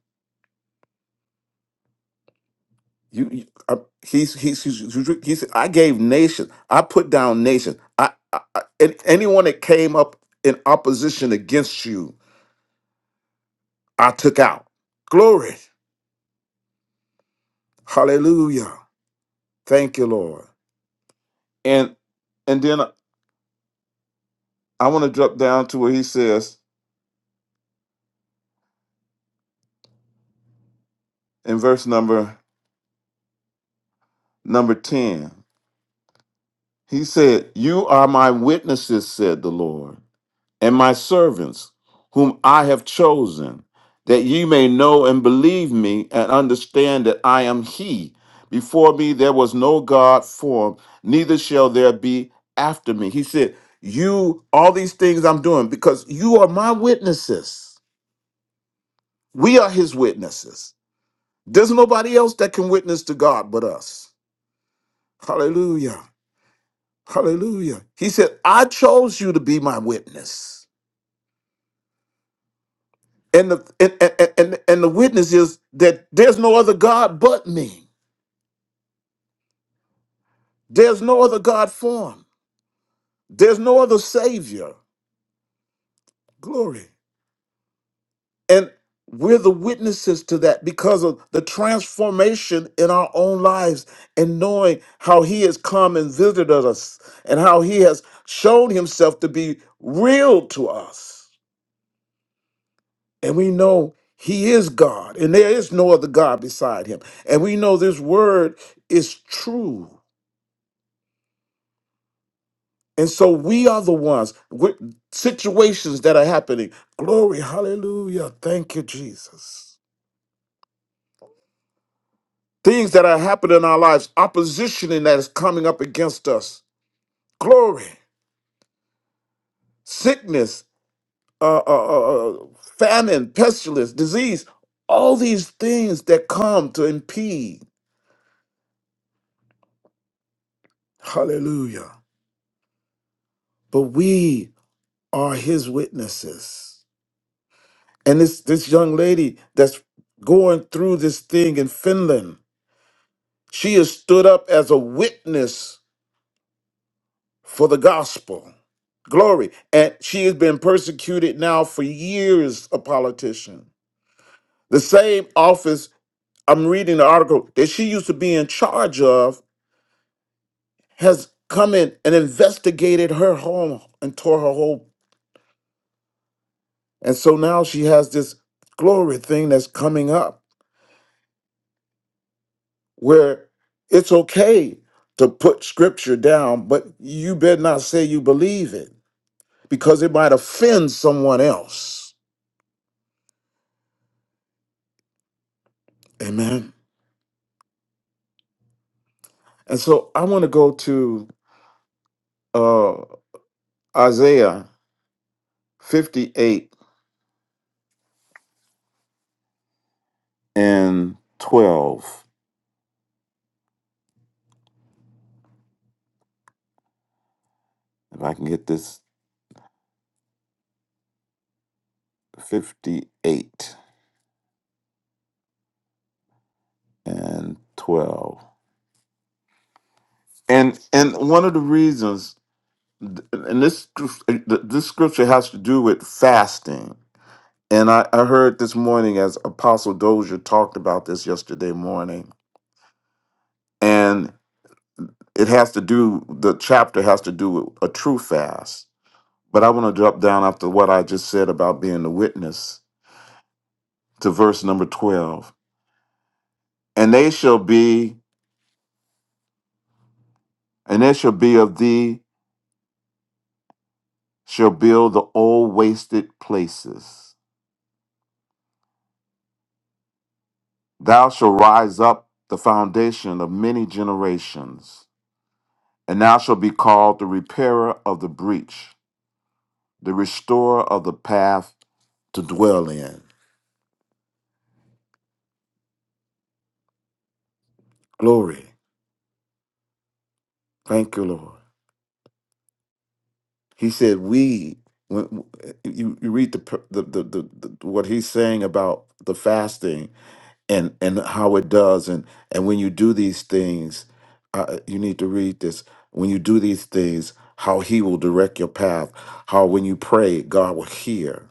G: You, you I, he's, he's, he's, he's, he said, I gave nations. I put down nations. I, I, I, and anyone that came up in opposition against you. I took out. Glory. Hallelujah. Thank you, Lord. And and then I want to drop down to where he says in verse number number 10. He said, "You are my witnesses," said the Lord. and my servants, whom I have chosen, that ye may know and believe me and understand that I am He. Before me there was no God formed, neither shall there be after me. He said, You, all these things I'm doing, because you are my witnesses. We are His witnesses. There's nobody else that can witness to God but us. Hallelujah. Hallelujah. He said, I chose you to be my witness. and the and, and, and, and the witness is that there's no other god but me there's no other god form there's no other savior glory and we're the witnesses to that because of the transformation in our own lives and knowing how he has come and visited us and how he has shown himself to be real to us and we know he is god and there is no other god beside him and we know this word is true And so we are the ones with situations that are happening. Glory, hallelujah. Thank you, Jesus. Things that are happening in our lives, opposition that is coming up against us. Glory, sickness, uh, uh, uh, uh, famine, pestilence, disease, all these things that come to impede. Hallelujah. But we are his witnesses. And this, this young lady that's going through this thing in Finland, She is stood up as a witness for the gospel. Glory. And she has been persecuted now for years, a politician. The same office, I'm reading the article, that she used to be in charge of has come in and investigated her home and tore her whole. And so now she has this glory thing that's coming up where it's okay to put scripture down, but you better not say you believe it. because it might offend someone else. Amen. And so I want to go to uh, Isaiah 58 and 12. If I can get this 58 and 12. And and one of the reasons and this this scripture has to do with fasting. And I, I heard this morning as Apostle Dozier talked about this yesterday morning. it has to do the chapter has to do with a true fast but i want to drop down after what i just said about being the witness to verse number 12 and they shall be and they shall be of thee shall build the old wasted places thou shalt rise up the foundation of many generations and thou shalt be called the repairer of the breach the restorer of the path to dwell in glory thank you lord He said, "We." When you, you read the, per- the, the the the what he's saying about the fasting and and how it does and and when you do these things, uh, uh, you need to read this. When you do these things, how He will direct your path. How when you pray, God will hear.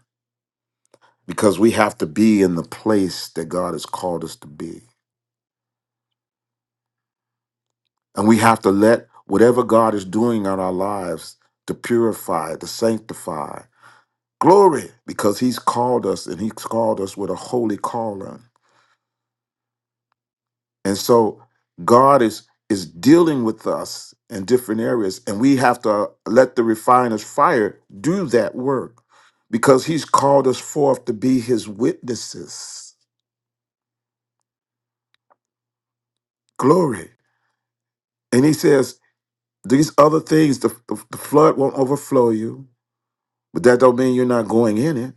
G: Because we have to be in the place that God has called us to be, and we have to let whatever God is doing in our lives to purify, to sanctify Glory, because he's called us and he's called us with a holy calling. And so God is is dealing with us in different areas and we have to let the refiner's fire do that work because he's called us forth to be his witnesses. Glory. And he says these other things the, the, the flood won't overflow you, but that don't mean you're not going in it.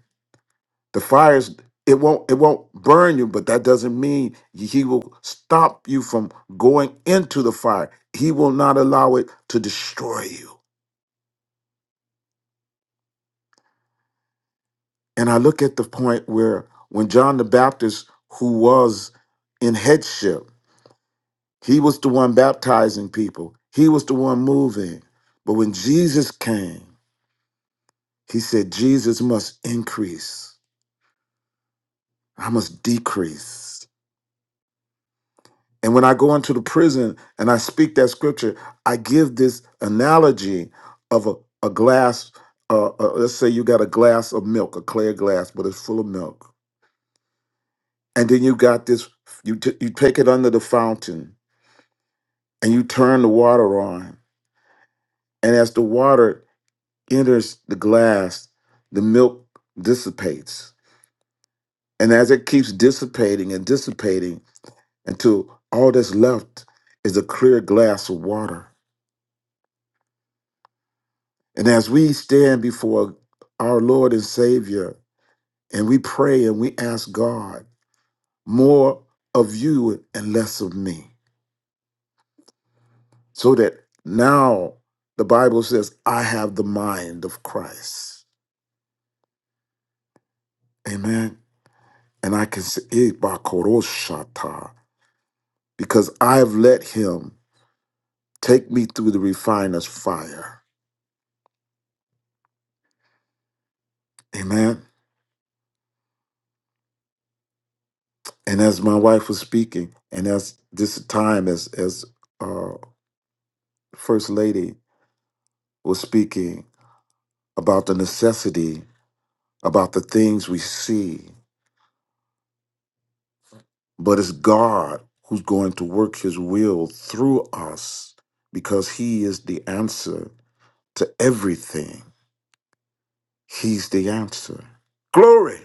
G: The fires it won't it won't burn you, but that doesn't mean he will stop you from going into the fire. He will not allow it to destroy you. And I look at the point where when John the Baptist, who was in headship, he was the one baptizing people. He was the one moving. But when Jesus came, he said, Jesus must increase. I must decrease. And when I go into the prison and I speak that scripture, I give this analogy of a, a glass. Uh, uh, let's say you got a glass of milk, a clear glass, but it's full of milk. And then you got this, you, t- you take it under the fountain and you turn the water on. And as the water enters the glass, the milk dissipates. And as it keeps dissipating and dissipating until all that's left is a clear glass of water And as we stand before our Lord and Savior and we pray and we ask God more of you and less of me, so that now the Bible says, I have the mind of Christ. Amen. And I can say, "Eh, bakoroshata," because I've let Him take me through the refiner's fire. Amen. And as my wife was speaking, and as this time, as as uh, First Lady was speaking, about the necessity, about the things we see, but it's God who's going to work his will through us because he is the answer to everything. He's the answer. Glory!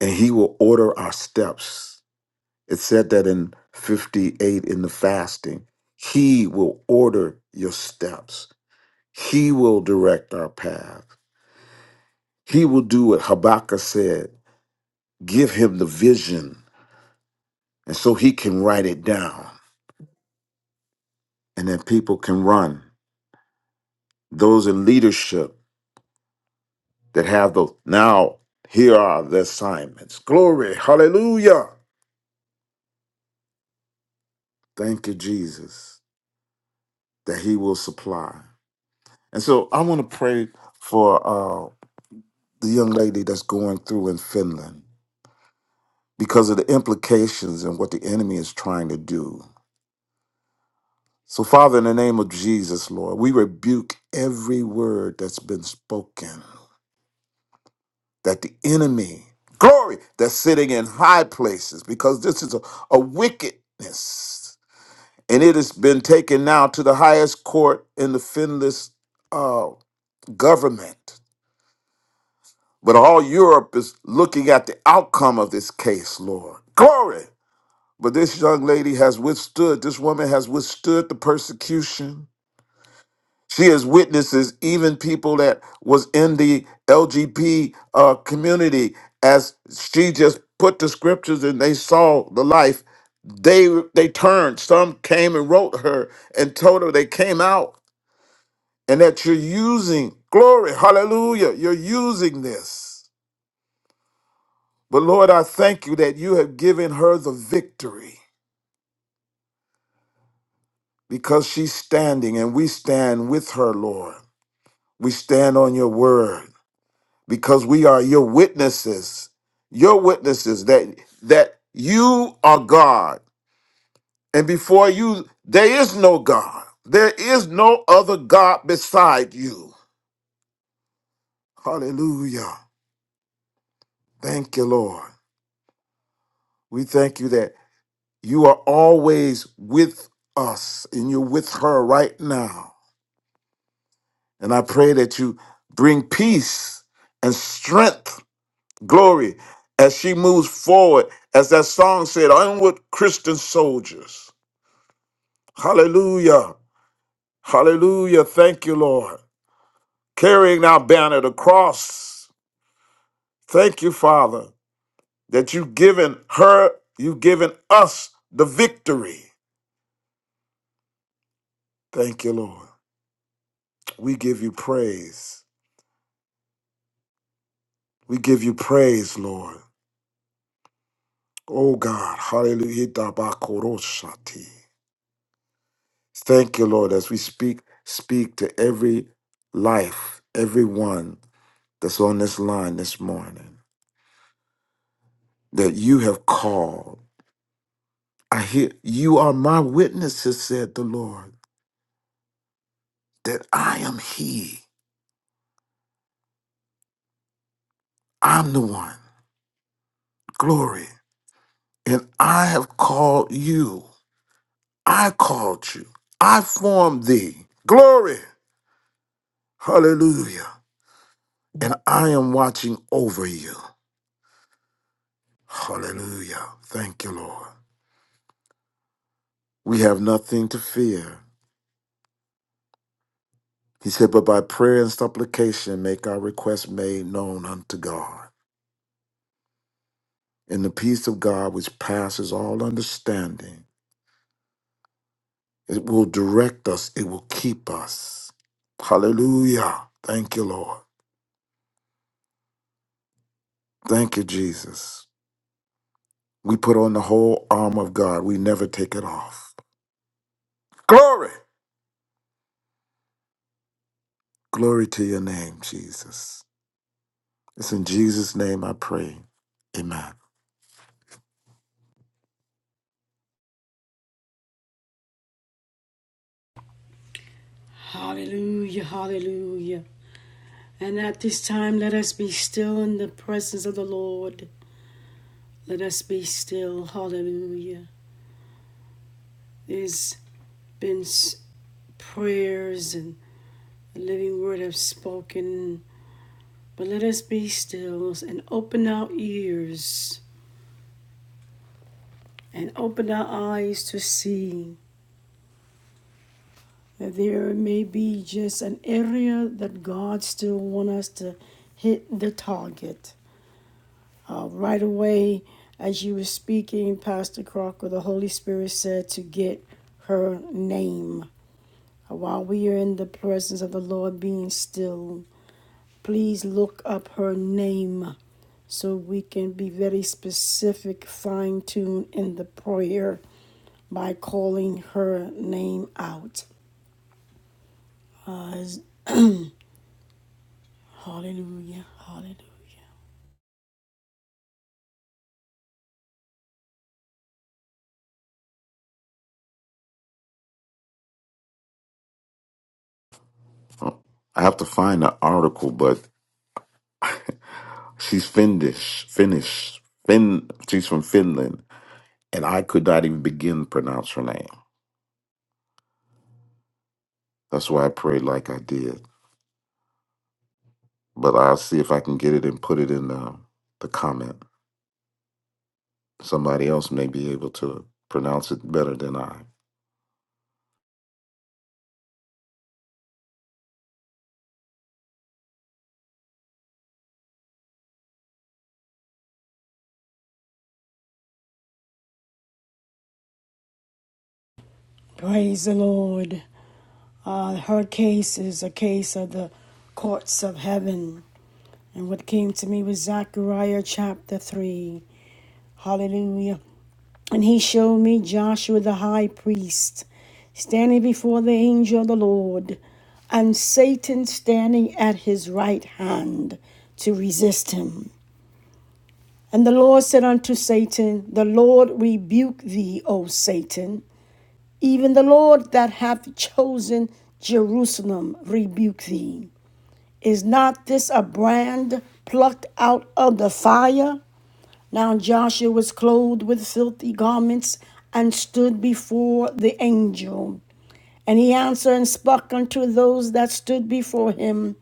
G: And he will order our steps. It said that in 58 in the fasting, he will order your steps. He will direct our path. He will do what Habakkuk said. Give him the vision And so he can write it down and then people can run. Those in leadership that have those. Now, here are the assignments. Glory. Hallelujah. Thank you, Jesus, that he will supply. And so I want to pray for uh, the young lady that's going through in Finland because of the implications and what the enemy is trying to do. So, Father, in the name of Jesus, Lord, we rebuke every word that's been spoken that the enemy, glory, that's sitting in high places, because this is a, a wickedness. And it has been taken now to the highest court in the Finland's uh, government. But all Europe is looking at the outcome of this case, Lord. Glory! But this young lady has withstood, this woman has withstood the persecution. She is witnesses, even people that was in the LGP uh, community, as she just put the scriptures and they saw the life. They they turned. Some came and wrote her and told her they came out and that you're using glory, hallelujah. You're using this, but Lord, I thank you that you have given her the victory because she's standing and we stand with her, Lord. We stand on your word. because we are your witnesses your witnesses that that you are god and before you there is no god there is no other god beside you hallelujah thank you lord we thank you that you are always with us and you're with her right now and i pray that you bring peace and strength glory as she moves forward. As that song said, onward Christian soldiers. Hallelujah. Hallelujah. Thank you, Lord. Carrying our banner, the cross. Thank you, Father, that you've given her, you've given us the victory. Thank you, Lord. We give you praise. We give you praise, Lord. Oh God. Hallelujah. Itabakoroshati. Thank you, Lord, as we speak, speak to every life, everyone that's on this line this morning, that you have called. I hear you are my witnesses, said the Lord, that I am He. I'm the one. Glory. And I have called you. I called you. I formed thee. Glory. Hallelujah. And I am watching over you. Hallelujah. Thank you, Lord. We have nothing to fear. He said, But by prayer and supplication make our requests made known unto God. And the peace of God, which passes all understanding, it will direct us, it will keep us. Hallelujah. Thank you, Lord. Thank you, Jesus. We put on the whole armor of God, we never take it off. Glory. Glory to your name, Jesus. It's in Jesus' name I pray. Amen.
A: Hallelujah, hallelujah. And at this time, let us be still in the presence of the Lord. Let us be still, hallelujah. There's been prayers and. The living word have spoken, but let us be still and open our ears and open our eyes to see that there may be just an area that God still want us to hit the target. Uh, right away, as you were speaking, Pastor Crocker, the Holy Spirit said to get her name. While we are in the presence of the Lord, being still, please look up her name so we can be very specific, fine tuned in the prayer by calling her name out. Uh, hallelujah, hallelujah.
G: Oh, I have to find the article, but She's Finnish, Finnish, Fin. She's from Finland, and I could not even begin to pronounce her name. That's why I prayed like I did. But I'll see if I can get it and put it in the the comment. Somebody else may be able to pronounce it better than I.
A: Praise the Lord. Uh, her case is a case of the courts of heaven. And what came to me was Zechariah chapter 3. Hallelujah. And he showed me Joshua the high priest standing before the angel of the Lord, and Satan standing at his right hand to resist him. And the Lord said unto Satan, The Lord rebuke thee, O Satan. Even the Lord that hath chosen Jerusalem rebuke thee. Is not this a brand plucked out of the fire? Now Joshua was clothed with filthy garments and stood before the angel. And he answered and spake unto those that stood before him,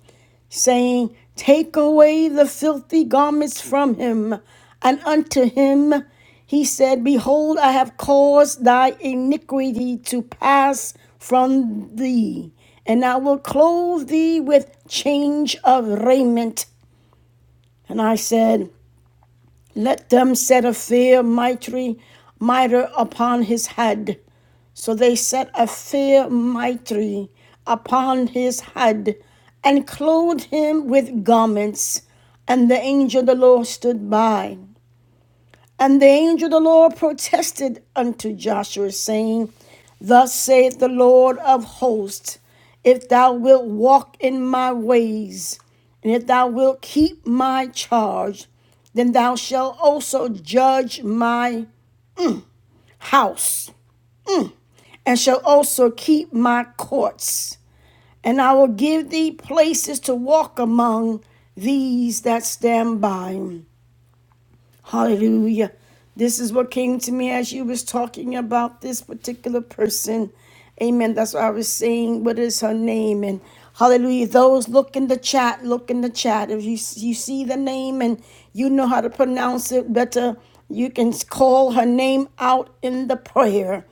A: saying, Take away the filthy garments from him. And unto him he said, Behold, I have caused thy iniquity to pass from thee, and I will clothe thee with change of raiment. And I said, let them set a fair mitre, mitre upon his head. So they set a fair mitre upon his head and clothed him with garments. And the angel of the Lord stood by. And the angel of the Lord protested unto Joshua, saying, Thus saith the Lord of hosts, if thou wilt walk in my ways, and if thou wilt keep my charge, then thou shalt also judge my house, and shalt also keep my courts. And I will give thee places to walk among these that stand by Hallelujah. This is what came to me as you was talking about this particular person. Amen. That's what I was saying. What is her name? And hallelujah. Those look in the chat. Look in the chat. If you you see the name and you know how to pronounce it better, you can call her name out in the prayer.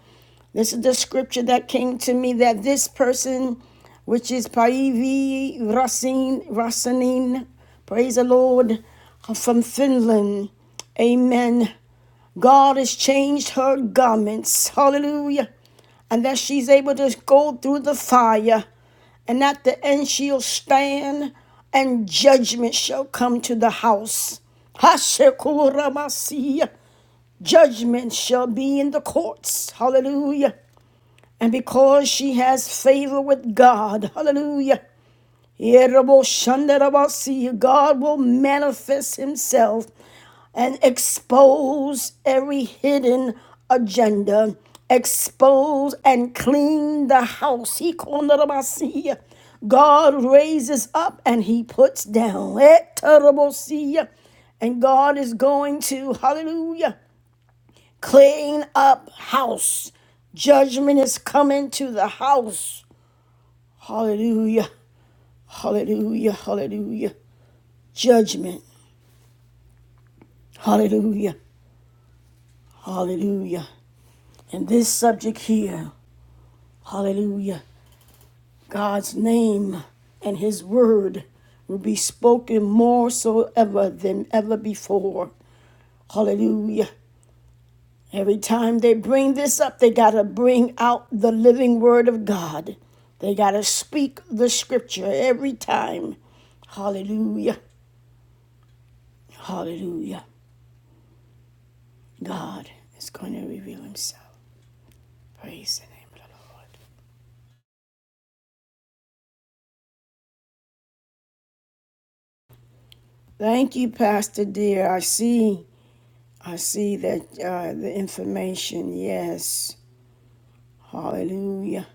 A: This is the scripture that came to me that this person, which is Paivi Rasin, Rasanin, praise the Lord, uh, from Finland, amen. God has changed her garments, hallelujah, and that she's able to go through the fire, and at the end she'll stand, and judgment shall come to the house. Hashekuramasi. Judgment shall be in the courts. Hallelujah. And because she has favor with God, hallelujah. Yeroboshandarabasi, God will manifest himself and expose every hidden agenda. Expose and clean the house. He kondarabasi. God raises up and he puts down. Etarabosi. And God is going to, hallelujah, clean up house. Judgment is coming to the house. Hallelujah. Hallelujah. Hallelujah. Judgment. Hallelujah. Hallelujah. And this subject here, hallelujah, God's name and his word will be spoken more so ever than ever before. Hallelujah. Every time they bring this up, they got to bring out the living word of God. They got to speak the scripture every time. Hallelujah. Hallelujah. God is going to reveal himself. Praise the name of the Lord. Thank you, Pastor dear. I see, I see that uh, the information. Yes, Hallelujah.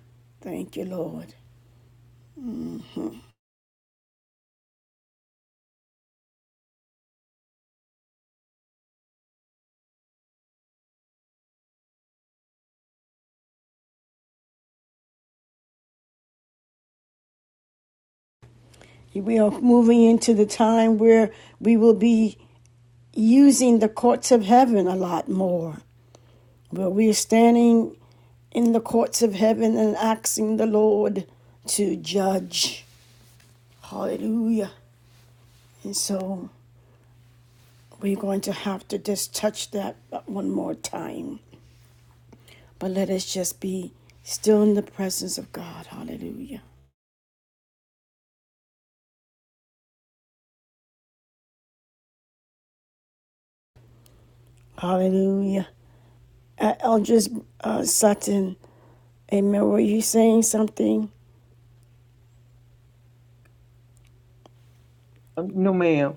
A: Thank you, Lord. We are moving into the time where we will be using the courts of heaven a lot more. Where we are standing in the courts of heaven and asking the Lord to judge. Hallelujah. And so We're going to have to just touch that one more time. But let us just be still in the presence of God. Hallelujah. Hallelujah. Uh, Eldridge uh, Sutton, amen. Were you saying something?
F: Um, No, ma'am.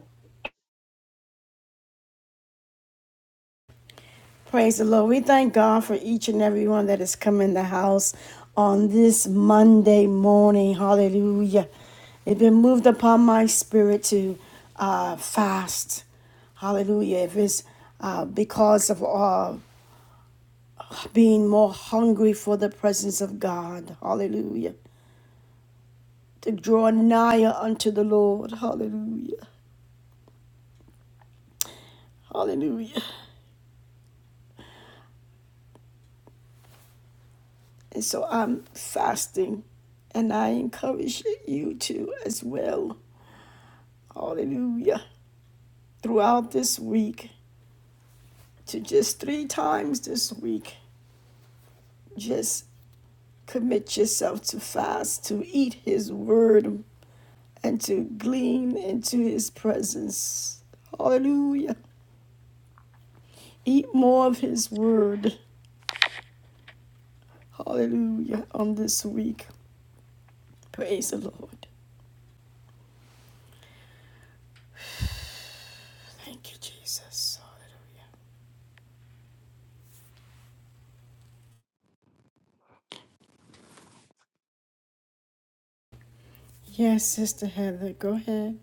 A: Praise the Lord. We thank God for each and every one that has come in the house on this Monday morning. Hallelujah. It's been moved upon my spirit to uh, fast. Hallelujah. If it's uh, because of uh, being more hungry for the presence of God. Hallelujah. To draw nigher unto the Lord. Hallelujah. Hallelujah. And so I'm fasting and I encourage you to as well. Hallelujah. Throughout this week, to just three times this week, just commit yourself to fast, to eat His word, and to glean into His presence. Hallelujah. Eat more of His word. Hallelujah. On this week. Praise the Lord. Thank you, Jesus. Hallelujah. Yes, Sister Heather, go ahead.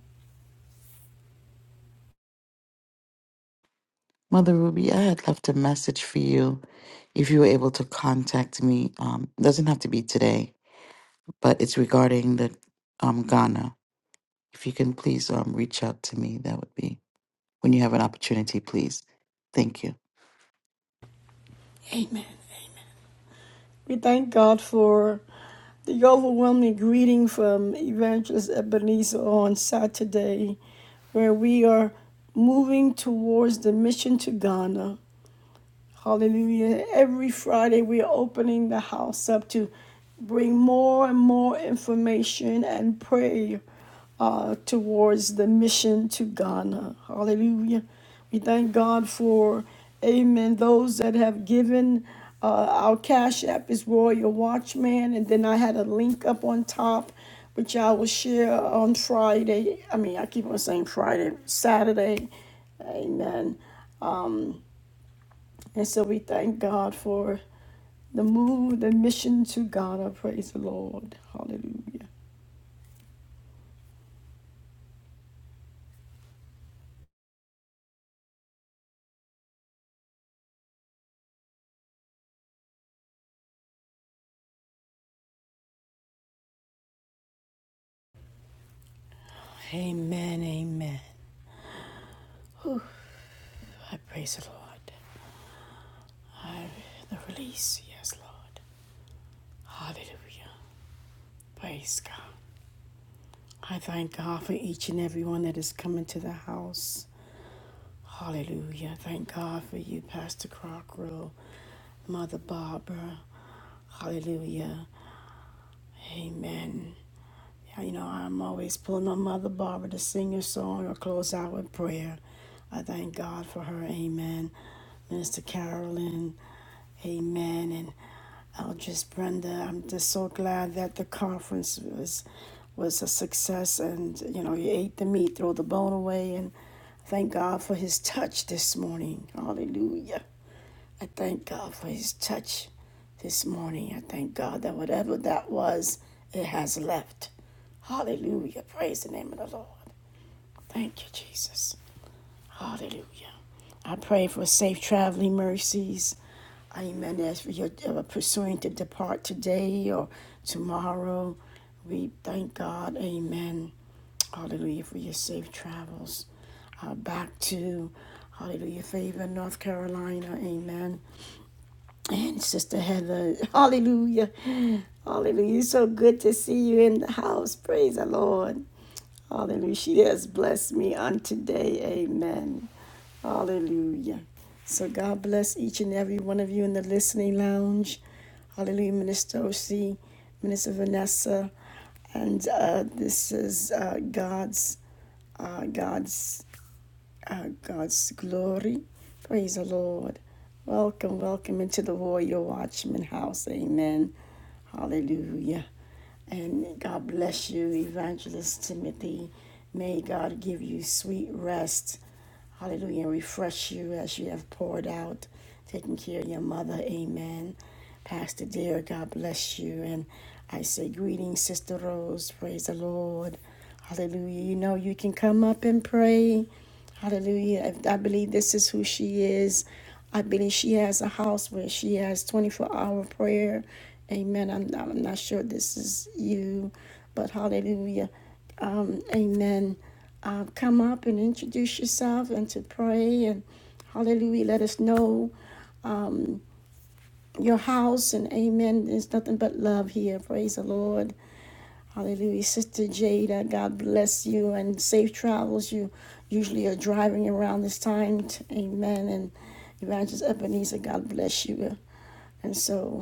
B: Mother Ruby, I had left a message for you if you were able to contact me. Um, doesn't have to be today, but it's regarding the um, Ghana. If you can please um, reach out to me, that would be when you have an opportunity, please. Thank you.
A: Amen. We thank God for the overwhelming greeting from Evangelist Ebenezer on Saturday, where we are moving towards the mission to Ghana. Hallelujah. Every Friday, we're opening the house up to bring more and more information and prayer uh, towards the mission to Ghana. Hallelujah. We thank God for, amen, those that have given. Uh, our Cash App is Royal Watchman. And then I had a link up on top, which I will share on Friday. I mean, I keep on saying Friday, Saturday. Amen Um, and so we thank God for the move, the mission to Ghana. Praise the Lord. Hallelujah. Amen. Amen. I praise the Lord. I the release. Yes, Lord. Hallelujah. Praise God. I thank God for each and every one that is coming to the house. Hallelujah. Thank God for you, Pastor Crocker, Mother Barbara. Hallelujah. Amen. You know, I'm always pulling on Mother Barbara to sing her song or close out with prayer. I thank God for her. Amen. Minister Carolyn. Amen. And Eldris Brenda. I'm just so glad that the conference was was a success and you know, you ate the meat, throw the bone away and thank God for his touch this morning. Hallelujah. I thank God for his touch this morning. I thank God that whatever that was, it has left. Hallelujah. Praise the name of the Lord. Thank you, Jesus. Hallelujah. I pray for safe traveling mercies. Amen. As we are uh, pursuing to depart today or tomorrow, we thank God. Amen. Hallelujah for your safe travels uh, back to Hallelujah Fayetteville, North Carolina. Amen. And Sister Heather, hallelujah. Hallelujah. It's so good to see you in the house. Praise the Lord. Hallelujah. She has blessed me on today. Amen. Hallelujah. So God bless each and every one of you in the listening lounge. Hallelujah. Minister OC, Minister Vanessa. And uh, this is uh, God's, uh, God's uh, God's glory. Praise the Lord. Welcome, welcome into the Warrior Watchman house. Amen. Hallelujah. And God bless you, Evangelist Timothy. May God give you sweet rest. Hallelujah. Refresh you as you have poured out, taking care of your mother. Amen. Pastor dear, God bless you. And I say greetings, Sister Rose. Praise the Lord. Hallelujah. You know, you can come up and pray. Hallelujah. I I believe this is who she is. I believe she has a house where she has 24 hour prayer. Amen. I'm, I'm not sure this is you, but hallelujah. Um, amen. Uh, come up and introduce yourself and to pray and hallelujah. Let us know um, your house and amen. There's nothing but love here. Praise the Lord. Hallelujah. Sister Jada, God bless you and safe travels. You usually are driving around this time. Amen. And Evangelist Ebenezer, God bless you. And so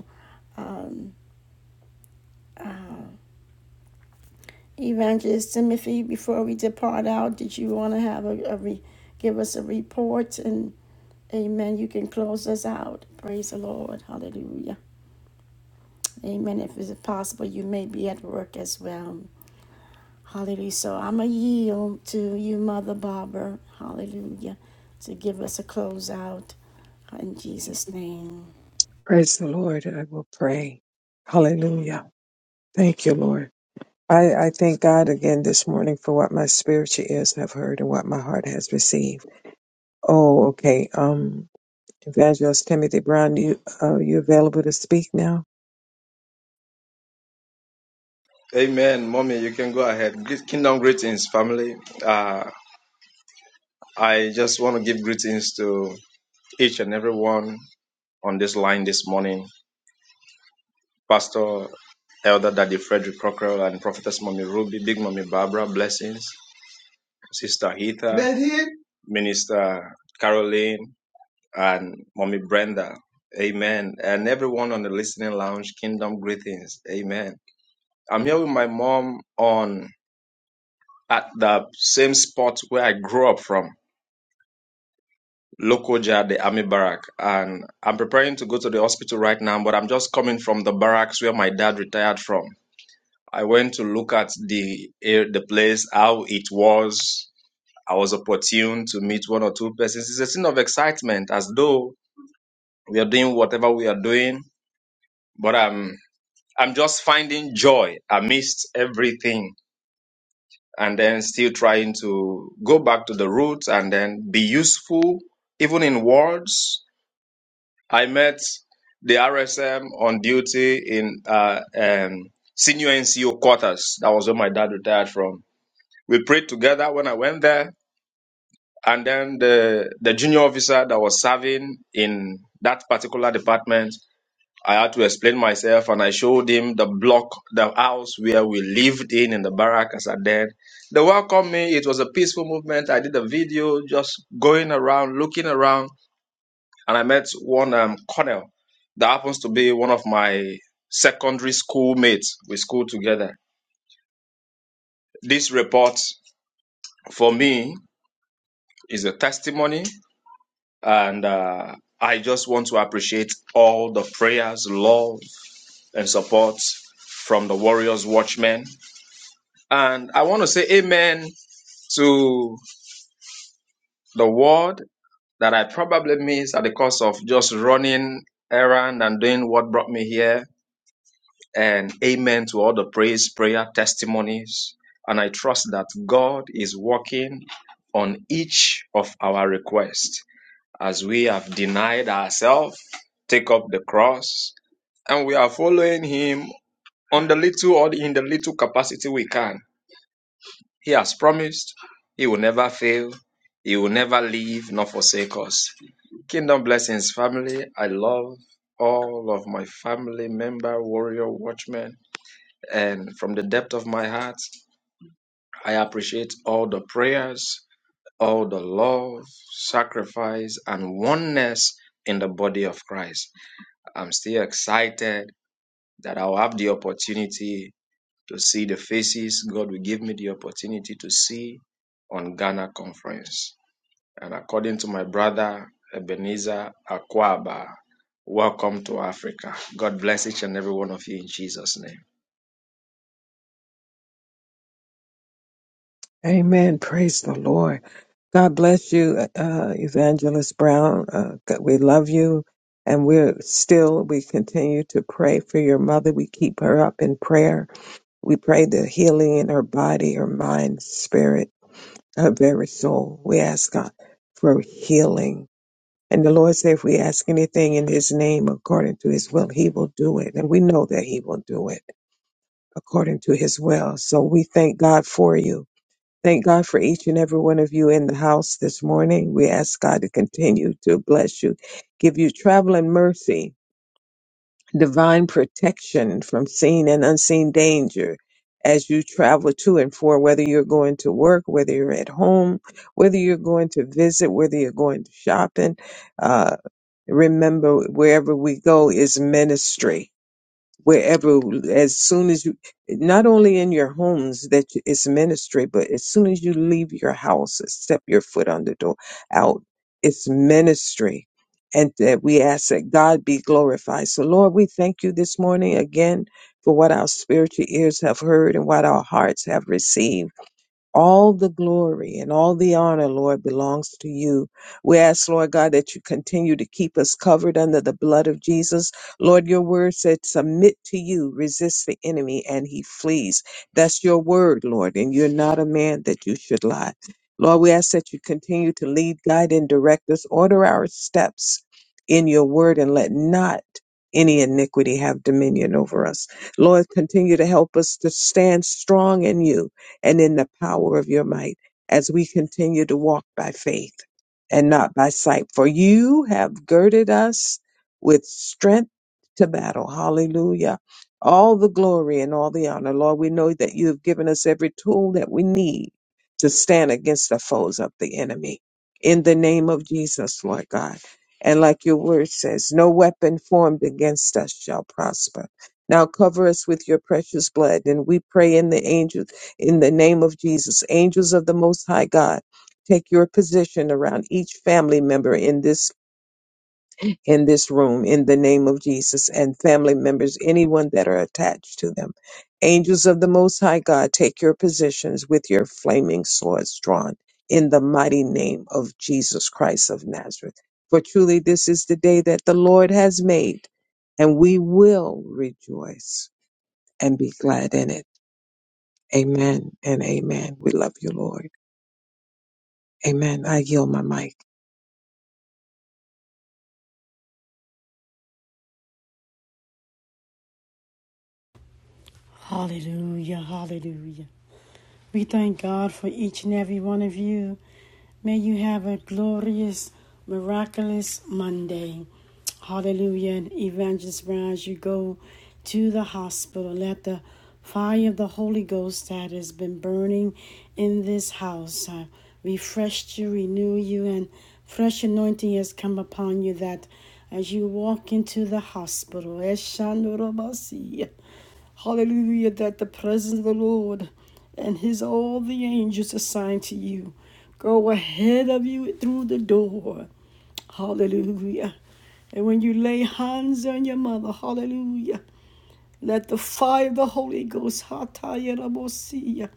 A: Evangelist Timothy, before we depart out, did you want to have a, a re, give us a report? And amen, you can close us out. Praise the Lord. Hallelujah. Amen. If it's possible, you may be at work as well. Hallelujah. So I'm a yield to you, Mother Barbara. Hallelujah. To give us a close out in Jesus' name.
D: Praise the Lord. I will pray. Hallelujah. Thank you, Lord. I, I thank God again this morning for what my spiritual ears have heard and what my heart has received. Oh, okay. Um, Evangelist Timothy Brown, you uh, you available to speak now?
H: Amen, mommy. You can go ahead. Greet- Kingdom greetings, family. Uh, I just want to give greetings to each and everyone on this line this morning. Pastor, Elder Daddy Frederick Crocker, and Prophetess Mommy Ruby, Big Mommy Barbara, blessings. Sister Heather, Daddy. Minister Caroline, and Mommy Brenda. Amen. And everyone on the listening lounge, Kingdom greetings. Amen. I'm here with my mom on at the same spot where I grew up from. Lokoja, the army barrack. And I'm preparing to go to the hospital right now, but I'm just coming from the barracks where my dad retired from. I went to look at the eh, the place, how it was. I was opportune to meet one or two persons. It's a scene of excitement, as though we are doing whatever we are doing. But I'm I'm just finding joy amidst everything, and then still trying to go back to the roots and then be useful, even in words, I met the RSM on duty in uh, um, senior NCO quarters. That was where my dad retired from. We prayed together when I went there, and then the the junior officer that was serving in that particular department. I had to explain myself, and I showed him the block, the house where we lived in, in the barrack as a then. They welcomed me. It was a peaceful movement. I did a video just going around, looking around and I met one um, Cornell that happens to be one of my secondary school mates. We school together. This report for me is a testimony, and uh, I just want to appreciate all the prayers, love, and support from the Warriors Watchmen. And I want to say amen to the word that I probably missed at the cost of just running errand and doing what brought me here and amen to all the praise, prayer, testimonies. And I trust that God is working on each of our requests as we have denied ourselves, take up the cross, and we are following Him on the little or in the little capacity we can. He has promised He will never fail. He will never leave nor forsake us. Kingdom blessings, family. I love all of my family member, warrior, watchmen and from the depth of my heart, I appreciate all the prayers, all the love, sacrifice, and oneness in the body of Christ. I'm still excited that I'll have the opportunity to see the faces God will give me the opportunity to see on Ghana conference. And according to my brother Ebenezer Akwaba, welcome to Africa. God bless each and every one of you in Jesus' name.
D: Amen. Praise the Lord. God bless you, uh, Evangelist Brown. Uh, God- we love you, and we're still we continue to pray for your mother. We keep her up in prayer We pray the healing in her body, her mind, spirit, her very soul. We ask God for healing. And the Lord said, if we ask anything in His name according to His will, He will do it. And we know that He will do it according to His will. So we thank God for you. Thank God for each and every one of you in the house this morning. We ask God to continue to bless you, give you traveling mercy divine protection from seen and unseen danger as you travel to and for whether you're going to work whether you're at home whether you're going to visit whether you're going to shopping uh, remember wherever we go is ministry wherever as soon as you not only in your homes that you- it's ministry but as soon as you leave your house step your foot on the door out it's ministry and that we ask that god be glorified so lord we thank you this morning again for what our spiritual ears have heard and what our hearts have received all the glory and all the honor, Lord, belongs to you. We ask, Lord God, that you continue to keep us covered under the blood of Jesus. Lord, your word said, submit to you, resist the enemy, and he flees. That's your word, Lord, and you're not a man that you should lie. Lord, we ask that you continue to lead, guide, and direct us. Order our steps in your word and let not any iniquity have dominion over us. Lord, continue to help us to stand strong in you and in the power of your might as we continue to walk by faith and not by sight. For you have girded us with strength to battle. Hallelujah. All the glory and all the honor. Lord, we know that you have given us every tool that we need to stand against the foes of the enemy. In the name of Jesus, Lord God. And like your word says, no weapon formed against us shall prosper. Now cover us with your precious blood. And we pray in the angels in the name of Jesus, angels of the Most High God, take your position around each family member in this in this room. In the name of Jesus, and family members, anyone that are attached to them, angels of the Most High God, take your positions with your flaming swords drawn. In the mighty name of Jesus Christ of Nazareth. For truly, this is the day that the Lord has made, and we will rejoice and be glad in it. Amen and amen. We love you, Lord. Amen. I yield my mic.
A: Hallelujah, hallelujah. We thank God for each and every one of you. May you have a glorious, miraculous Monday. Hallelujah. And Evangelist Brown, as you go to the hospital, let the fire of the Holy Ghost that has been burning in this house uh, refresh you, renew you, and fresh anointing has come upon you that as you walk into the hospital, hallelujah, that the presence of the Lord and his all the angels assigned to you go ahead of you through the door. Hallelujah. And when you lay hands on your mother, hallelujah, let the fire of the Holy Ghost, hatayarabosia,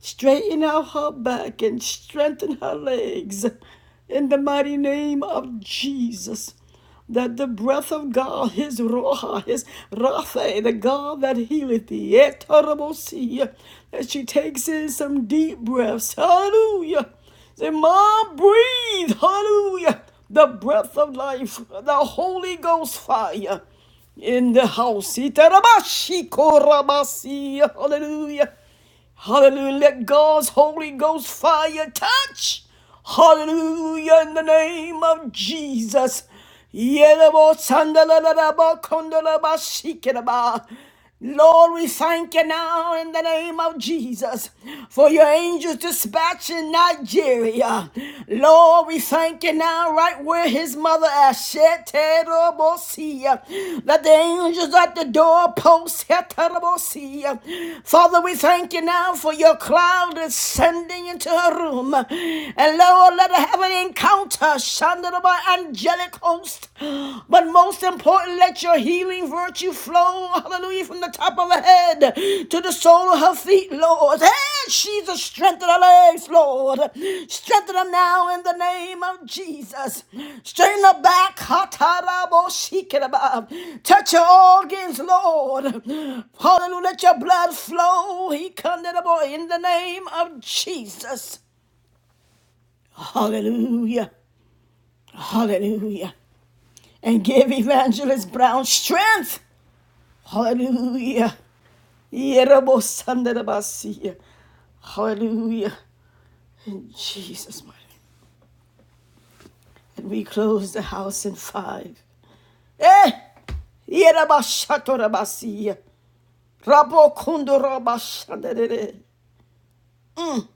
A: straighten out her back and strengthen her legs in the mighty name of Jesus that the breath of God, His Roha, His Rapha, the God that healeth thee, Etarabosia, that she takes in some deep breaths. Hallelujah. Say, Mom, breathe. Hallelujah. The breath of life, the Holy Ghost fire in the house. Itarabashiko Rabasia. Hallelujah. Hallelujah. Let God's Holy Ghost fire touch. Hallelujah. In the name of Jesus. Lord, we thank you now in the name of Jesus for your angels dispatched in Nigeria. Lord, we thank you now Father right where his mother Asheterobosia. Let the angels at the door post Heterobosia. Father, we thank you now for your cloud ascending into her room. And Lord, let her have an encounter, Shandaraba angelic host. But most important, let your healing virtue flow. Hallelujah from the top of her head to the sole of her feet, Lord. Hey, Jesus, strengthen her legs, Lord. Strengthen her now in the name of Jesus. Straighten her back. Hatarabo-shikiraba. Touch her organs, Lord. Hallelujah, let your blood flow. He come to the boy in the name of Jesus. Hallelujah. Hallelujah. And give Evangelist Brown strength. Hallelujah. Yerabosandarabasia. Hallelujah. In Jesus' mighty name. And we close the house in five. Eh! Yerabashatorabasiya. Rabokundorabashandere. Mm.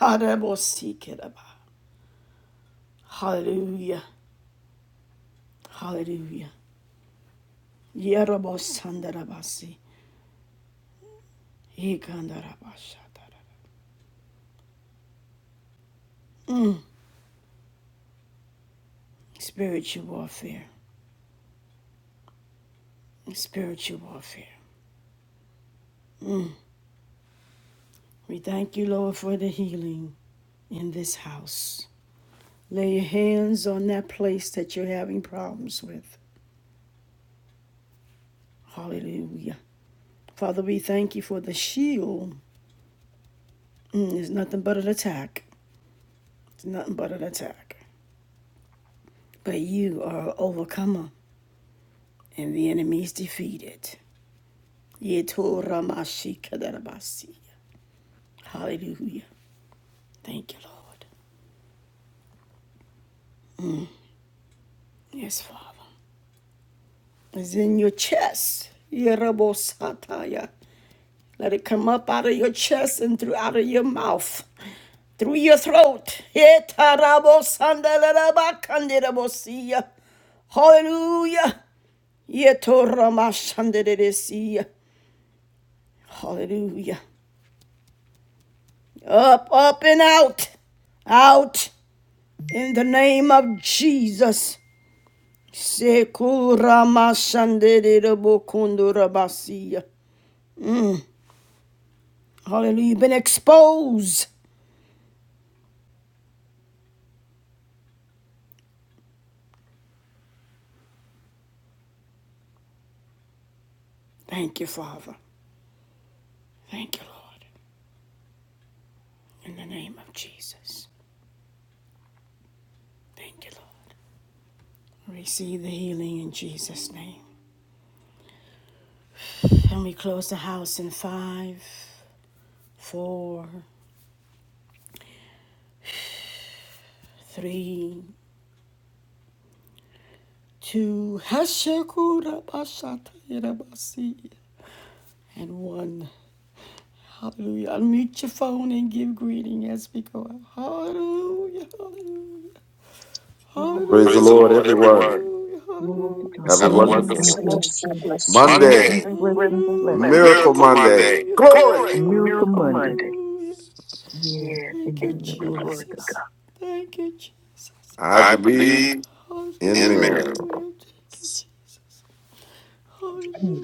A: Harabosikeraba. Hallelujah. Hallelujah. Yerabosandarabasi. Ikandarabashatara. Spiritual warfare. Spiritual warfare. We thank you, Lord, for the healing in this house. Lay your hands on that place that you're having problems with. Hallelujah. Father, we thank you for the shield. Mm, it's nothing but an attack. It's nothing but an attack. But you are an overcomer, and the enemy is defeated. Hallelujah. Thank you, Lord. Yes, Father. It's in your chest. Let it come up out of your chest and through out of your mouth, through your throat. Hallelujah. Yetoramashandereresi. Hallelujah. Up, up, and out. Out in the name of Jesus. Sekuramashandererobokundorabasi. Mm. Hallelujah. You've been exposed. Thank you, Father. Thank you, Lord. In the name of Jesus. Thank you, Lord. Receive the healing in Jesus' name. And we close the house in five, four, three, to Hashakurabashatayirabasi and one. Hallelujah. Unmute your phone and give greeting as we go out. Hallelujah. Hallelujah.
F: Glory,
A: Hallelujah.
G: Praise the
A: Praise the
G: Lord,
A: Lord, everyone.
G: everyone.
A: Hallelujah.
F: glory to God.
D: Praise
G: Have a
D: the
A: Have a
D: Lord.
A: wonderful
F: Hallelujah.
G: wonderful
D: God bless you.
A: Monday,
G: Monday,
F: Blessings, blessings, blessings.
G: Miracle
A: Miracle
G: Monday.
A: Monday.
G: Glory.
F: A
A: Glory! miracle.
F: miracle Monday. Yes.
A: Yes. Thank you,
F: Amen.
G: Amen.
F: Glory to God.
A: Jesus. Thank you, Jesus.
G: I
A: I
G: believe
A: believe in
G: in miracles.
A: miracles.
D: Amen.